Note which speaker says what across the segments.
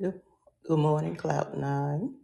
Speaker 1: Good, good morning, Cloud Nine.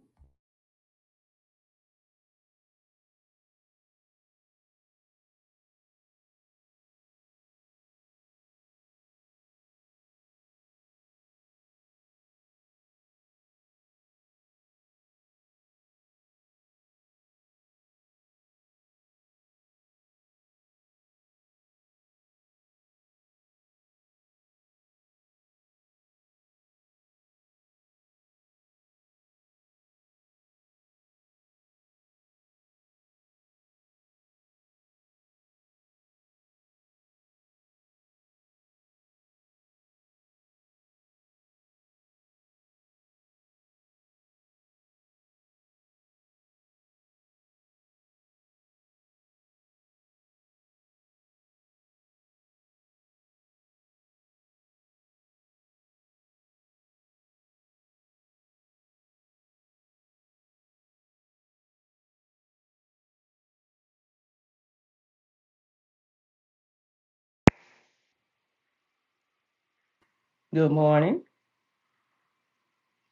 Speaker 1: Good morning.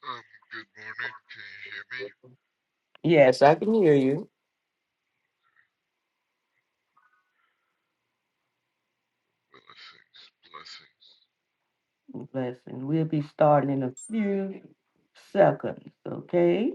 Speaker 2: Um, good morning. Can you hear me?
Speaker 1: Yes, I can hear you.
Speaker 2: Blessings, blessings.
Speaker 1: Blessing. We'll be starting in a few seconds, okay?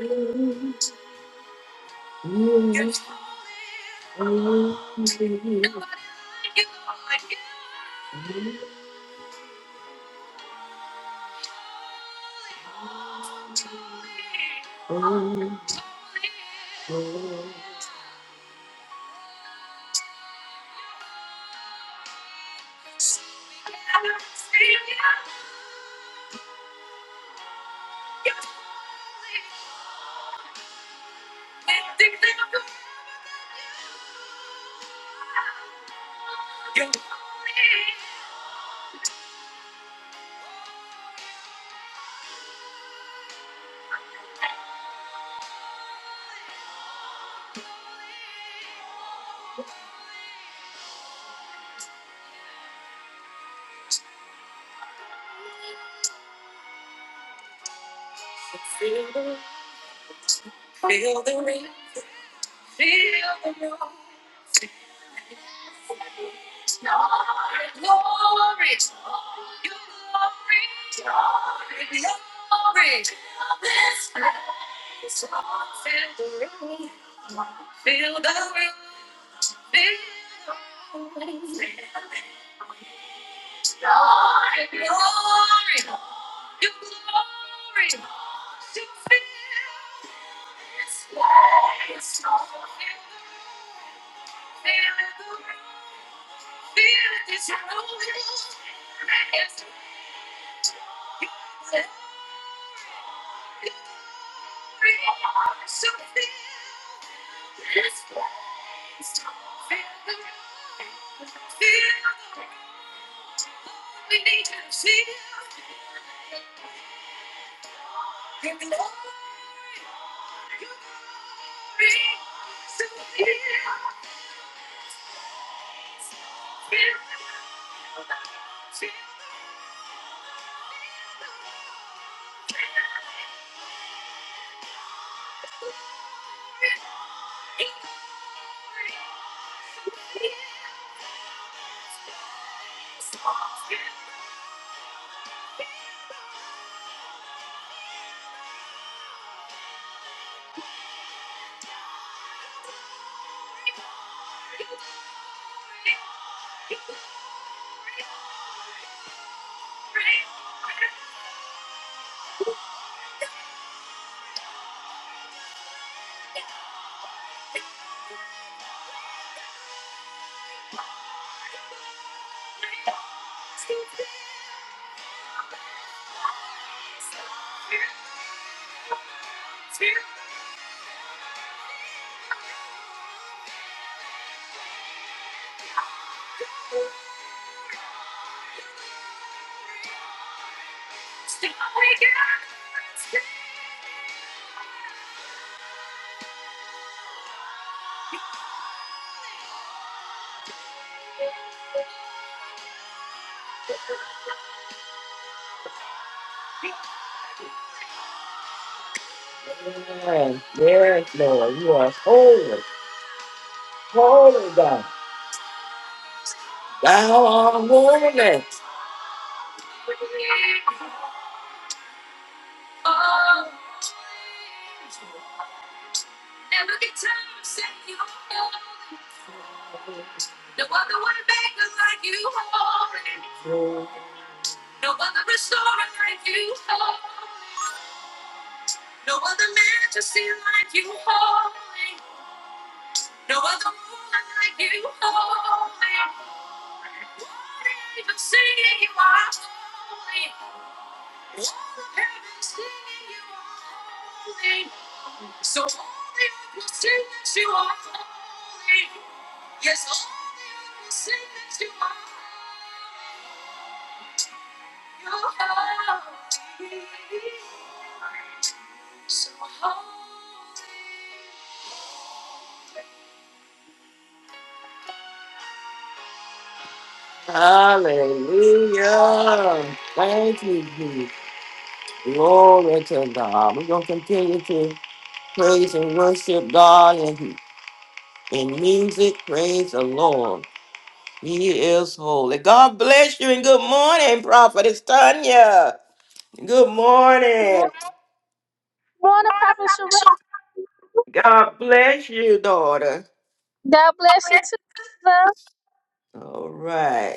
Speaker 1: Yes, yes, Lord, you are so kind. Hallelujah. Thank you, Glory to God. We're going to continue to praise and worship God in, in music. Praise the Lord. He is holy. God bless you and good morning, Prophetess Tanya. Good
Speaker 3: Good
Speaker 1: morning.
Speaker 3: morning, morning, Prophet Sherelle.
Speaker 1: God bless you, daughter.
Speaker 3: God bless you too, love.
Speaker 1: All right.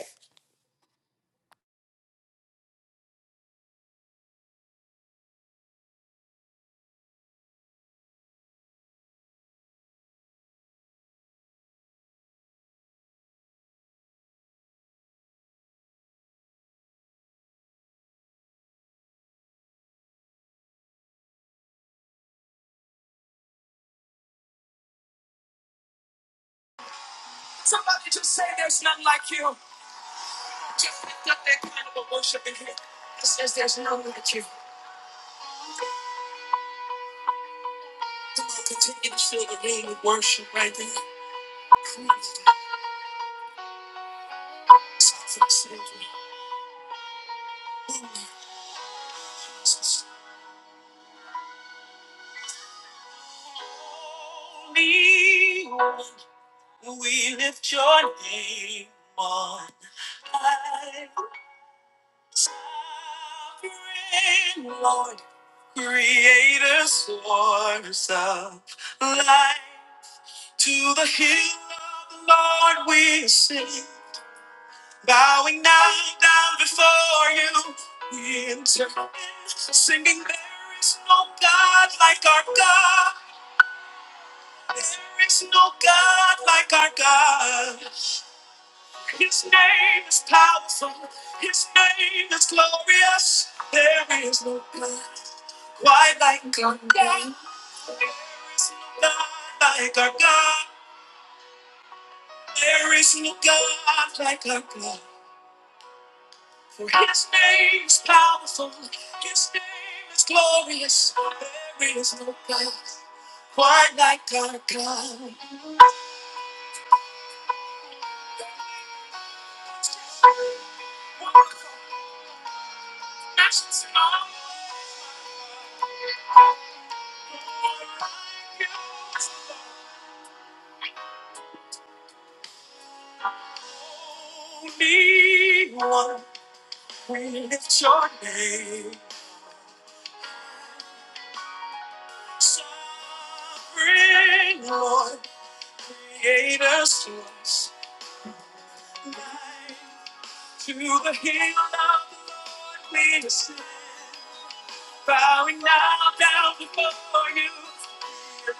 Speaker 1: Yeah.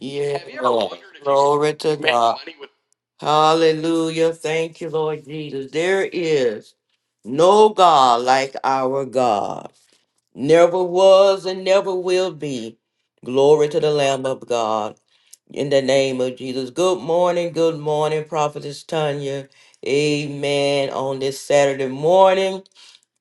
Speaker 1: Yeah. Lord. Glory to God. Hallelujah. Thank you, Lord Jesus. There is no God like our God. never was and never will be. Glory to the Lamb of God. In the name of Jesus. Good morning, good morning, Prophetess Tanya. Amen. On this Saturday morning.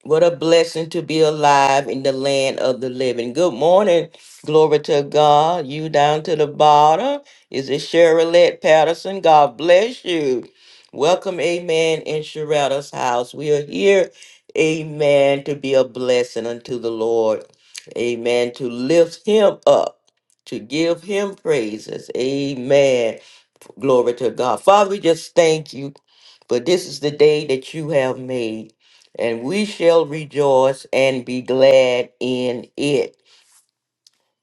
Speaker 1: What a blessing to be alive in the land of the living. Good morning. Glory to God. You down to the bottom. Is it Sherrilette Patterson? God bless you. Welcome, amen, in Sheretta's house. We are here, amen, to be a blessing unto the Lord. Amen. To lift him up, to give him praises. Amen. Glory to God. Father, we just thank you for this is the day that you have made, and we shall rejoice and be glad in it.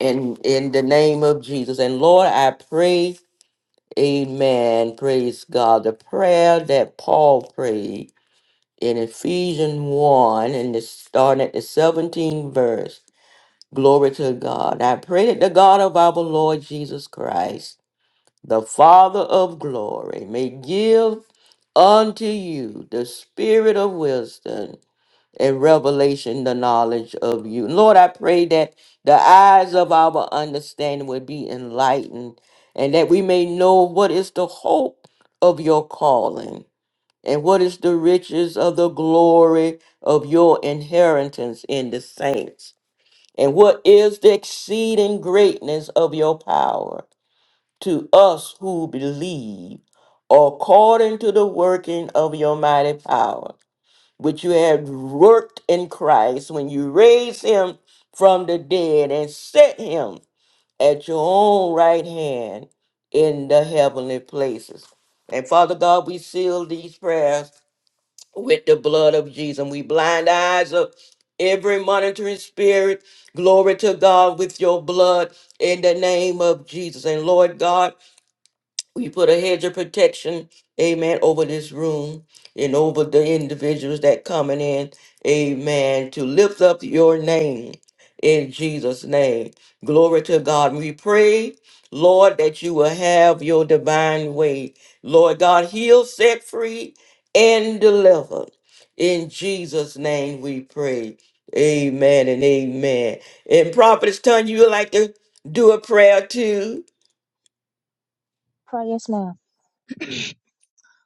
Speaker 1: In in the name of Jesus. And Lord, I pray, Amen. Praise God. The prayer that Paul prayed in Ephesians 1 and it's starting at the 17th verse. Glory to God. I pray that the God of our Lord Jesus Christ the Father of glory, may give unto you the spirit of wisdom and revelation, the knowledge of you. Lord, I pray that the eyes of our understanding would be enlightened and that we may know what is the hope of your calling and what is the riches of the glory of your inheritance in the saints and what is the exceeding greatness of your power to us who believe, according to the working of your mighty power, which you have worked in Christ when you raised him from the dead and set him at your own right hand in the heavenly places. And Father God, we seal these prayers with the blood of Jesus. And we blind the eyes of every monitoring spirit. Glory to God with your blood in the name of Jesus. And Lord God, we put a hedge of protection, amen, over this room and over the individuals that coming in, amen, to lift up your name in Jesus' name. Glory to God. We pray, Lord, that you will have your divine way. Lord God, heal, set free, and deliver. In Jesus' name we pray. Amen and amen. And prophets, turn you would like to do a prayer too.
Speaker 3: Prayers now.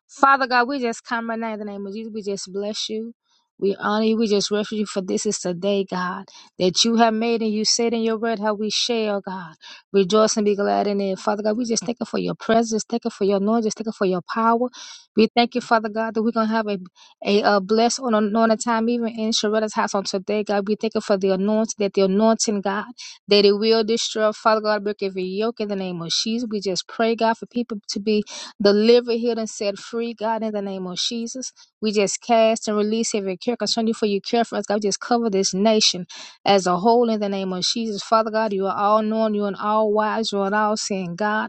Speaker 3: Father God, we just come right now in the name of Jesus. We just bless you. We honor you. We just reverence you for this is the day, God, that you have made and you said in your word how we shall, God. Rejoice and be glad in it. Father God, we just thank you for your presence. Thank you for your anointing. Just thank you for your power. We thank you, Father God, that we're going to have a, a, uh blessed on anointing time, even in Sharetta's house on today, God. We thank you for the anointing, that the anointing, God, that it will destroy. Father God, break every yoke in the name of Jesus. We just pray, God, for people to be Deliver, healed, and set free, God, in the name of Jesus. We just cast and release every care concerning you for your care for us, God. We just cover this nation as a whole in the name of Jesus. Father God, you are all knowing, you are all wise, you are all seeing, God.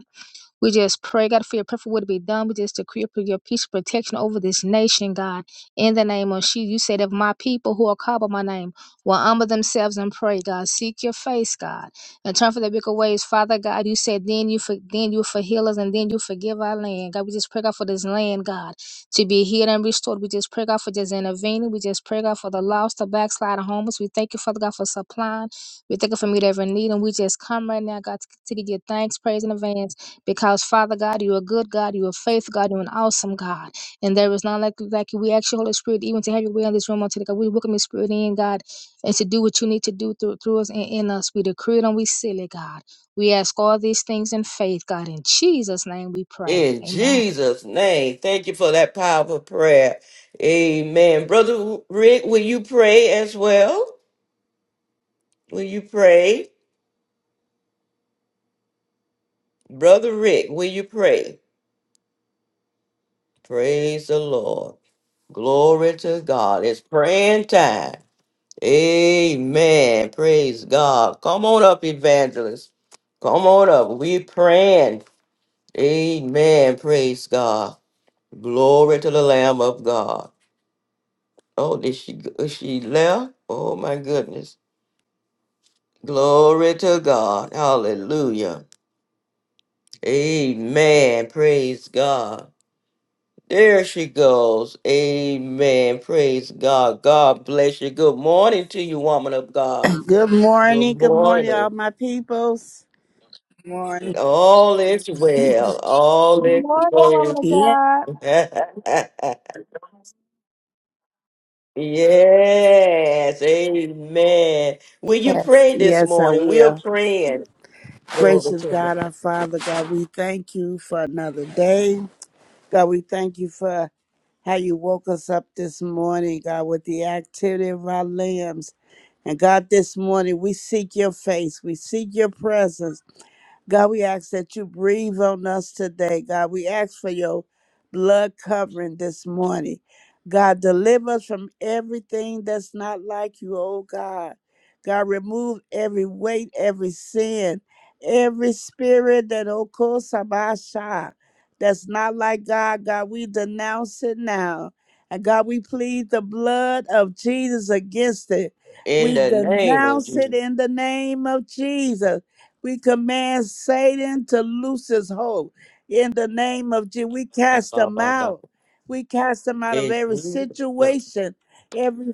Speaker 3: We just pray, God, for your perfect will to be done. We just decree for your peace and protection over this nation, God. In the name of Jesus, you said, if my people who are called by my name will humble themselves and pray, God, seek your face, God, and turn from their wicked ways, Father God. You said, then you for, then you for heal us and then you forgive our land, God. We just pray, God, for this land, God, to be healed and restored. We just pray, God, for just intervening. We just pray, God, for the lost, the backsliding homeless. We thank you, Father God, for supplying. We thank you for meeting every need, and we just come right now, God, to continue to give thanks, praise, and advance. Because Father God, you are a good God, you are a faithful God, you're an awesome God. And there is none like Like you. We ask you, Holy Spirit, even to have your way in this room on today. God, we welcome your spirit in, God, and to do what you need to do through, through us and in us. We decree it and we seal it, God. We ask all these things in faith, God. In Jesus' name we pray.
Speaker 1: In
Speaker 3: Amen.
Speaker 1: Jesus' name, thank you for that powerful prayer. Amen. Brother Rick, will you pray as well? Will you pray? Brother Rick, will you pray? Praise the Lord. Glory to God. It's praying time. Amen. Praise God. Come on up, evangelist. Come on up. We praying. Amen. Praise God. Glory to the Lamb of God. Oh, did she go- she left? Oh my goodness. Glory to God. Hallelujah. Amen. Praise God. There she goes. Amen. Praise God. God bless you. Good morning to you, woman of God.
Speaker 4: Good morning.
Speaker 1: Good
Speaker 4: Good morning,
Speaker 1: morning.
Speaker 4: all my peoples. Good morning.
Speaker 1: All is well. All
Speaker 3: Good
Speaker 1: is
Speaker 3: morning, woman of
Speaker 1: well.
Speaker 4: Yes,
Speaker 3: God.
Speaker 1: yes. Amen. Will you pray this
Speaker 4: yes, I
Speaker 1: morning? We're
Speaker 4: will.
Speaker 1: praying. Glory
Speaker 4: Gracious
Speaker 1: to
Speaker 4: God,
Speaker 1: God.
Speaker 4: our Father, God, we thank you for another day. God, we thank you for how you woke us up this morning, God, with the activity of our limbs. And God, this morning we seek your face, we seek your presence. God, we ask that you breathe on us today. God, we ask for your blood covering this morning. God, deliver us from everything that's not like you, oh God. God, remove every weight, every sin, every spirit that okosabasha that's not like God. God, we denounce it now. And God, we plead the blood of Jesus against it.
Speaker 1: In
Speaker 4: We
Speaker 1: the name of
Speaker 4: denounce it
Speaker 1: Jesus.
Speaker 4: in the name of Jesus. We command Satan to loose his hold. In the name of Jesus, we
Speaker 1: Ba,
Speaker 4: cast
Speaker 1: ba,
Speaker 4: him
Speaker 1: ba, ba.
Speaker 4: out. We cast him out of
Speaker 1: In
Speaker 4: every
Speaker 1: Jesus.
Speaker 4: situation, every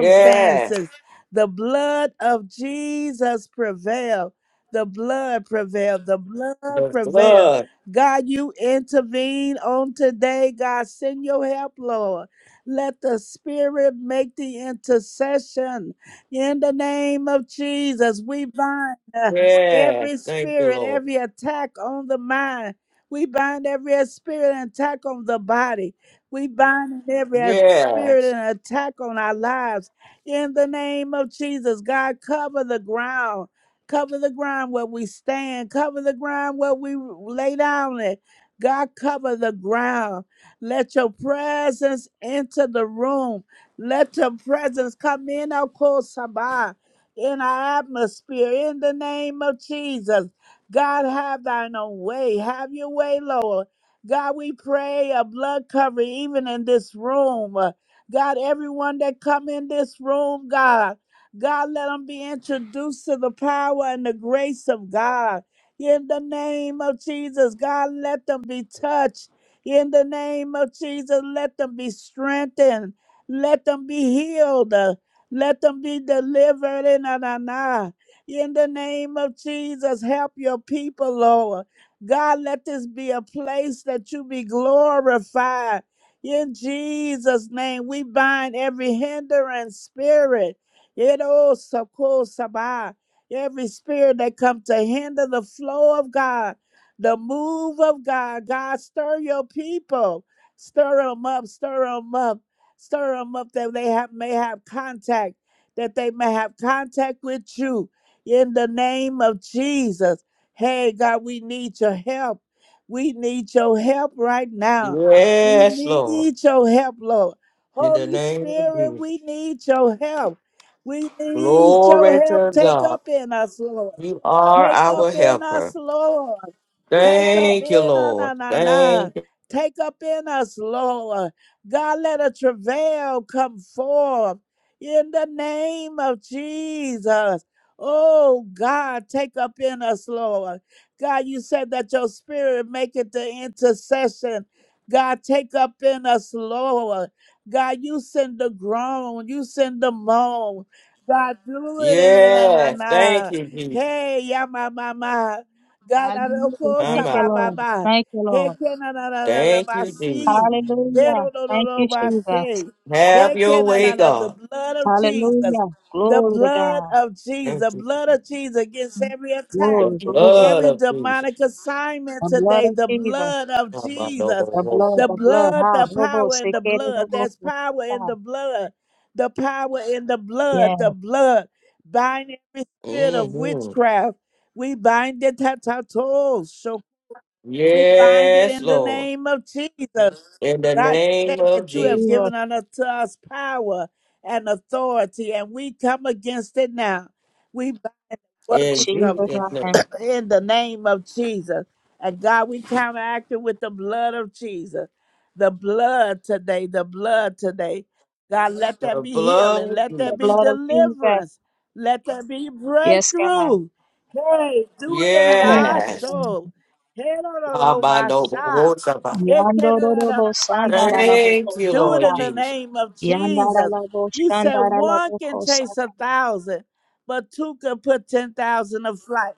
Speaker 1: Yeah.
Speaker 4: The blood of Jesus prevail. The blood prevail. The blood
Speaker 1: The
Speaker 4: prevail.
Speaker 1: blood.
Speaker 4: God, you intervene on today. God, send your help, Lord. Let the Spirit make the intercession. In the name of Jesus, we bind. uh,
Speaker 1: Yeah.
Speaker 4: every
Speaker 1: Thank you,
Speaker 4: spirit,
Speaker 1: Lord.
Speaker 4: every attack on the mind. We bind every spirit and attack on the body. We bind every spirit
Speaker 1: Yes.
Speaker 4: and attack on our lives. In the name of Jesus, God, cover the ground. Cover the ground where we stand. Cover the ground where we lay down it. God, cover the ground. Let your presence enter the room. Let your presence come in, of course, in our atmosphere in the name of Jesus. God, have thine own way. Have your way, Lord. God, we pray a blood covering even in this room. Uh, God, everyone that come in this room, God, God, let them be introduced to the power and the grace of God. In the name of Jesus, God, let them be touched. In the name of Jesus, let them be strengthened. Let them be healed. Uh, let them be delivered in Anana. In the name of Jesus, help your people, Lord. God, let this be a place that you be glorified. In Jesus' name, we bind every hindrance spirit. It all soko sabah. Every spirit that comes to hinder the flow of God, the move of God. God, stir your people. Stir them up, stir them up. Stir them up that they have may have contact, that they may have contact with you in the name of Jesus. Hey God, we need your help. We need your help right now. We
Speaker 1: Yes, Lord.
Speaker 4: need your help, Lord.
Speaker 1: In the
Speaker 4: Holy
Speaker 1: name of
Speaker 4: Spirit,
Speaker 1: Jesus.
Speaker 4: we need your help. We need
Speaker 1: Glory
Speaker 4: your help.
Speaker 1: to
Speaker 4: Take
Speaker 1: God.
Speaker 4: up in us, Lord.
Speaker 1: You are
Speaker 4: Take up
Speaker 1: our
Speaker 4: in
Speaker 1: helper.
Speaker 4: us, Lord. Take up
Speaker 1: Thank you,
Speaker 4: in us,
Speaker 1: Lord.
Speaker 4: na, na, na.
Speaker 1: Thank you.
Speaker 4: Take up in us, Lord. God, let a travail come forth in the name of Jesus. Oh, God, take up in us, Lord. God, you said that your spirit make it the intercession. God, take up in us, Lord. God, you send the groan, you send the moan. God, do it in na na na.
Speaker 1: Yes. Thank
Speaker 4: na.
Speaker 1: you, Jesus.
Speaker 4: Hey, ya ma ma ma. God, I don't
Speaker 3: Hallelujah.
Speaker 4: call
Speaker 1: I'm
Speaker 3: Thank you,
Speaker 1: out.
Speaker 3: Lord.
Speaker 4: Sababa.
Speaker 3: Thank you,
Speaker 4: He
Speaker 3: Lord.
Speaker 4: can na na na na na
Speaker 1: Thank you,
Speaker 4: see.
Speaker 1: Jesus.
Speaker 4: He
Speaker 3: Hallelujah.
Speaker 4: no no no
Speaker 3: Thank
Speaker 4: no
Speaker 3: you,
Speaker 4: my
Speaker 3: Jesus.
Speaker 4: see.
Speaker 1: Have
Speaker 4: He
Speaker 1: your
Speaker 4: can na
Speaker 1: way,
Speaker 4: na the
Speaker 1: God.
Speaker 4: blood of Jesus.
Speaker 3: Hallelujah.
Speaker 4: The
Speaker 3: Glory to
Speaker 4: blood
Speaker 3: God.
Speaker 4: of Jesus.
Speaker 1: Thank
Speaker 4: The
Speaker 1: you,
Speaker 4: blood
Speaker 1: Jesus.
Speaker 4: of Jesus against every attack,
Speaker 1: The
Speaker 3: Glory, glory.
Speaker 1: blood
Speaker 4: every
Speaker 1: of Jesus.
Speaker 4: demonic
Speaker 3: The
Speaker 4: assignment
Speaker 3: blood
Speaker 4: today.
Speaker 3: of
Speaker 4: The
Speaker 3: Jesus.
Speaker 4: blood of
Speaker 1: Mm
Speaker 4: Jesus.
Speaker 3: The blood,
Speaker 4: The
Speaker 3: the blood.
Speaker 4: blood,
Speaker 3: Ha,
Speaker 4: the
Speaker 3: robo,
Speaker 4: power in the
Speaker 3: sekere,
Speaker 4: blood.
Speaker 3: robo,
Speaker 4: There's power in
Speaker 3: kosita.
Speaker 4: the blood. The power in the
Speaker 3: Yes,
Speaker 4: blood. The blood. Bind every spirit of
Speaker 1: hmm
Speaker 4: witchcraft we bind it at our toes. So we bind it
Speaker 1: Yes,
Speaker 4: in the
Speaker 1: Lord.
Speaker 4: name of Jesus.
Speaker 1: In the
Speaker 4: God, you
Speaker 1: name
Speaker 4: said
Speaker 1: of
Speaker 4: that you have
Speaker 3: Jesus,
Speaker 1: Jesus.
Speaker 4: given unto us power and authority, and we come against it now. We bind
Speaker 1: In
Speaker 4: workings of it
Speaker 3: Jesus,
Speaker 1: Jesus' name.
Speaker 3: Lamb.
Speaker 4: in the name of Jesus. And God, we counteract it with the blood of Jesus. The blood today, the blood today. God, let
Speaker 1: The
Speaker 4: that be
Speaker 1: blood
Speaker 4: healing.
Speaker 1: of
Speaker 4: Let
Speaker 3: the
Speaker 4: that
Speaker 1: Jesus.
Speaker 4: be
Speaker 3: blood of Jesus.
Speaker 4: deliverance. Let that be
Speaker 3: Yes, God,
Speaker 4: breakthrough. Hey, do it in an eye
Speaker 3: Jesus,
Speaker 1: Yes.
Speaker 3: Lamb.
Speaker 4: show. Hey, no, no, no, my shot.
Speaker 1: Abba-do-bo-ho-saba.
Speaker 4: Hey,
Speaker 3: Yando,
Speaker 4: can- no, no, no, no,
Speaker 3: robo,
Speaker 4: my
Speaker 3: sanda, ra,
Speaker 4: seat.
Speaker 1: Thank you,
Speaker 4: Do it
Speaker 3: kosata.
Speaker 1: Lord
Speaker 4: in the
Speaker 1: Jesus.
Speaker 4: name of
Speaker 3: Yanda, ra,
Speaker 4: Jesus.
Speaker 3: ra, bo,
Speaker 4: You said one can chase a
Speaker 3: kosata.
Speaker 4: thousand, but two can put 10,000 to flight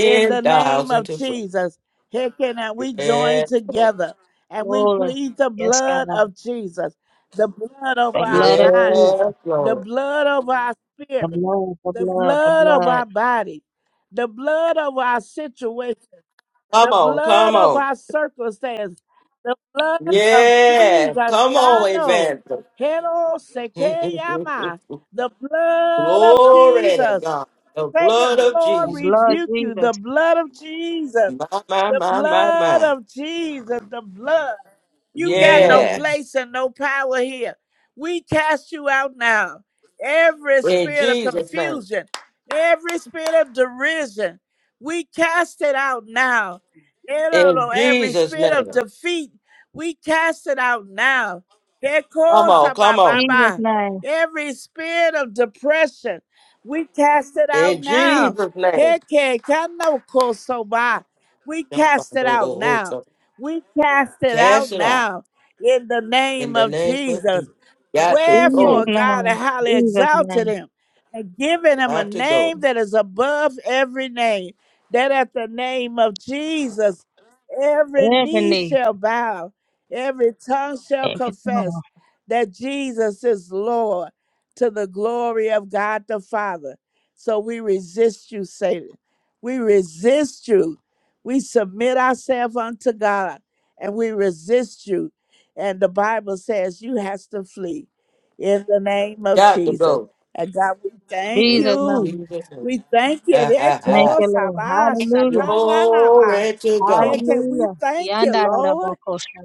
Speaker 4: in the name
Speaker 1: thousand
Speaker 4: of
Speaker 1: to fly.
Speaker 4: Jesus. Hicken, and we join
Speaker 1: Yes, Lord.
Speaker 4: together and we
Speaker 3: Glory.
Speaker 4: plead the
Speaker 3: Yes, God,
Speaker 4: blood of Jesus, the blood
Speaker 3: the
Speaker 4: over our
Speaker 3: blood of
Speaker 4: minds,
Speaker 3: Jesus,
Speaker 1: Yes,
Speaker 4: the
Speaker 1: Lord.
Speaker 4: blood over our
Speaker 3: the
Speaker 4: spirit, the blood of
Speaker 3: blood.
Speaker 4: our body, the blood of our situation, the
Speaker 1: Come on,
Speaker 4: blood
Speaker 1: come
Speaker 4: of
Speaker 1: on.
Speaker 4: our circumstance, the blood of
Speaker 1: Yes.
Speaker 4: Jesus.
Speaker 1: Come on,
Speaker 4: Shano, Hero
Speaker 1: Evangelist.
Speaker 4: Sekeyama, the blood of
Speaker 1: Glory to
Speaker 4: Jesus.
Speaker 1: God. The
Speaker 4: Say to
Speaker 1: blood
Speaker 4: the
Speaker 1: of
Speaker 4: Lord,
Speaker 1: Jesus.
Speaker 4: rebuke you, the blood of Jesus.
Speaker 1: My, my,
Speaker 4: The
Speaker 1: my, my,
Speaker 4: blood
Speaker 1: my.
Speaker 4: of Jesus, the blood. You got no
Speaker 1: Yes.
Speaker 4: place and no power here. We cast you out now. Every
Speaker 1: In
Speaker 4: spirit of
Speaker 1: Jesus' name.
Speaker 4: confusion, every spirit of derision, we cast it out now. I don't know,
Speaker 1: In
Speaker 4: no, Every
Speaker 1: Jesus'
Speaker 4: spirit of
Speaker 1: name.
Speaker 4: defeat, we cast it out now. That
Speaker 1: Come
Speaker 4: cause
Speaker 1: on, come on.
Speaker 3: Jesus'
Speaker 4: sabababa.
Speaker 3: name,
Speaker 4: Every spirit of depression, we cast it out
Speaker 1: In
Speaker 4: now.
Speaker 1: Jesus' name.
Speaker 4: Heke kano kosoba. We cast it out now. We cast it out
Speaker 1: Cast it out.
Speaker 4: now in the
Speaker 1: In
Speaker 4: name
Speaker 1: the
Speaker 4: of
Speaker 1: name of
Speaker 4: Jesus.
Speaker 1: Jesus. Got to
Speaker 3: Jesus'
Speaker 4: Wherefore
Speaker 1: go.
Speaker 4: God
Speaker 3: name,
Speaker 4: highly
Speaker 3: Jesus'
Speaker 4: exalted
Speaker 3: name.
Speaker 4: him and given him a
Speaker 1: Got to
Speaker 4: name
Speaker 1: go.
Speaker 4: that is above every name, that at the name of Jesus every
Speaker 3: Every
Speaker 4: knee
Speaker 3: knee,
Speaker 4: shall bow, every tongue shall
Speaker 3: every tongue.
Speaker 4: confess that Jesus is Lord to the glory of God the Father. So we resist you, Satan. We resist you we submit ourselves unto God and we resist you. And the Bible says you has to flee in the name of
Speaker 1: Got to
Speaker 4: Jesus.
Speaker 1: go.
Speaker 4: And God, we thank
Speaker 3: Jesus'
Speaker 1: In
Speaker 4: you.
Speaker 3: name.
Speaker 1: Jesus' name.
Speaker 4: We thank you.
Speaker 1: Ha, ha,
Speaker 3: Thank
Speaker 1: ha.
Speaker 4: Reko
Speaker 3: you, Lord.
Speaker 4: saba
Speaker 3: Hallelujah.
Speaker 4: shakana ba.
Speaker 1: Glory to God.
Speaker 4: Heke, We
Speaker 3: Hallelujah.
Speaker 4: thank you, Lord.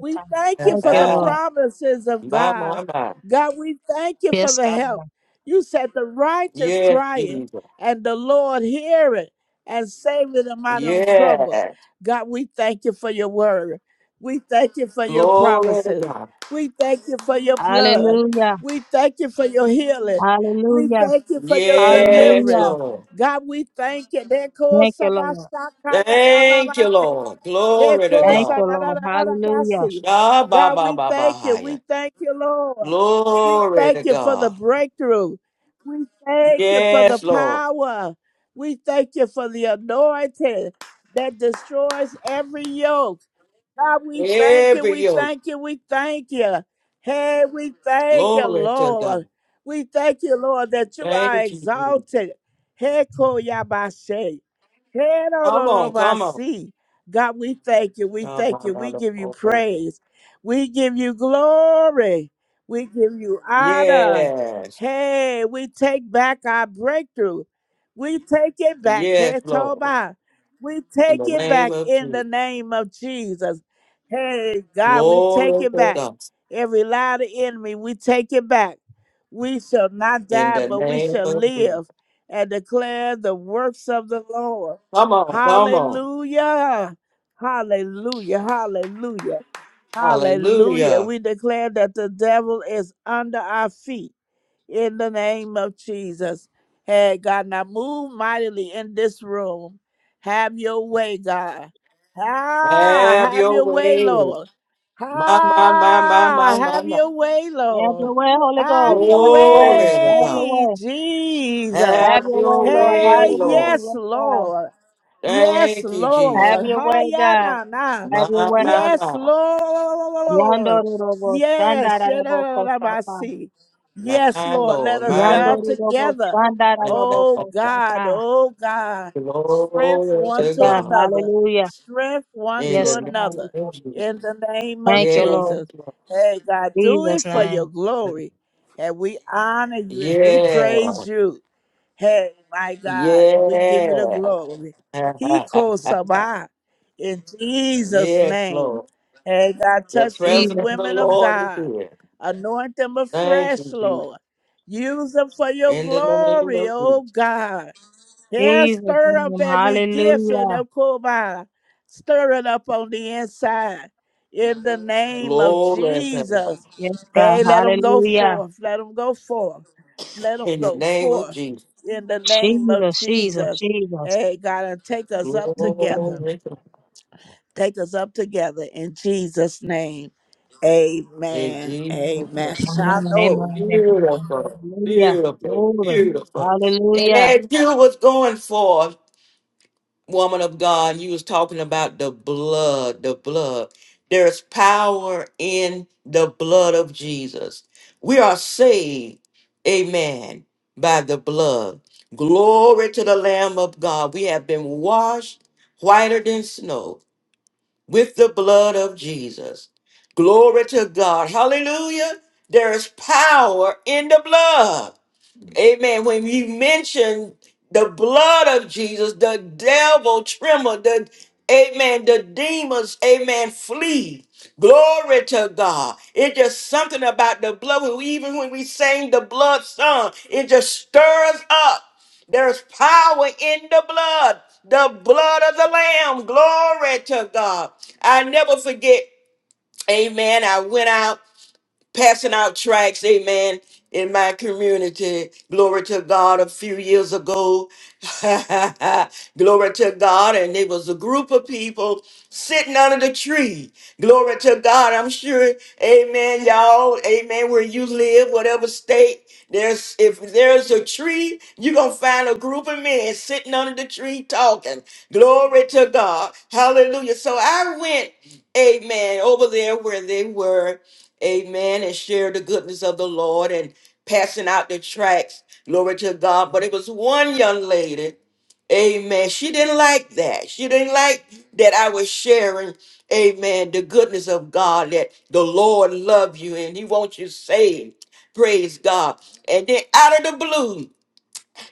Speaker 4: We thank
Speaker 1: Ha,
Speaker 4: you
Speaker 3: Thank
Speaker 4: for
Speaker 3: you,
Speaker 4: the
Speaker 3: Lord.
Speaker 1: ha.
Speaker 4: promises of
Speaker 1: My,
Speaker 4: God.
Speaker 1: my, my.
Speaker 4: God, we thank you for
Speaker 3: Yes,
Speaker 4: the
Speaker 3: God.
Speaker 4: help. You said the righteous
Speaker 1: Yes,
Speaker 4: crying
Speaker 1: Jesus.
Speaker 4: and the Lord hear and save them out of trouble.
Speaker 1: Yes.
Speaker 4: God, we thank you for your word. We thank you for your
Speaker 1: Glory to
Speaker 4: promises.
Speaker 1: God.
Speaker 4: We thank you for your blood.
Speaker 3: Hallelujah.
Speaker 4: We thank you for your healing. We
Speaker 3: Hallelujah.
Speaker 4: thank you for your
Speaker 1: Yes,
Speaker 3: Hallelujah.
Speaker 4: deliverance.
Speaker 1: Lord.
Speaker 4: God, we thank you.
Speaker 3: Thank you, Lord.
Speaker 1: Thank you, Lord. Glory to
Speaker 3: Thank you,
Speaker 1: God.
Speaker 3: Lord. Hallelujah.
Speaker 4: Ekosanarabasi. God, we
Speaker 1: shabba
Speaker 4: thank you. We thank you, Lord. We
Speaker 1: Glory
Speaker 4: thank
Speaker 1: to
Speaker 4: you for the
Speaker 1: God.
Speaker 4: breakthrough. We thank you for the
Speaker 1: Yes, Lord.
Speaker 4: power. We thank you for the anointing that destroys every yoke. God, we thank you.
Speaker 1: Every
Speaker 4: We
Speaker 1: yoke.
Speaker 4: thank you. We thank you. Hey, we thank you,
Speaker 1: Glory to
Speaker 4: Lord.
Speaker 1: God.
Speaker 4: We thank you, Lord, that you are
Speaker 1: Thank you. Jesus.
Speaker 4: exalted. Heko yabashe. Hey, no, no,
Speaker 1: Come
Speaker 4: no,
Speaker 1: on,
Speaker 4: my
Speaker 1: come on.
Speaker 4: see. God, we thank you. We thank you. We give you
Speaker 1: shabba
Speaker 4: praise. We give you glory. We give you honor.
Speaker 1: Yes.
Speaker 4: Hey, we take back our breakthrough. We take it back.
Speaker 1: Yes,
Speaker 4: Hey,
Speaker 1: Lord.
Speaker 4: Toba. We
Speaker 1: In
Speaker 4: take
Speaker 1: the
Speaker 4: it
Speaker 1: name
Speaker 4: back
Speaker 1: of
Speaker 4: in the
Speaker 1: Jesus.
Speaker 4: name of Jesus. Hey, God, we take
Speaker 1: Glory
Speaker 4: it
Speaker 1: to
Speaker 4: back.
Speaker 1: God.
Speaker 4: Every lie of the enemy, we take it back. We shall not
Speaker 1: In
Speaker 4: die,
Speaker 1: the
Speaker 4: but we
Speaker 1: name
Speaker 4: shall
Speaker 1: of Jesus.
Speaker 4: live and declare the works of the Lord.
Speaker 1: Come on, come on.
Speaker 4: Hallelujah. Hallelujah. Hallelujah. Hallelujah.
Speaker 1: Hallelujah.
Speaker 4: We declare that the devil is under our feet in the name of Jesus. Hey, God, now move mightily in this room. Have your way, God. Ah,
Speaker 1: Have
Speaker 4: have
Speaker 1: your
Speaker 4: your way,
Speaker 1: way.
Speaker 4: Lord.
Speaker 1: My, my, my, my,
Speaker 4: Ah,
Speaker 1: my, my,
Speaker 4: have
Speaker 1: my.
Speaker 4: your way,
Speaker 3: Have
Speaker 4: Lord.
Speaker 3: your way, Holy
Speaker 4: Have
Speaker 3: Ghost.
Speaker 4: your
Speaker 3: Have your way.
Speaker 1: Glory to
Speaker 3: Have
Speaker 1: God.
Speaker 3: your
Speaker 4: way,
Speaker 3: way.
Speaker 4: Jesus.
Speaker 3: Have
Speaker 1: Have your
Speaker 3: your
Speaker 1: way,
Speaker 4: Hey,
Speaker 3: Hallelujah.
Speaker 1: Lord.
Speaker 4: yes,
Speaker 3: Yes, God.
Speaker 4: Lord. Yes,
Speaker 1: Thank you, Jesus.
Speaker 3: Have
Speaker 4: Lord.
Speaker 3: your way,
Speaker 4: Haya
Speaker 3: God.
Speaker 4: na na.
Speaker 3: Have your
Speaker 1: My,
Speaker 3: way.
Speaker 1: my,
Speaker 4: Yes,
Speaker 1: my.
Speaker 4: Lord.
Speaker 3: Yandorobo.
Speaker 4: Yes.
Speaker 3: Shandarabakosata.
Speaker 4: Shadadadadabasi. Yes,
Speaker 1: My
Speaker 4: Lord. Let
Speaker 1: Lord,
Speaker 4: us
Speaker 1: my
Speaker 4: dive
Speaker 1: Lord.
Speaker 3: Yandorobo.
Speaker 4: together. Oh God.
Speaker 3: Shandarabakosata.
Speaker 4: Oh God. Strength
Speaker 1: Glory
Speaker 3: Yes,
Speaker 4: one
Speaker 1: to
Speaker 4: to
Speaker 3: God.
Speaker 1: God.
Speaker 4: another.
Speaker 3: Hallelujah.
Speaker 4: Strength one
Speaker 1: In
Speaker 4: to
Speaker 3: Yes,
Speaker 1: the
Speaker 3: God.
Speaker 4: another.
Speaker 1: name of Jesus.
Speaker 4: In the name of
Speaker 3: Thank
Speaker 1: Yes,
Speaker 3: you, Lord.
Speaker 4: Jesus. Hey God, do it
Speaker 3: Jesus'
Speaker 4: for
Speaker 1: Lord.
Speaker 3: name.
Speaker 4: your glory. And we honor you and we
Speaker 1: Yeah.
Speaker 4: praise you. Hey, my God, we give you the
Speaker 1: Yeah.
Speaker 4: glory. He calls Sabah in Jesus'
Speaker 1: yes,
Speaker 4: name.
Speaker 1: Lord.
Speaker 4: Hey, God,
Speaker 1: The
Speaker 4: touch these
Speaker 1: presence
Speaker 3: Jesus.
Speaker 1: of the
Speaker 4: women of
Speaker 1: Lord is
Speaker 4: God.
Speaker 1: here.
Speaker 4: Anoint them
Speaker 1: Thank
Speaker 4: afresh,
Speaker 1: you, Jesus.
Speaker 4: Lord. Use them for your
Speaker 1: In the name
Speaker 4: glory,
Speaker 1: of
Speaker 4: oh
Speaker 1: Jesus.
Speaker 4: God. Yeah,
Speaker 3: Jesus'
Speaker 4: stir up
Speaker 3: name.
Speaker 4: every gift in
Speaker 3: Hallelujah.
Speaker 4: the Kumar. Stir it up on the inside. In the name of
Speaker 1: Glory to God.
Speaker 4: Jesus.
Speaker 3: Yes, God.
Speaker 4: Hey, let them go
Speaker 3: Hallelujah.
Speaker 4: forth. Let them go forth. Let them
Speaker 1: In the
Speaker 4: go
Speaker 1: name of
Speaker 4: forth.
Speaker 1: Jesus.
Speaker 4: In the name of
Speaker 3: Jesus, Jesus,
Speaker 4: Jesus.
Speaker 3: Jesus.
Speaker 4: Hey, God, and take us up together.
Speaker 3: Amen.
Speaker 1: Glory to God.
Speaker 4: Take us up together in Jesus' name.
Speaker 1: In
Speaker 4: Amen.
Speaker 1: Jesus' name.
Speaker 4: Amen.
Speaker 3: Amen. Amen.
Speaker 4: Shano.
Speaker 3: amen.
Speaker 1: Beautiful,
Speaker 3: Hallelujah.
Speaker 1: beautiful,
Speaker 3: Glory.
Speaker 1: beautiful. And
Speaker 3: Hallelujah.
Speaker 1: as you was going forth. woman of God, you was talking about the blood, the blood. There's power in the blood of Jesus. We are saved, amen, by the blood. Glory to the Lamb of God. We have been washed whiter than snow with the blood of Jesus. Glory to God. Hallelujah. There is power in the blood. Amen. When you mention the blood of Jesus, the devil tremble, the amen, the demons, amen, flee. Glory to God. It's just something about the blood. When we, even when we sing the blood song, it just stirs up. There's power in the blood, the blood of the Lamb. Glory to God. I never forget Amen. I went out passing out tracts, amen, in my community. Glory to God. A few years ago, glory to God. And it was a group of people sitting under the tree. Glory to God. I'm sure, amen, y'all, amen, where you live, whatever state. There's if there's a tree, you're gonna find a group of men sitting under the tree talking. Glory to God. Hallelujah. So I went, amen, over there where they were. Amen. And share the goodness of the Lord and passing out the tracts. Glory to God. But it was one young lady. Amen. She didn't like that. She didn't like that I was sharing, amen, the goodness of God, that the Lord love you and he wants you saved. Praise God. And then out of the blue,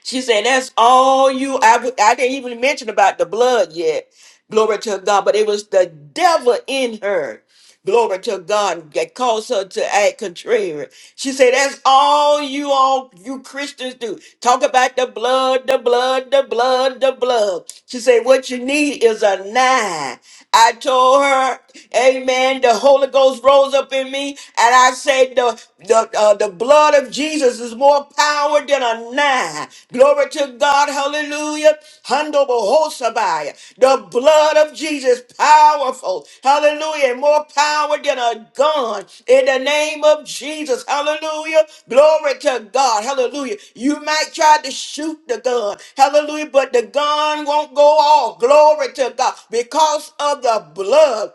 Speaker 1: she said, "That's all you." I w- I didn't even mention about the blood yet. Glory to God, but it was the devil in her. Glory to God that caused her to act contrary. She said, that's all you all you Christians do. Talk about the blood, the blood, the blood, the blood. She said, what you need is a nine. I told her, Amen. The Holy Ghost rose up in me, and I said, the the uh, the blood of Jesus is more power than a nine. Glory to God, Hallelujah. Handobohosabai. The blood of Jesus, powerful. Hallelujah. More power than a gun. In the name of Jesus. Hallelujah. Glory to God. Hallelujah. You might try to shoot the gun. Hallelujah. But the gun won't go off. Glory to God. Because of the blood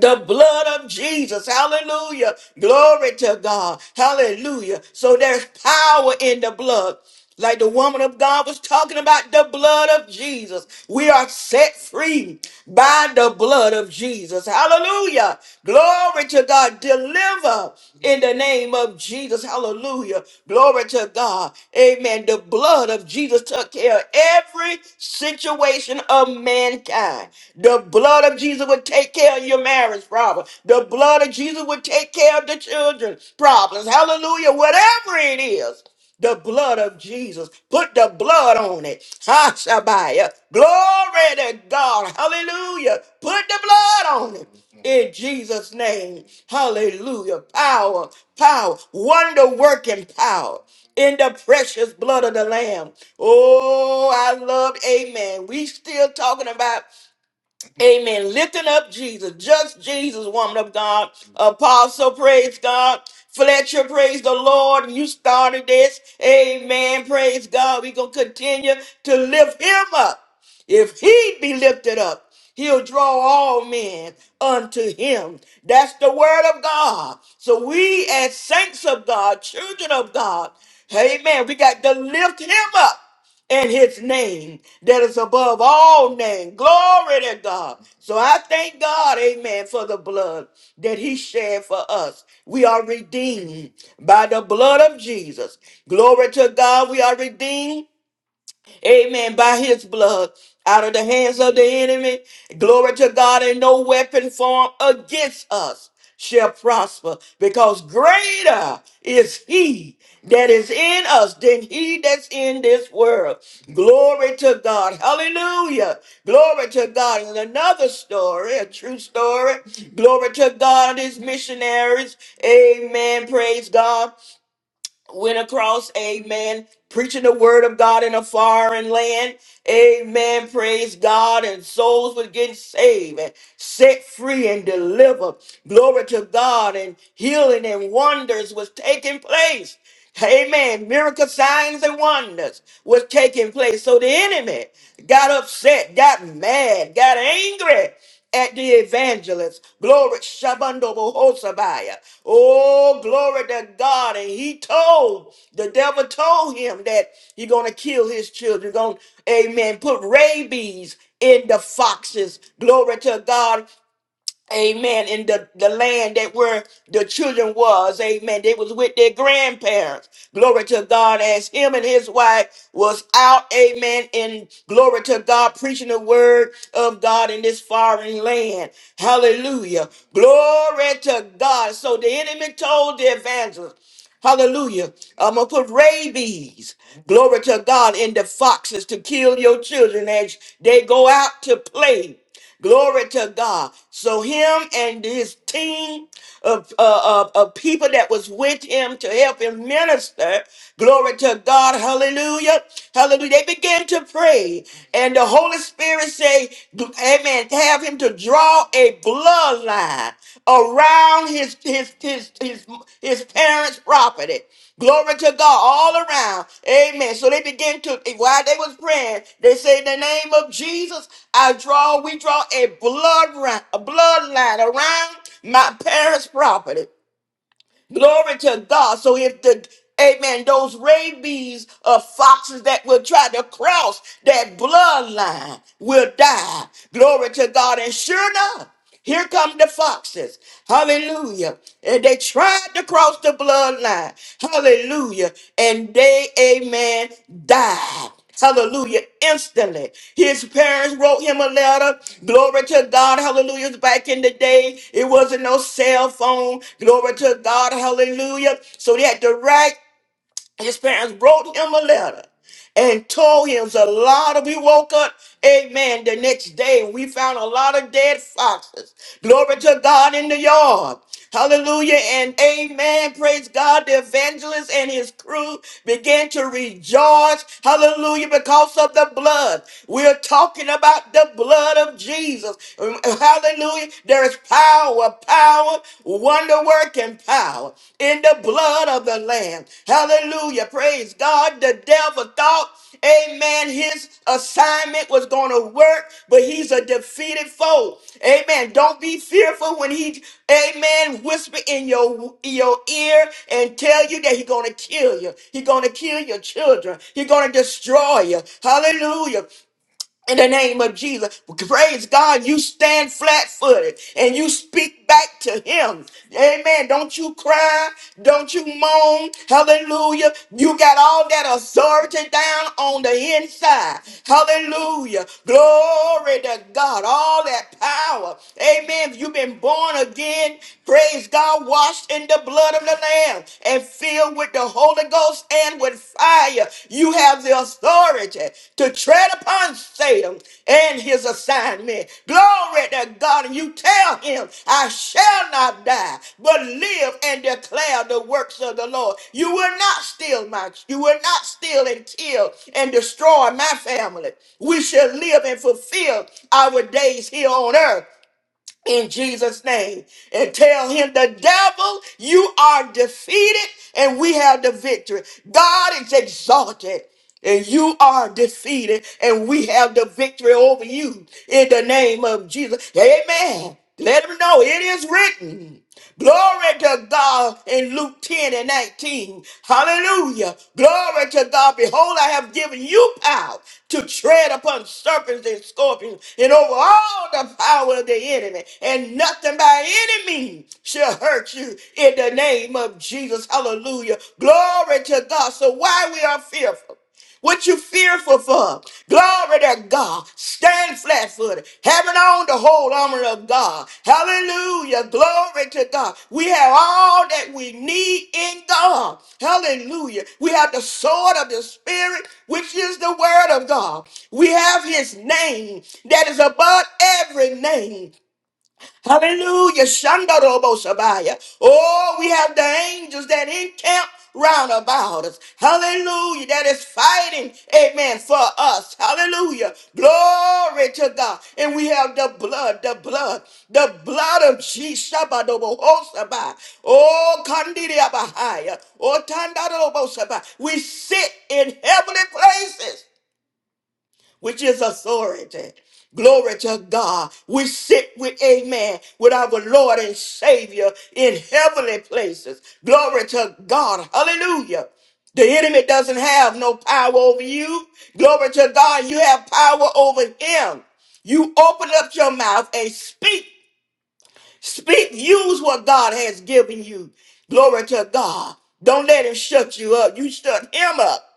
Speaker 1: the blood of Jesus. Hallelujah. Glory to God. Hallelujah. So there's power in the blood. Like the woman of God was talking about the blood of Jesus. We are set free by the blood of Jesus. Hallelujah. Glory to God. Deliver in the name of Jesus. Hallelujah. Glory to God. Amen. The blood of Jesus took care of every situation of mankind. The blood of Jesus would take care of your marriage problem. The blood of Jesus would take care of the children's problems. Hallelujah. Whatever it is the blood of Jesus. Put the blood on it. Hashabiah. Glory to God. Hallelujah. Put the blood on it. In Jesus' name. Hallelujah. Power, power, wonder working power. In the precious blood of the Lamb. Oh, I love, amen. We still talking about Amen. Lifting up Jesus, just Jesus, woman of God, apostle, praise God. Fletcher, praise the Lord. You started this. Amen. Praise God. We're going to continue to lift him up. If he be lifted up, he'll draw all men unto him. That's the word of God. So we as saints of God, children of God, amen, we got to lift him up and his name that is above all name. Glory to God. So I thank God, amen, for the blood that he shed for us. We are redeemed by the blood of Jesus. Glory to God. We are redeemed Amen. By his blood, out of the hands of the enemy. Glory to God, and no weapon formed against us shall prosper because greater is he that is in us than he that's in this world. Glory to God. Hallelujah. Glory to God. And another story, a true story. Glory to God and his missionaries. Amen. Praise God went across, amen, preaching the word of God in a foreign land, amen, praise God, and souls were getting saved and set free and delivered, glory to God, and healing and wonders was taking place, amen, miracle signs and wonders was taking place, so the enemy got upset, got mad, got angry, at the evangelist. Glory, Shabando Bohosabaya. Oh, glory to God. And he told, the devil told him that he going to kill his children. Going, amen. Put rabies in the foxes. Glory to God. Amen. In the, the land that where the children was. Amen. They was with their grandparents. Glory to God. As him and his wife was out. Amen. And glory to God, preaching the word of God in this foreign land. Hallelujah. Glory to God. So the enemy told the evangelist. Hallelujah. I'm going to put rabies, glory to God, Into foxes to kill your children as they go out to play. Glory to God. So him and his team of, uh, of, of people that was with him to help him minister. Glory to God. Hallelujah. Hallelujah. They began to pray and the Holy Holy Spirit say, Amen, have him to draw a bloodline around his his his his, his parents' property. Glory to God all around. Amen. So they began to while they was praying, they say, In the name of Jesus, I draw, we draw a blood ri- a bloodline around my parents' property. Glory to God. So if the Amen. Those rabies of foxes that will try to cross that bloodline will die. Glory to God. And sure enough, here come the foxes. Hallelujah. And they tried to cross the bloodline. Hallelujah. And they, amen, died. Hallelujah. Instantly. His parents wrote him a letter. Glory to God. Hallelujah. Back in the day, it wasn't no cell phone. Glory to God. Hallelujah. So they had to write his parents wrote him a letter and told him a lot of we woke up amen the next day we found a lot of dead foxes glory to god in the yard hallelujah and amen praise god the evangelist and his crew began to rejoice hallelujah because of the blood we're talking about the blood of jesus Mm, hallelujah there is power our power, wonder working power in the blood of the Lamb. Hallelujah. Praise God. The devil thought, amen, his assignment was going to work, but he's a defeated foe. Amen. Don't be fearful when he, amen, whisper in your, your ear and tell you that he's going to kill you. He's going to kill your children. He's going to destroy you. Hallelujah in the name of Jesus. Praise God, you stand flat footed and you speak back to Him. Amen. Don't you cry. Don't you moan. Hallelujah. You got all that authority down on the inside. Hallelujah. Glory to God. All that power. Amen. You've been born again. Praise God. Washed in the blood of the Lamb and filled filled with the Holy Ghost and with fire. You have the authority to tread upon Satan and his assignment. Glory to God. And you tell him, I shall not die, but live and declare the works of the Lord. You will not steal my, you will not steal and kill and destroy my family. We shall live and fulfill our days here on earth in Jesus' name and tell him, The devil, you are defeated and we have the victory. God is exalted. And you are defeated, and we have the victory over you in the name of Jesus. Amen. Let him know it is written. Glory to God in Luke 10 and 19. Hallelujah. Glory to God. Behold, I have given you power to tread upon serpents and scorpions and over all the power of the enemy. And nothing by any means shall hurt you in the name of Jesus. Hallelujah. Glory to God. So why we are fearful? What you fearful for? Glory to God. Stand flat footed. Having on the whole armor of God. Hallelujah. Glory to God. We have all that we need in God. Hallelujah. We have the sword of the Spirit, which is the word of God. We have his name that is above every name. Hallelujah. Shandarobo Sabaya. Oh, we have the angels that encamp round about us. Hallelujah. That is fighting, amen, for us. Hallelujah. Glory to God. And we have the blood, the blood, the blood of Jesus. Shabadobo Hosabaya. Oh, Kandiria Bahaya. Oh, Tandarobo Sabaya. We sit in heavenly places which is authority. Glory to God. We sit with, amen, with our Lord and Savior in heavenly places. Glory to God. Hallelujah. The enemy doesn't have no power over you. Glory to God. You have power over him. You open up your mouth and speak. Speak, use what God has given you. Glory to God. Don't let him shut you up. You shut him up.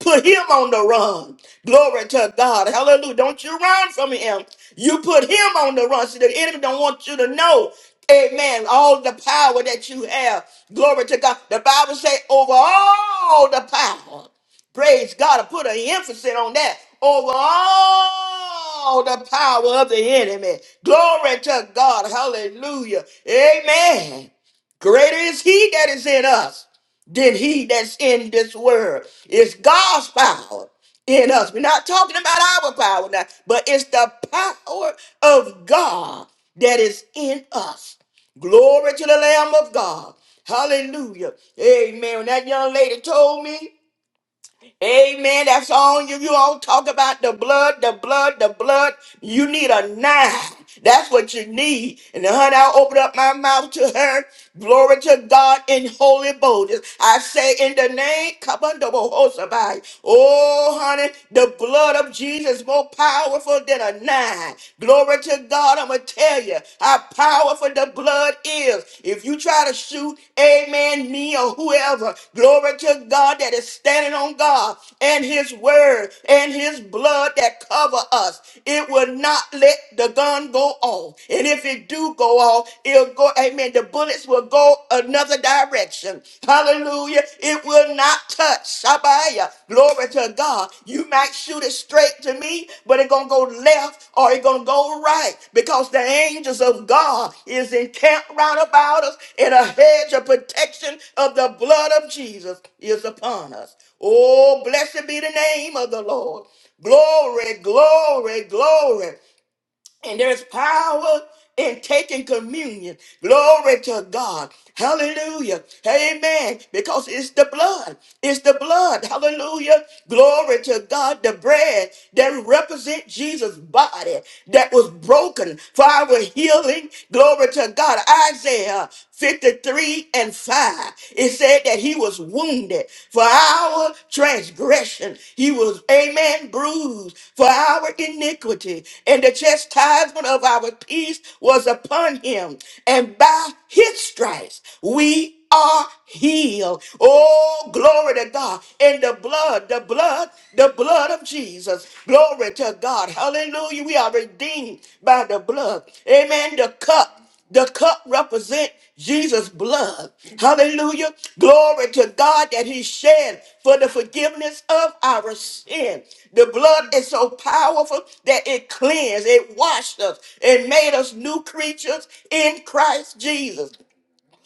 Speaker 1: Put him on the run. Glory to God. Hallelujah. Don't you run from him. You put him on the run. So the enemy don't want you to know. Amen. All the power that you have. Glory to God. The Bible say over all the power. Praise God. I put an emphasis on that over all the power of the enemy. Glory to God. Hallelujah. Amen. Greater is he that is in us than he that's in this world. It's God's power in us. We're not talking about our power now, but it's the power of God that is in us. Glory to the Lamb of God. Hallelujah. Amen. When that young lady told me, Amen. That's on you. You all talk about the blood, the blood, the blood. You need a nine. That's what you need. And honey, I open up my mouth to her. Glory to God in holy boldness. I say in the name, come on, double host Oh, honey, the blood of Jesus more powerful than a nine. Glory to God. I'm going to tell tell you how powerful the blood is. If you try to shoot, amen, me or whoever, glory to God that is standing on God and his word and his blood that cover us. It will not let the gun go off. And if it do go off, it'll go, amen, the bullets will go another direction. Hallelujah. It will will not touch. Shabaya. Glory to God. You might shoot it straight to me, but it gonna go left or it gonna go right because the angels of God is encamped round about us and a hedge of protection of the blood of Jesus is upon us. Oh, blessed be the name of the Lord. Glory, glory, glory. And there's power in taking communion. Glory to God. Hallelujah. Amen. Because it's the blood. It's the blood. Hallelujah. Glory to God. The bread that represents Jesus' body that was broken for our healing. Glory to God. Isaiah 53 and 5. It said that he was wounded for our transgression. He was, amen, bruised for our iniquity. And the chastisement of our peace was upon him. And by his stripes we are healed. Oh, glory to God. And the blood, the blood, the blood of Jesus. Glory to God. Hallelujah. We are redeemed by the blood. Amen. The cup. The cup represent Jesus' blood. Hallelujah. Glory to God that he shed for the forgiveness of our sin. The blood is so powerful that it cleansed, it washed us, it made us new creatures in Christ Jesus.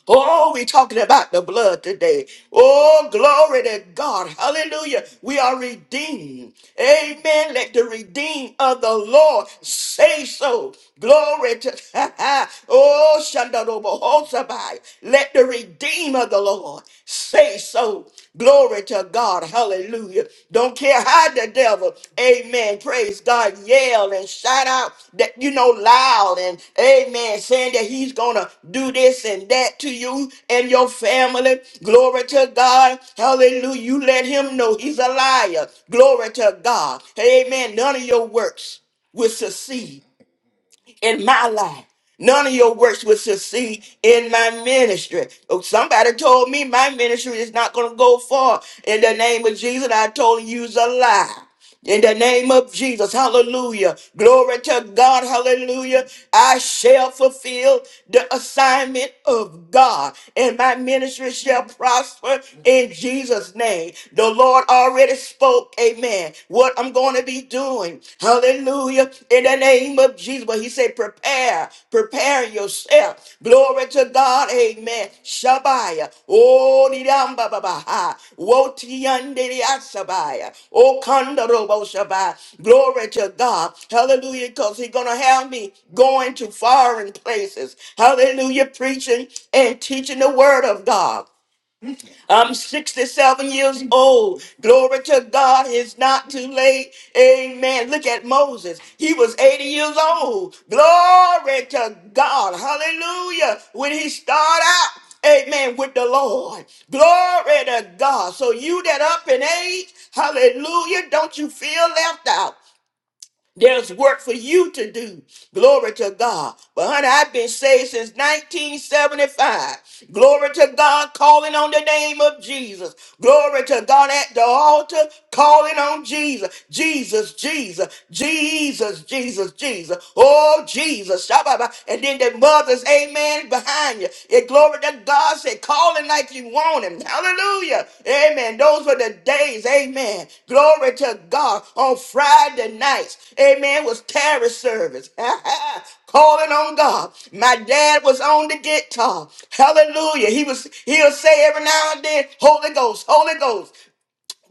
Speaker 1: Oh, we're talking about the blood today. Oh, glory to God. Hallelujah. We are redeemed. Amen. Let the redeemed of the Lord say so. Glory to Oh, Shandarobohosabai. Let the redeemed of the Lord say so. Glory to God. Hallelujah. Hallelujah. Don't care how the devil, amen, praise God, yell and shout out that, you know, loud and, amen, saying that he's going to do this and that to you and your family. Glory to God. Hallelujah. You let him know he's a liar. Glory to God. Amen. None of your works will succeed in my life. None of your works will succeed in my ministry. Oh, Somebody told me my ministry is not going to go far. In the name of Jesus, I told you it's a lie. In the name of Jesus, hallelujah. Glory to God, hallelujah. I shall fulfill the assignment of God, and my ministry shall prosper in Jesus' name. The Lord already spoke, amen plan, what I'm going to be doing. Hallelujah. In the name of Jesus. But he said, prepare, prepare yourself. Glory to God. Amen. Shabaya. Oh, nidamba babaha. Wotiandiriasabaya. Oh, kandorobo shabaya. Glory to God. Hallelujah. Because he's going to have me going to foreign places. Hallelujah. Preaching and teaching the word of God. I'm 67 years old. Glory to God, it's not too late. Amen. Look at Moses. He was 80 years old. Glory to God. Hallelujah. When he started out, Amen. With the Lord. Glory to God. So you that up in age, hallelujah, don't you feel left out. There's work for you to do. Glory to God. But honey, I've been saved since 1975. Glory to God, calling on the name of Jesus. Glory to God at the altar, calling on Jesus. Jesus, Jesus, Jesus, Jesus, Jesus. Oh, Jesus. Shabba-ba. And then the mothers, amen, behind behind you. Yeah, glory to God. Say, call him like you want him. Hallelujah. Amen. Those were the days. Amen. Glory to God. On Friday nights, amen, was terror service. Calling on God. My dad was on the guitar. Hallelujah. He was, he'll say every now and then, Holy Ghost, Holy Ghost.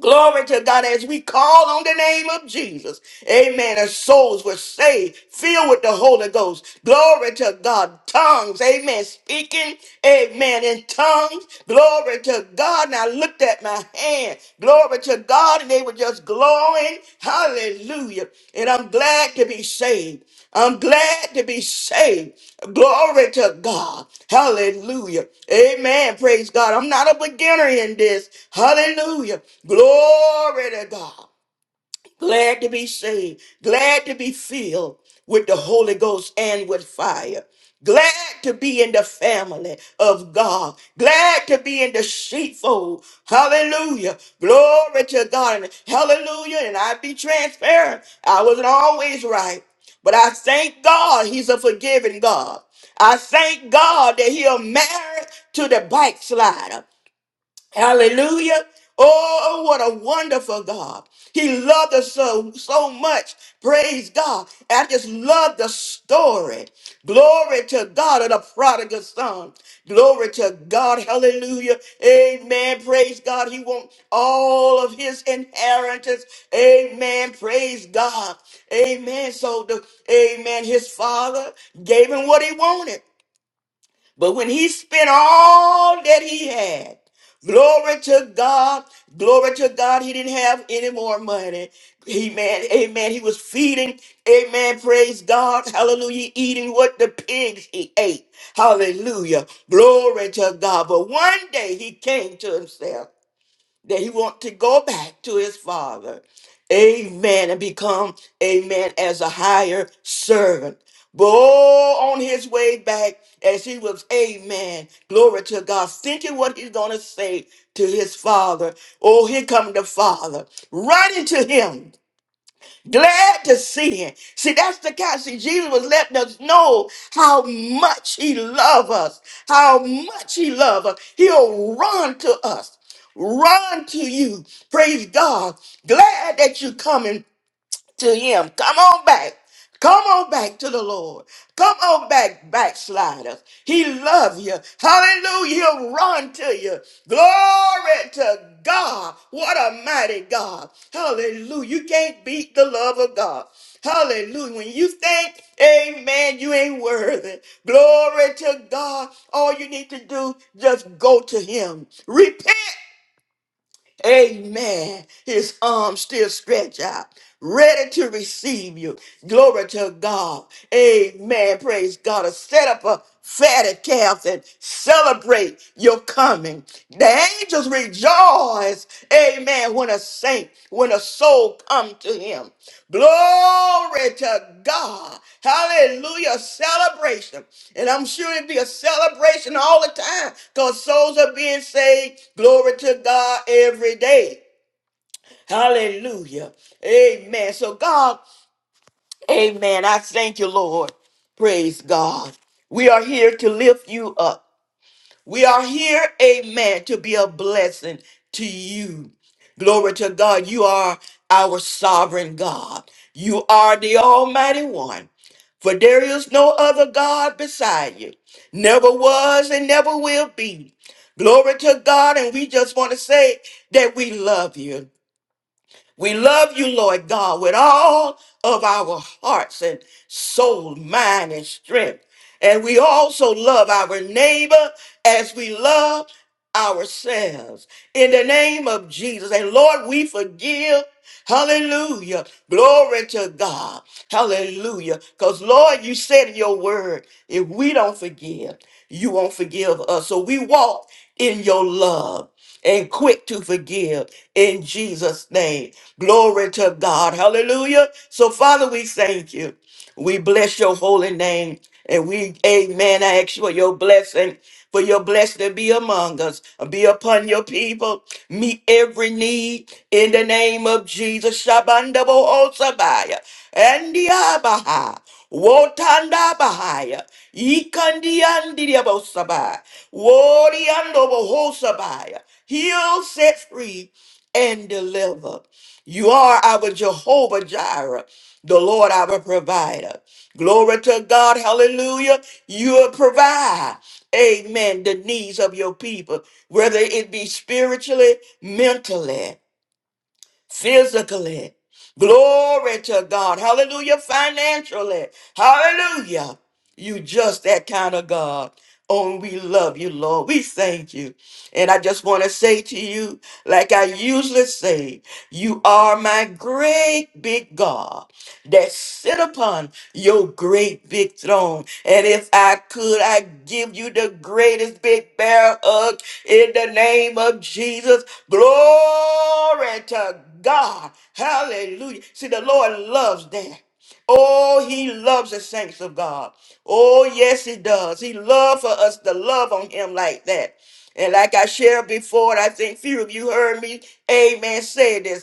Speaker 1: Glory to God as we call on the name of Jesus. Amen. As souls were saved, filled with the Holy Ghost. Glory to God. Tongues. Amen. Speaking. Amen. In tongues. Glory to God. And I looked at my hand. Glory to God. And they were just glowing. Hallelujah. And I'm glad to be saved. I'm glad to be saved. Glory to God. Hallelujah. Amen. Praise God. I'm not a beginner in this. Hallelujah. Glory to God glad to be saved, glad to be filled with the Holy Ghost and with fire. Glad to be in the family of God. Glad to be in the sheepfold. Hallelujah. Glory to God. And Hallelujah. And I be transparent. I wasn't always right. But I thank God he's a forgiving God. I thank God that he'll marry to the backslider. Hallelujah. Oh, what a wonderful God. He loved us so, so much. Praise God. I just love the story. Glory to God of the prodigal son. Glory to God. Hallelujah. Amen. Praise God. He wants all of his inheritance. Amen. Praise God. Amen. So the, amen. His father gave him what he wanted. But when he spent all that he had, glory to God, glory to God, he didn't have any more money. Amen, amen. He was feeding, amen, praise God, hallelujah, eating what the pigs he ate. Hallelujah, glory to God. But one day he came to himself that he want to go back to his father. Amen. And become, amen, as a higher servant. But oh, on his way back, as he was, amen, glory to God, thinking what he's going to say to his father. Oh, here come the father running to him glad to see him. See, that's the kind. See, Jesus was letting us know how much he loves us, how much he loves us. He'll run to us, run to you. Praise God. Glad that you're coming to him. Come on back. Come on back to the Lord. Come on back, backsliders. He loves you. Hallelujah. He'll run to you. Glory to God. What a mighty God. Hallelujah. You can't beat the love of God. Hallelujah. When you think, amen, you ain't worthy. Glory to God. All you need to do, just go to him. Repent. Amen. His arms still stretch out, ready to receive you. Glory to God. Amen. Praise God. To set up a fatted calf and celebrate your coming. The angels rejoice. Amen. When a saint, when a soul come to him. Glory to God. Hallelujah. Celebration. And I'm sure it'd be a celebration all the time because souls are being saved. Glory to God every day. Hallelujah. Amen. So, God, amen. I thank you, Lord. Praise God. We are here to lift you up. We are here, amen, to be a blessing to you. Glory to God. You are our sovereign God. You are the Almighty One. For there is no other God beside you. Never was and never will be. Glory to God. And we just want to say that we love you. We love you, Lord God, with all of our hearts and soul, mind, and strength. And we also love our neighbor as we love ourselves. In the name of Jesus. And Lord, we forgive. Hallelujah. Glory to God. Hallelujah. Because, Lord, you said in your word, if we don't forgive, you won't forgive us. So we walk in your love and quick to forgive in Jesus' name. Glory to God. Hallelujah. So, Father, we thank you. We bless your holy name. And we, amen, I ask for your blessing, for your blessing to be among us, be upon your people, meet every need in the name of Jesus. Shabanda bohosabaya, and the Abaha, Wotanda Bahaya, Ikandiandia bosabaya, Woriando bohosabaya, heal, set free, and deliver. You are our Jehovah Jireh. The Lord our provider. Glory to God. Hallelujah. You will provide. Amen. The needs of your people, whether it be spiritually, mentally, physically. Glory to God. Hallelujah. Financially. Hallelujah. You just that kind of God. Oh, we love you, Lord. We thank you. And I just want to say to you, like I usually say, you are my great big God that sit upon your great big throne. And if I could, I give you the greatest big bear hug in the name of Jesus. Glory to God. Hallelujah. See, the Lord loves that. Oh, he loves the saints of God. Oh, yes, he does. He loves for us to love on him like that. And like I shared before, and I think few of you heard me, amen, say this.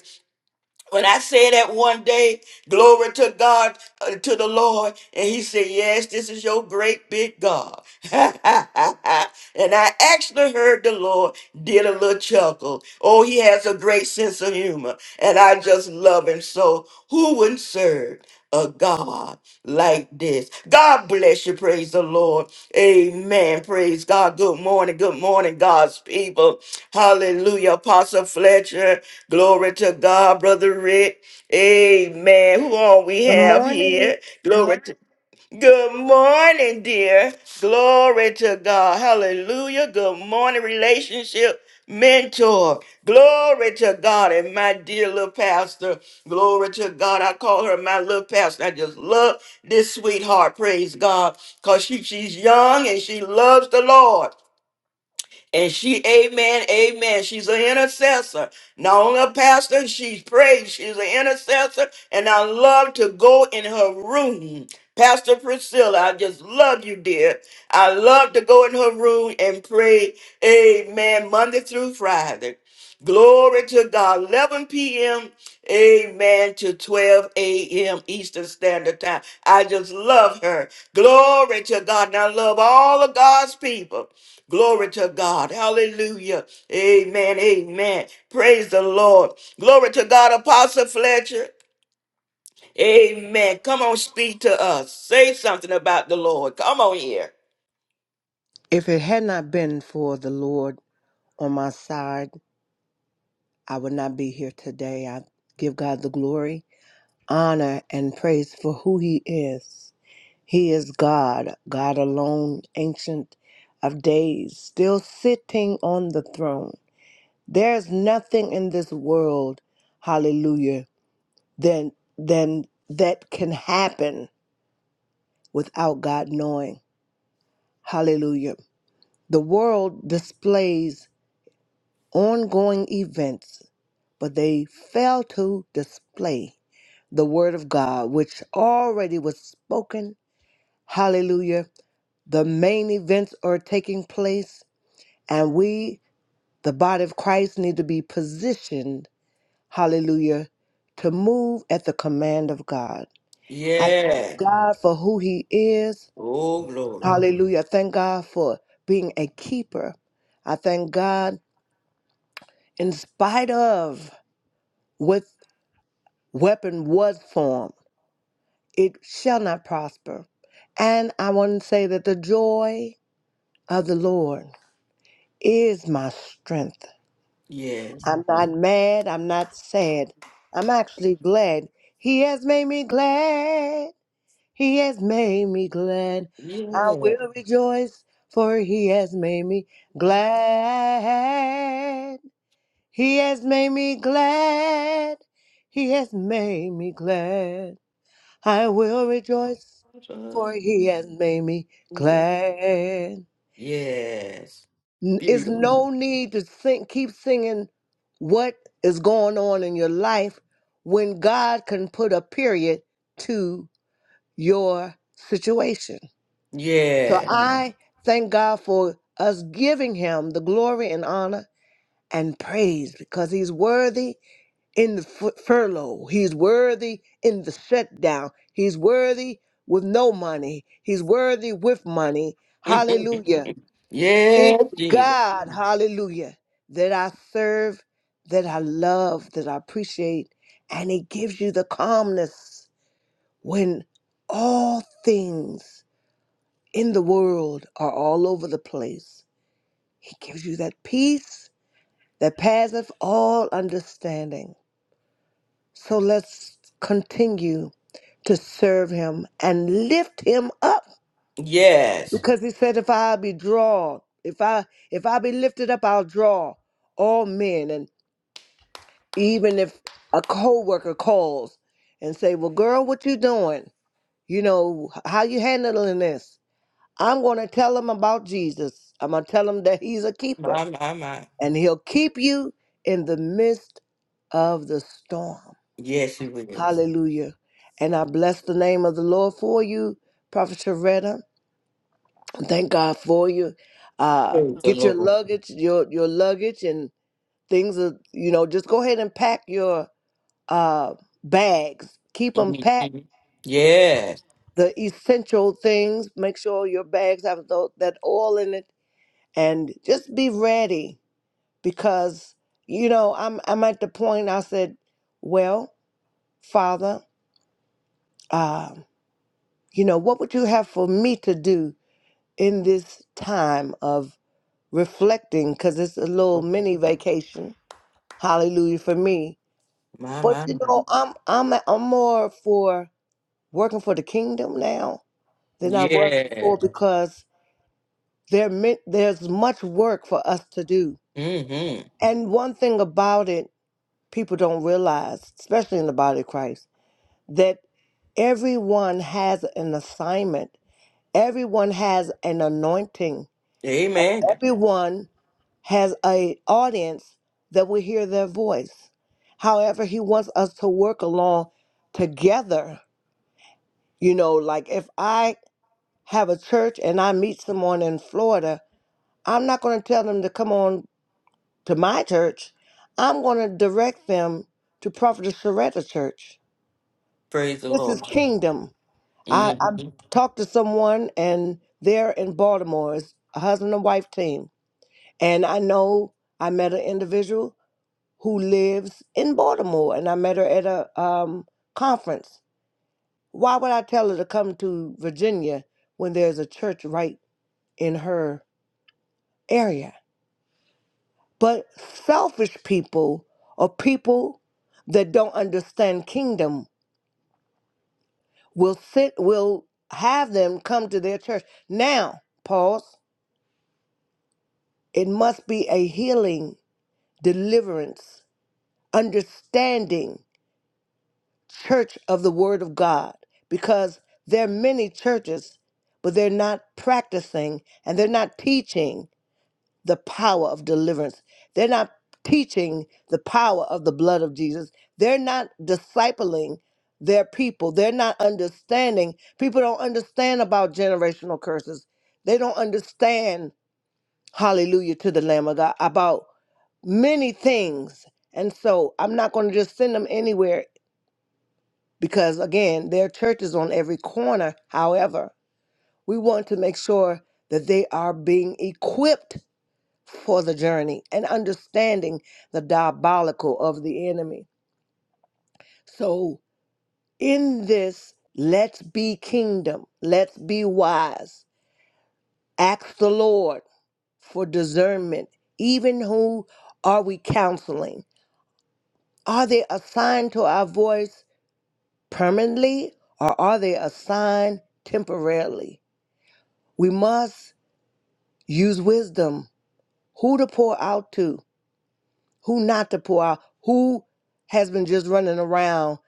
Speaker 1: When I said that one day, glory to God, uh, to the Lord, and he said, Yes, this is your great big God. and I actually heard the Lord did a little chuckle. Oh, he has a great sense of humor, and I just love him. So, who wouldn't serve a God like this? God bless you. Praise the Lord. Amen. Praise God. Good morning. Good morning, God's people. Hallelujah. Apostle Fletcher. Glory to God, Brother Rick. Amen. Who all we
Speaker 5: Good
Speaker 1: have
Speaker 5: morning.
Speaker 1: here? Glory to Good morning, dear. Glory to God. Hallelujah. Good morning, relationship mentor. Glory to God. And my dear little pastor. Glory to God. I call her my little pastor. I just love this sweetheart. Praise God. Because she, she's young and she loves the Lord. And she, amen, amen. She's an intercessor. Not only a pastor, she's prayed. She's an intercessor. And I love to go in her room. Pastor Priscilla, I just love you, dear. I love to go in her room and pray, amen, Monday through Friday. Glory to God. 11 p.m., amen, to 12 a.m. Eastern Standard Time. I just love her. Glory to God. And I love all of God's people. Glory to God. Hallelujah. Amen. Amen. Praise the Lord. Glory to God, Apostle Fletcher. Amen. Come on, speak to us. Say something about the Lord. Come on here.
Speaker 5: If it had not been for the Lord on my side, I would not be here today. I give God the glory, honor, and praise for who He is. He is God, God alone, ancient of days, still sitting on the throne. There's nothing in this world, hallelujah, than than that can happen without God knowing. Hallelujah. The world displays ongoing events, but they fail to display the Word of God, which already was spoken. Hallelujah. The main events are taking place, and we, the body of Christ, need to be positioned, hallelujah, to move at the command of God. I
Speaker 1: Yeah.
Speaker 5: thank God for who He is.
Speaker 1: Oh, glory.
Speaker 5: Hallelujah. I thank God for being a keeper. I thank God in spite of what weapon was formed, it shall not prosper. And I want to say that the joy of the Lord is my strength.
Speaker 1: Yes.
Speaker 5: I'm not mad, I'm not sad. I'm actually glad. He has made me glad. He has made me glad. I
Speaker 1: Yeah.
Speaker 5: will rejoice, for he has made me glad. He has made me glad. He has made me glad. I will rejoice, for he has made me glad.
Speaker 1: Yes.
Speaker 5: N- It's
Speaker 1: Beautiful.
Speaker 5: no need to sing, keep singing what is going on in your life when God can put a period to your situation. So Mm.
Speaker 1: Yeah.
Speaker 5: I thank God for us giving him the glory and honor and praise because he's worthy in the fu- furlough. He's worthy in the shutdown. He's worthy with no money. He's worthy with money. Hallelujah. It
Speaker 1: yes,
Speaker 5: is
Speaker 1: Jesus.
Speaker 5: God, hallelujah, that I serve, that I love, that I appreciate. And He gives you the calmness when all things in the world are all over the place. He gives you that peace that passeth all understanding. So let's continue to serve him and lift him up
Speaker 1: Yes.
Speaker 5: because he said if I be drawn, if I if I be lifted up, I'll draw all men and even if a co-worker calls and say, "Well, girl, what you doing? You know, how you handling this?" I'm going to tell him about Jesus. I'm going to tell him that he's a keeper
Speaker 1: My, my, my.
Speaker 5: and he'll keep you in the midst of the storm.
Speaker 1: Yes, it will. Praise
Speaker 5: Hallelujah. And I bless the name of the Lord for you, Prophet Sharetta. Thank God for you. Uh,
Speaker 1: the
Speaker 5: get your
Speaker 1: Lord.
Speaker 5: luggage, your your luggage and things are, you know, just go ahead and pack your uh bags. Keep them packed.
Speaker 1: Mm-hmm. Yes.
Speaker 5: The essential things, make sure your bags have tho- that oil in it and just be ready because you know, I'm I'm at the point I said, well, Father, uh, you know, what would you have for me to do? in this time of reflecting because it's a little mini vacation. Hallelujah for me.
Speaker 1: My,
Speaker 5: But
Speaker 1: my,
Speaker 5: you
Speaker 1: my.
Speaker 5: know, I'm I'm I'm more for working for the kingdom now than I was before
Speaker 1: Yes.
Speaker 5: because there mi- there's much work for us to do.
Speaker 1: Mm-hmm.
Speaker 5: And one thing about it, people don't realize, especially in the body of Christ, that everyone has an assignment. Everyone has an anointing.
Speaker 1: Amen.
Speaker 5: everyone. has a audience that will hear their voice. However, he wants us to work along together. You know, like if I have a church and I meet someone in Florida, I'm not going to tell them to come on to my church. I'm going to direct them to Prophetess Sharetta Church.
Speaker 1: Praise the
Speaker 5: This
Speaker 1: Lord.
Speaker 5: is kingdom. I,
Speaker 1: hmm
Speaker 5: I talked to someone and they're in Baltimore. It's a husband and wife team. And I know I met an individual who lives in Baltimore, and I met her at a um, conference. Why would I tell her to come to Virginia when there's a church right in her area? But selfish people or people that don't understand kingdom will sit, will have them come to their church. Now, pause. It must be a healing, deliverance, understanding church of the word of God because there are many churches, but they're not practicing and they're not teaching the power of deliverance. They're not teaching the power of the blood of Jesus. They're not discipling their people. They're not understanding. People don't understand about generational curses. They don't understand, hallelujah to the Lamb of God, about many things. And so I'm not going to just send them anywhere because again, there are churches on every corner. However, we want to make sure that they are being equipped for the journey and understanding the diabolical of the enemy. So, in this, let's be kingdom, let's be wise. Ask the Lord for discernment. Even who are we counseling? Are they assigned to our voice permanently or are they assigned temporarily? We must Use wisdom. Who to pour out to, who not to pour out, who has been just running around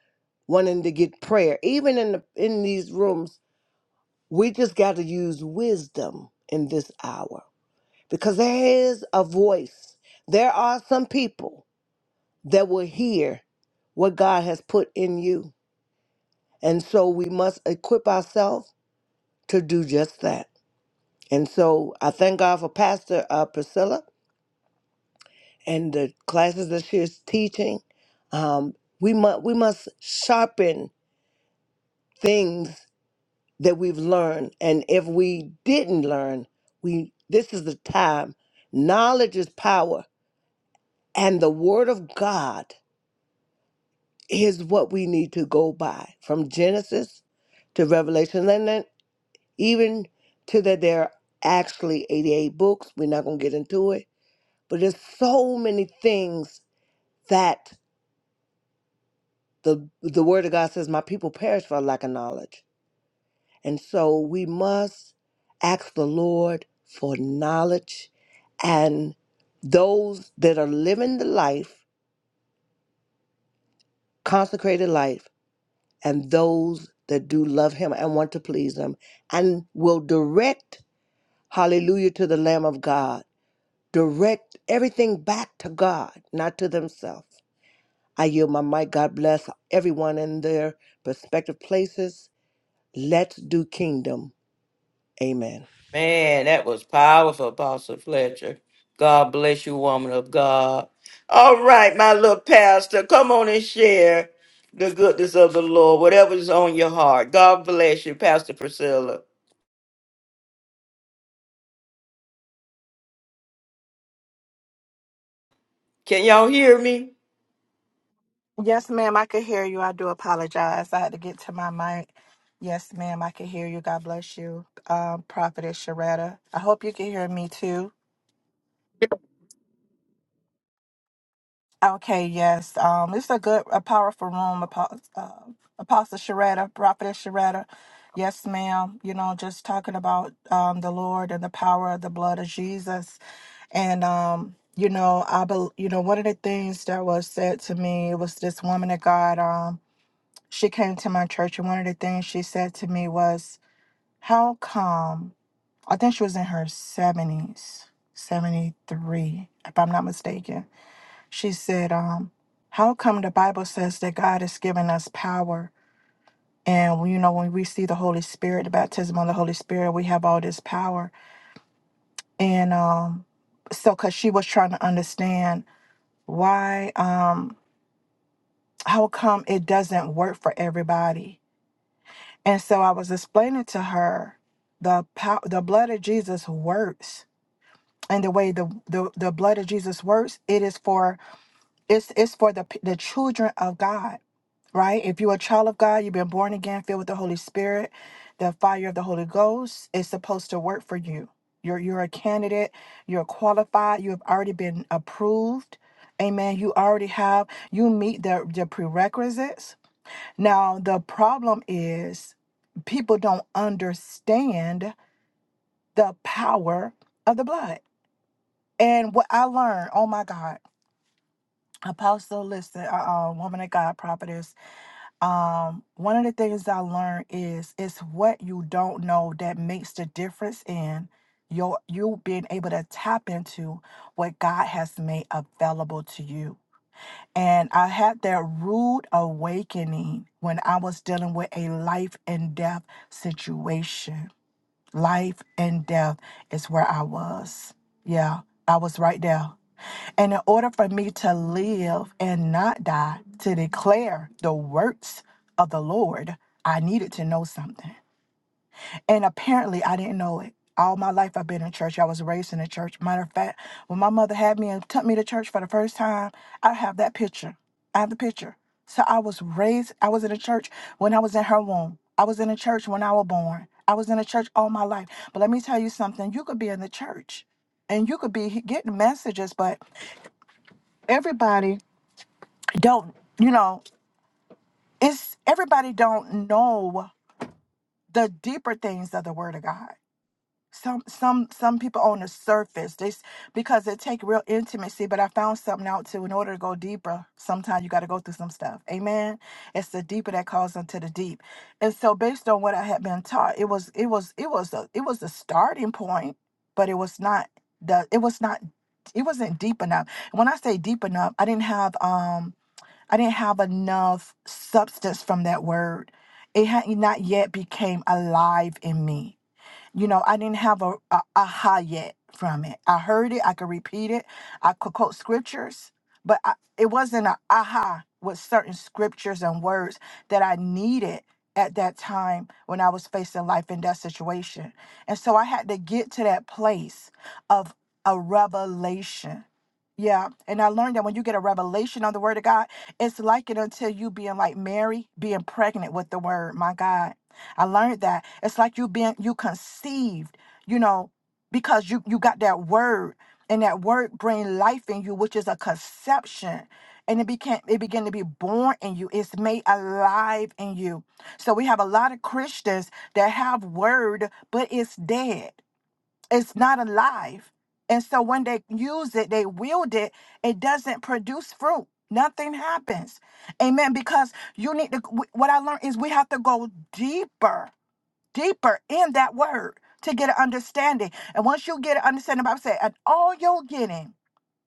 Speaker 5: wanting to get prayer. Even in the in these rooms, we just got to use wisdom in this hour. Because there is a voice. There are some people that will hear what God has put in you. And so we must equip ourselves to do just that. And so I thank God for Pastor uh, Priscilla and the classes that she is teaching, um, we must we must sharpen things that we've learned. And if we didn't learn, we this is the time. Knowledge is power, and the Word of God is what we need to go by from Genesis to Revelation, and then even to that there are actually 88 books. We're not gonna get into it, but there's so many things that. the the word of God says, "My people perish for lack of knowledge." And so we must ask the Lord for knowledge, and those that are living the life, consecrated life, and those that do love Him and want to please Him, and will direct, Hallelujah, to the Lamb of God. Direct everything back to God, not to themselves. I yield my mic. God bless everyone in their respective places. Let's do kingdom. Amen.
Speaker 1: Man, that was powerful, Apostle Fletcher. God bless you, woman of God. All right, my little pastor, come on and share the goodness of the Lord, whatever's on your heart. God bless you, Pastor Priscilla. Can y'all hear me?
Speaker 6: Yes, ma'am, I could hear you. I do apologize. I had to get to my mic. Yes, ma'am, I can hear you. God bless you. Um, Prophetess Sharetta. I hope you can hear me too. Okay, yes. Um, it's a good, a powerful room. Apostle, uh, Apostle Sharetta, Prophetess Sharetta. Yes, ma'am. You know, just talking about um, the Lord and the power of the blood of Jesus. And um, you know, I, bel you know, one of the things that was said to me was this woman of God. um, she came to my church and one of the things she said to me was how come i think she was in her 70s 73 if i'm not mistaken she said um how come the bible says that god has given us power and you know when we see the holy spirit the baptism of the holy spirit we have all this power and um so because she was trying to understand why um how come it doesn't work for everybody And so I was explaining to her the pow- the blood of Jesus works. And the way the, the the blood of Jesus works, it is for it's it's for the p- the children of God, right? If you're a child of God, you've been born again, filled with the Holy Spirit, the fire of the Holy Ghost is supposed to work for you. You're you're a candidate, you're qualified, you have already been approved. Amen. You already have you meet the the prerequisites now, the problem is people don't understand the power of the blood. And what I learned, oh my God, Apostle, listen, uh, uh, woman of God, prophetess, um, one of the things I learned is it's what you don't know that makes the difference in your you being able to tap into what God has made available to you. And I had that rude awakening when I was dealing with a life and death situation. Life and death is where I was. Yeah, I was right there. And in order for me to live and not die, to declare the works of the Lord, I needed to know something. And apparently, I didn't know it. All my life, I've been in church. I was raised in a church. Matter of fact, when my mother had me and took me to church for the first time, I have that picture. I have the picture. So I was raised, I was in a church when I was in her womb. I was in a church when I was born. I was in a church all my life. But let me tell you something you could be in the church and you could be getting messages, but everybody don't, you know, it's everybody don't know the deeper things of the Word of God some some some people on the surface they s- because it take real intimacy but i found something out too in order to go deeper sometimes you got to go through some stuff amen it's the deeper that calls unto the deep and so based on what i had been taught it was it was it was a it was a starting point but it was not the it was not it wasn't deep enough And when i say deep enough i didn't have um i didn't have enough substance from that word it had not yet became alive in me you know, I didn't have a, a aha yet from it. I heard it, I could repeat it, I could quote scriptures, but I, it wasn't a aha with certain scriptures and words that I needed at that time when I was facing life in that situation. And so I had to get to that place of a revelation. Yeah, and I learned that when you get a revelation on the word of God, it's like it until you being like Mary, being pregnant with the word, my God I learned that it's like you been you conceived, you know, because you you got that word and that word bring life in you, which is a conception. And it became it began to be born in you. It's made alive in you. So we have a lot of Christians that have word, but it's dead. It's not alive. And so when they use it, they wield it, it doesn't produce fruit. Nothing happens. Amen. Because you need to, what I learned is we have to go deeper deeper in that word to get an understanding. And once you get an understanding, the Bible said, and all you're getting,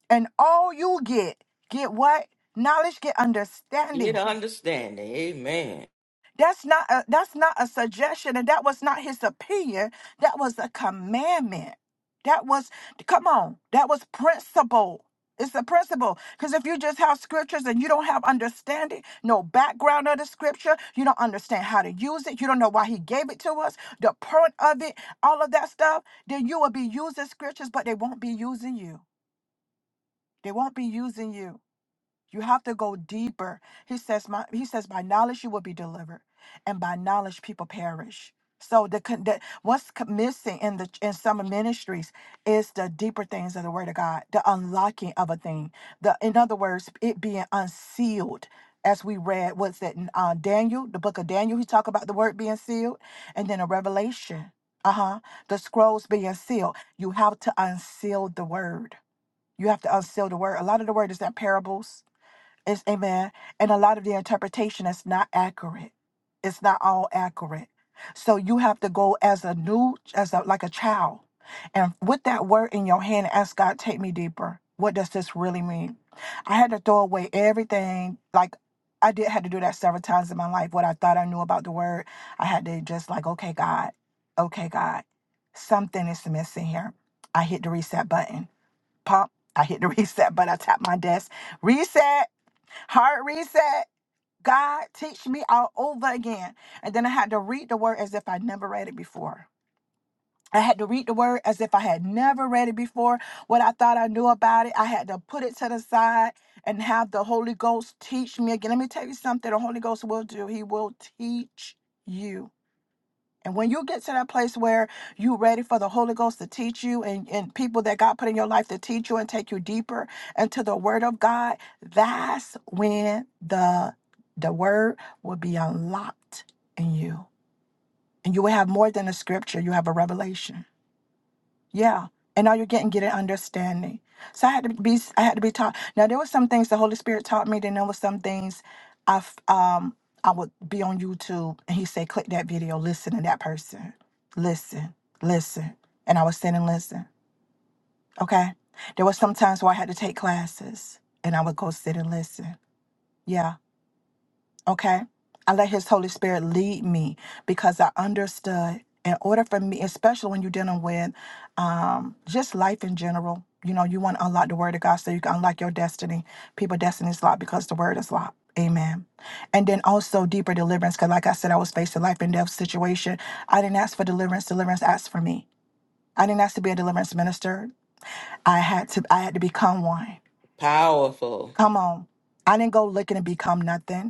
Speaker 6: and all you get, get what? Knowledge, get understanding.
Speaker 1: Get understanding. Amen.
Speaker 6: That's not a, that's not a suggestion, and that was not his opinion. That was a commandment. That was come on. That was principle. It's a principle. Because if you just have scriptures and you don't have understanding, no background of the scripture, you don't understand how to use it, you don't know why he gave it to us, the point of it, all of that stuff, then you will be using scriptures, but they won't be using you. They won't be using you. You have to go deeper. He says, my, he says, by knowledge you will be delivered, and by knowledge people perish. So the, con- the what's co- missing in the in some ministries is the deeper things of the Word of God, the unlocking of a thing. The in other words, it being unsealed, as we read. What's that? in, Uh, Daniel, the book of Daniel. He talk about the word being sealed, and then a Revelation. Uh huh. The scrolls being sealed. You have to unseal the word. You have to unseal the word. A lot of the word is in parables it's amen. And a lot of the interpretation is not accurate. It's not all accurate. So you have to go as a new, as a like a child, and with that word in your hand, ask God, take me deeper. What does this really mean? I had to throw away everything. Like I did had to do that several times in my life. What I thought I knew about the word, I had to just like, okay, God, okay, God, something is missing here. I hit the reset button. Pop. I hit the reset button. I tap my desk. Reset Heart reset. God, teach me all over again. And then I had to read the word as if I never read it before. I had to read the word as if I had never read it before. What I thought I knew about it, I had to put it to the side and have the Holy Ghost teach me again. Let me tell you something the Holy Ghost will do. He will teach you. And when you get to that place where you're ready for the Holy Ghost to teach you and, and people that God put in your life to teach you and take you deeper into the Word of God, that's when the the Word will be unlocked in you. And you will have more than a scripture, you have a revelation. Yeah. And all you're getting get an understanding. So I had to be I had to be taught. Now there were some things the Holy Spirit taught me, then there were some things I f- um I would be on YouTube and he said, click that video, listen to that person. Listen, listen. And I would sit and listen. Okay. There were some times where I had to take classes and I would go sit and listen. Yeah Okay. I let his Holy Spirit lead me because I understood in order for me, especially when you're dealing with um, just life in general, you know, you want to unlock the word of God so you can unlock your destiny. People, destiny is locked because the word is locked. Amen. And then also deeper deliverance, because like I said, I was faced a life and death situation. I didn't ask for deliverance. Deliverance asked for me. I didn't ask to be a deliverance minister. I had to I had to become one.
Speaker 1: Powerful.
Speaker 6: Come on. I didn't go looking to become nothing.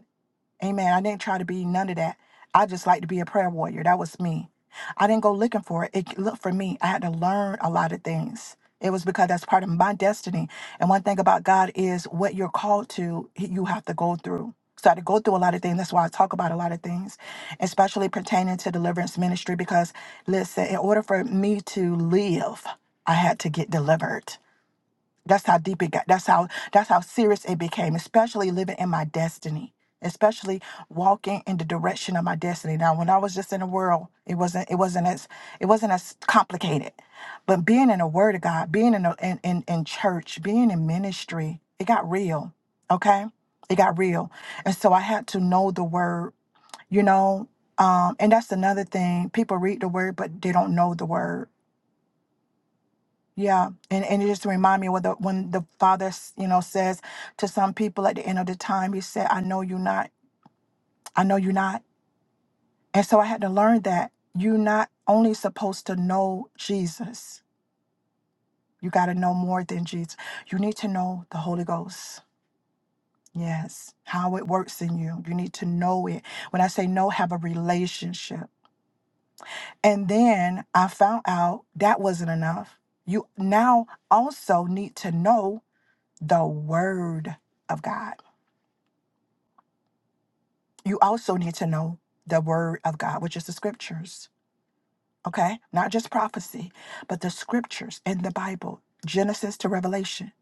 Speaker 6: Amen. I didn't try to be none of that. I just like to be a prayer warrior. That was me. I didn't go looking for it. It looked for me. I had to learn a lot of things. It was because that's part of my destiny. And one thing about God is what you're called to, you have to go through. So I had to go through a lot of things. That's why I talk about a lot of things, especially pertaining to deliverance ministry. Because listen, in order for me to live, I had to get delivered. That's how deep it got. That's how that's how serious it became, especially living in my destiny, especially walking in the direction of my destiny. Now, when I was just in the world, it wasn't it wasn't as it wasn't as complicated. But being in the word of God, being in a, in, in in church, being in ministry, it got real. Okay? It got real. And so I had to know the word, you know. Um, and that's another thing. People read the word, but they don't know the word yeah, and, and it just remind me what the when the father s- you know says to some people at the end of the time, he said, "I know you not, I know you not," and so I had to learn that you're not only supposed to know Jesus, you got to know more than Jesus. You need to know the Holy Ghost. Yes, how it works in you. You need to know it. When I say know, have a relationship. And then I found out that wasn't enough. You now also need to know the Word of God you also need to know the word of God, which is the scriptures, okay? Not just prophecy, but the scriptures in the Bible, Genesis to Revelation.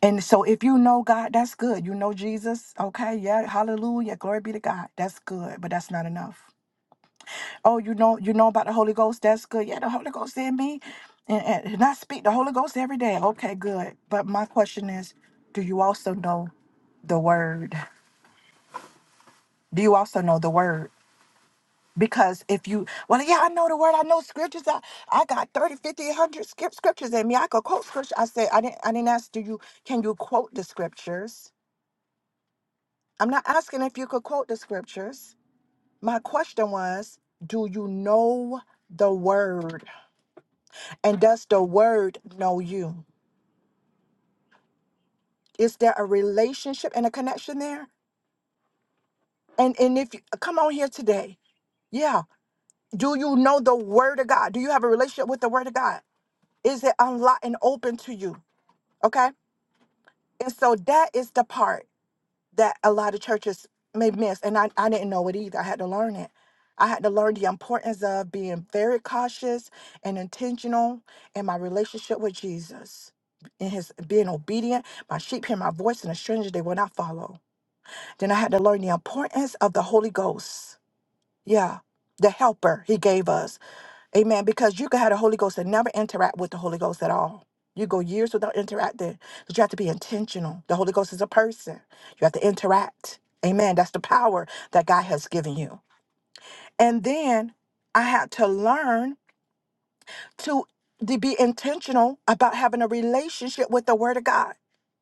Speaker 6: And so if you know God, that's good. You know Jesus, okay? Yeah, hallelujah, glory be to God. That's good, but that's not enough. Oh, you know you know about the Holy Ghost, that's good. Yeah, the Holy Ghost in me. And, and, and I speak the Holy Ghost every day. Okay, good. But my question is, do you also know the word? Do you also know the word? Because if you, well, yeah, I know the word, I know scriptures. I, I got 30, 50, one hundred scrip- scriptures in me. I could quote scripture. I said, I didn't, I didn't ask, do you, can you quote the scriptures? I'm not asking if you could quote the scriptures. My question was, do you know the word? And does the word know you? Is there a relationship and a connection there? And and if you come on here today, yeah, do you know the word of God? Do you have a relationship with the word of God? Is it unlocked and open to you? Okay. And so that is the part that a lot of churches may miss. And I, I didn't know it either. I had to learn it. I had to learn the importance of being very cautious and intentional in my relationship with Jesus. In his being obedient, my sheep hear my voice, and a stranger they will not follow. Then I had to learn the importance of the Holy Ghost. Yeah, the helper he gave us Amen. Because you could have the Holy Ghost and never interact with the Holy Ghost at all. You go years without interacting. But you have to be intentional. The Holy Ghost is a person. You have to interact. Amen. That's the power that God has given you. And then I had to learn to, to be intentional about having a relationship with the Word of God.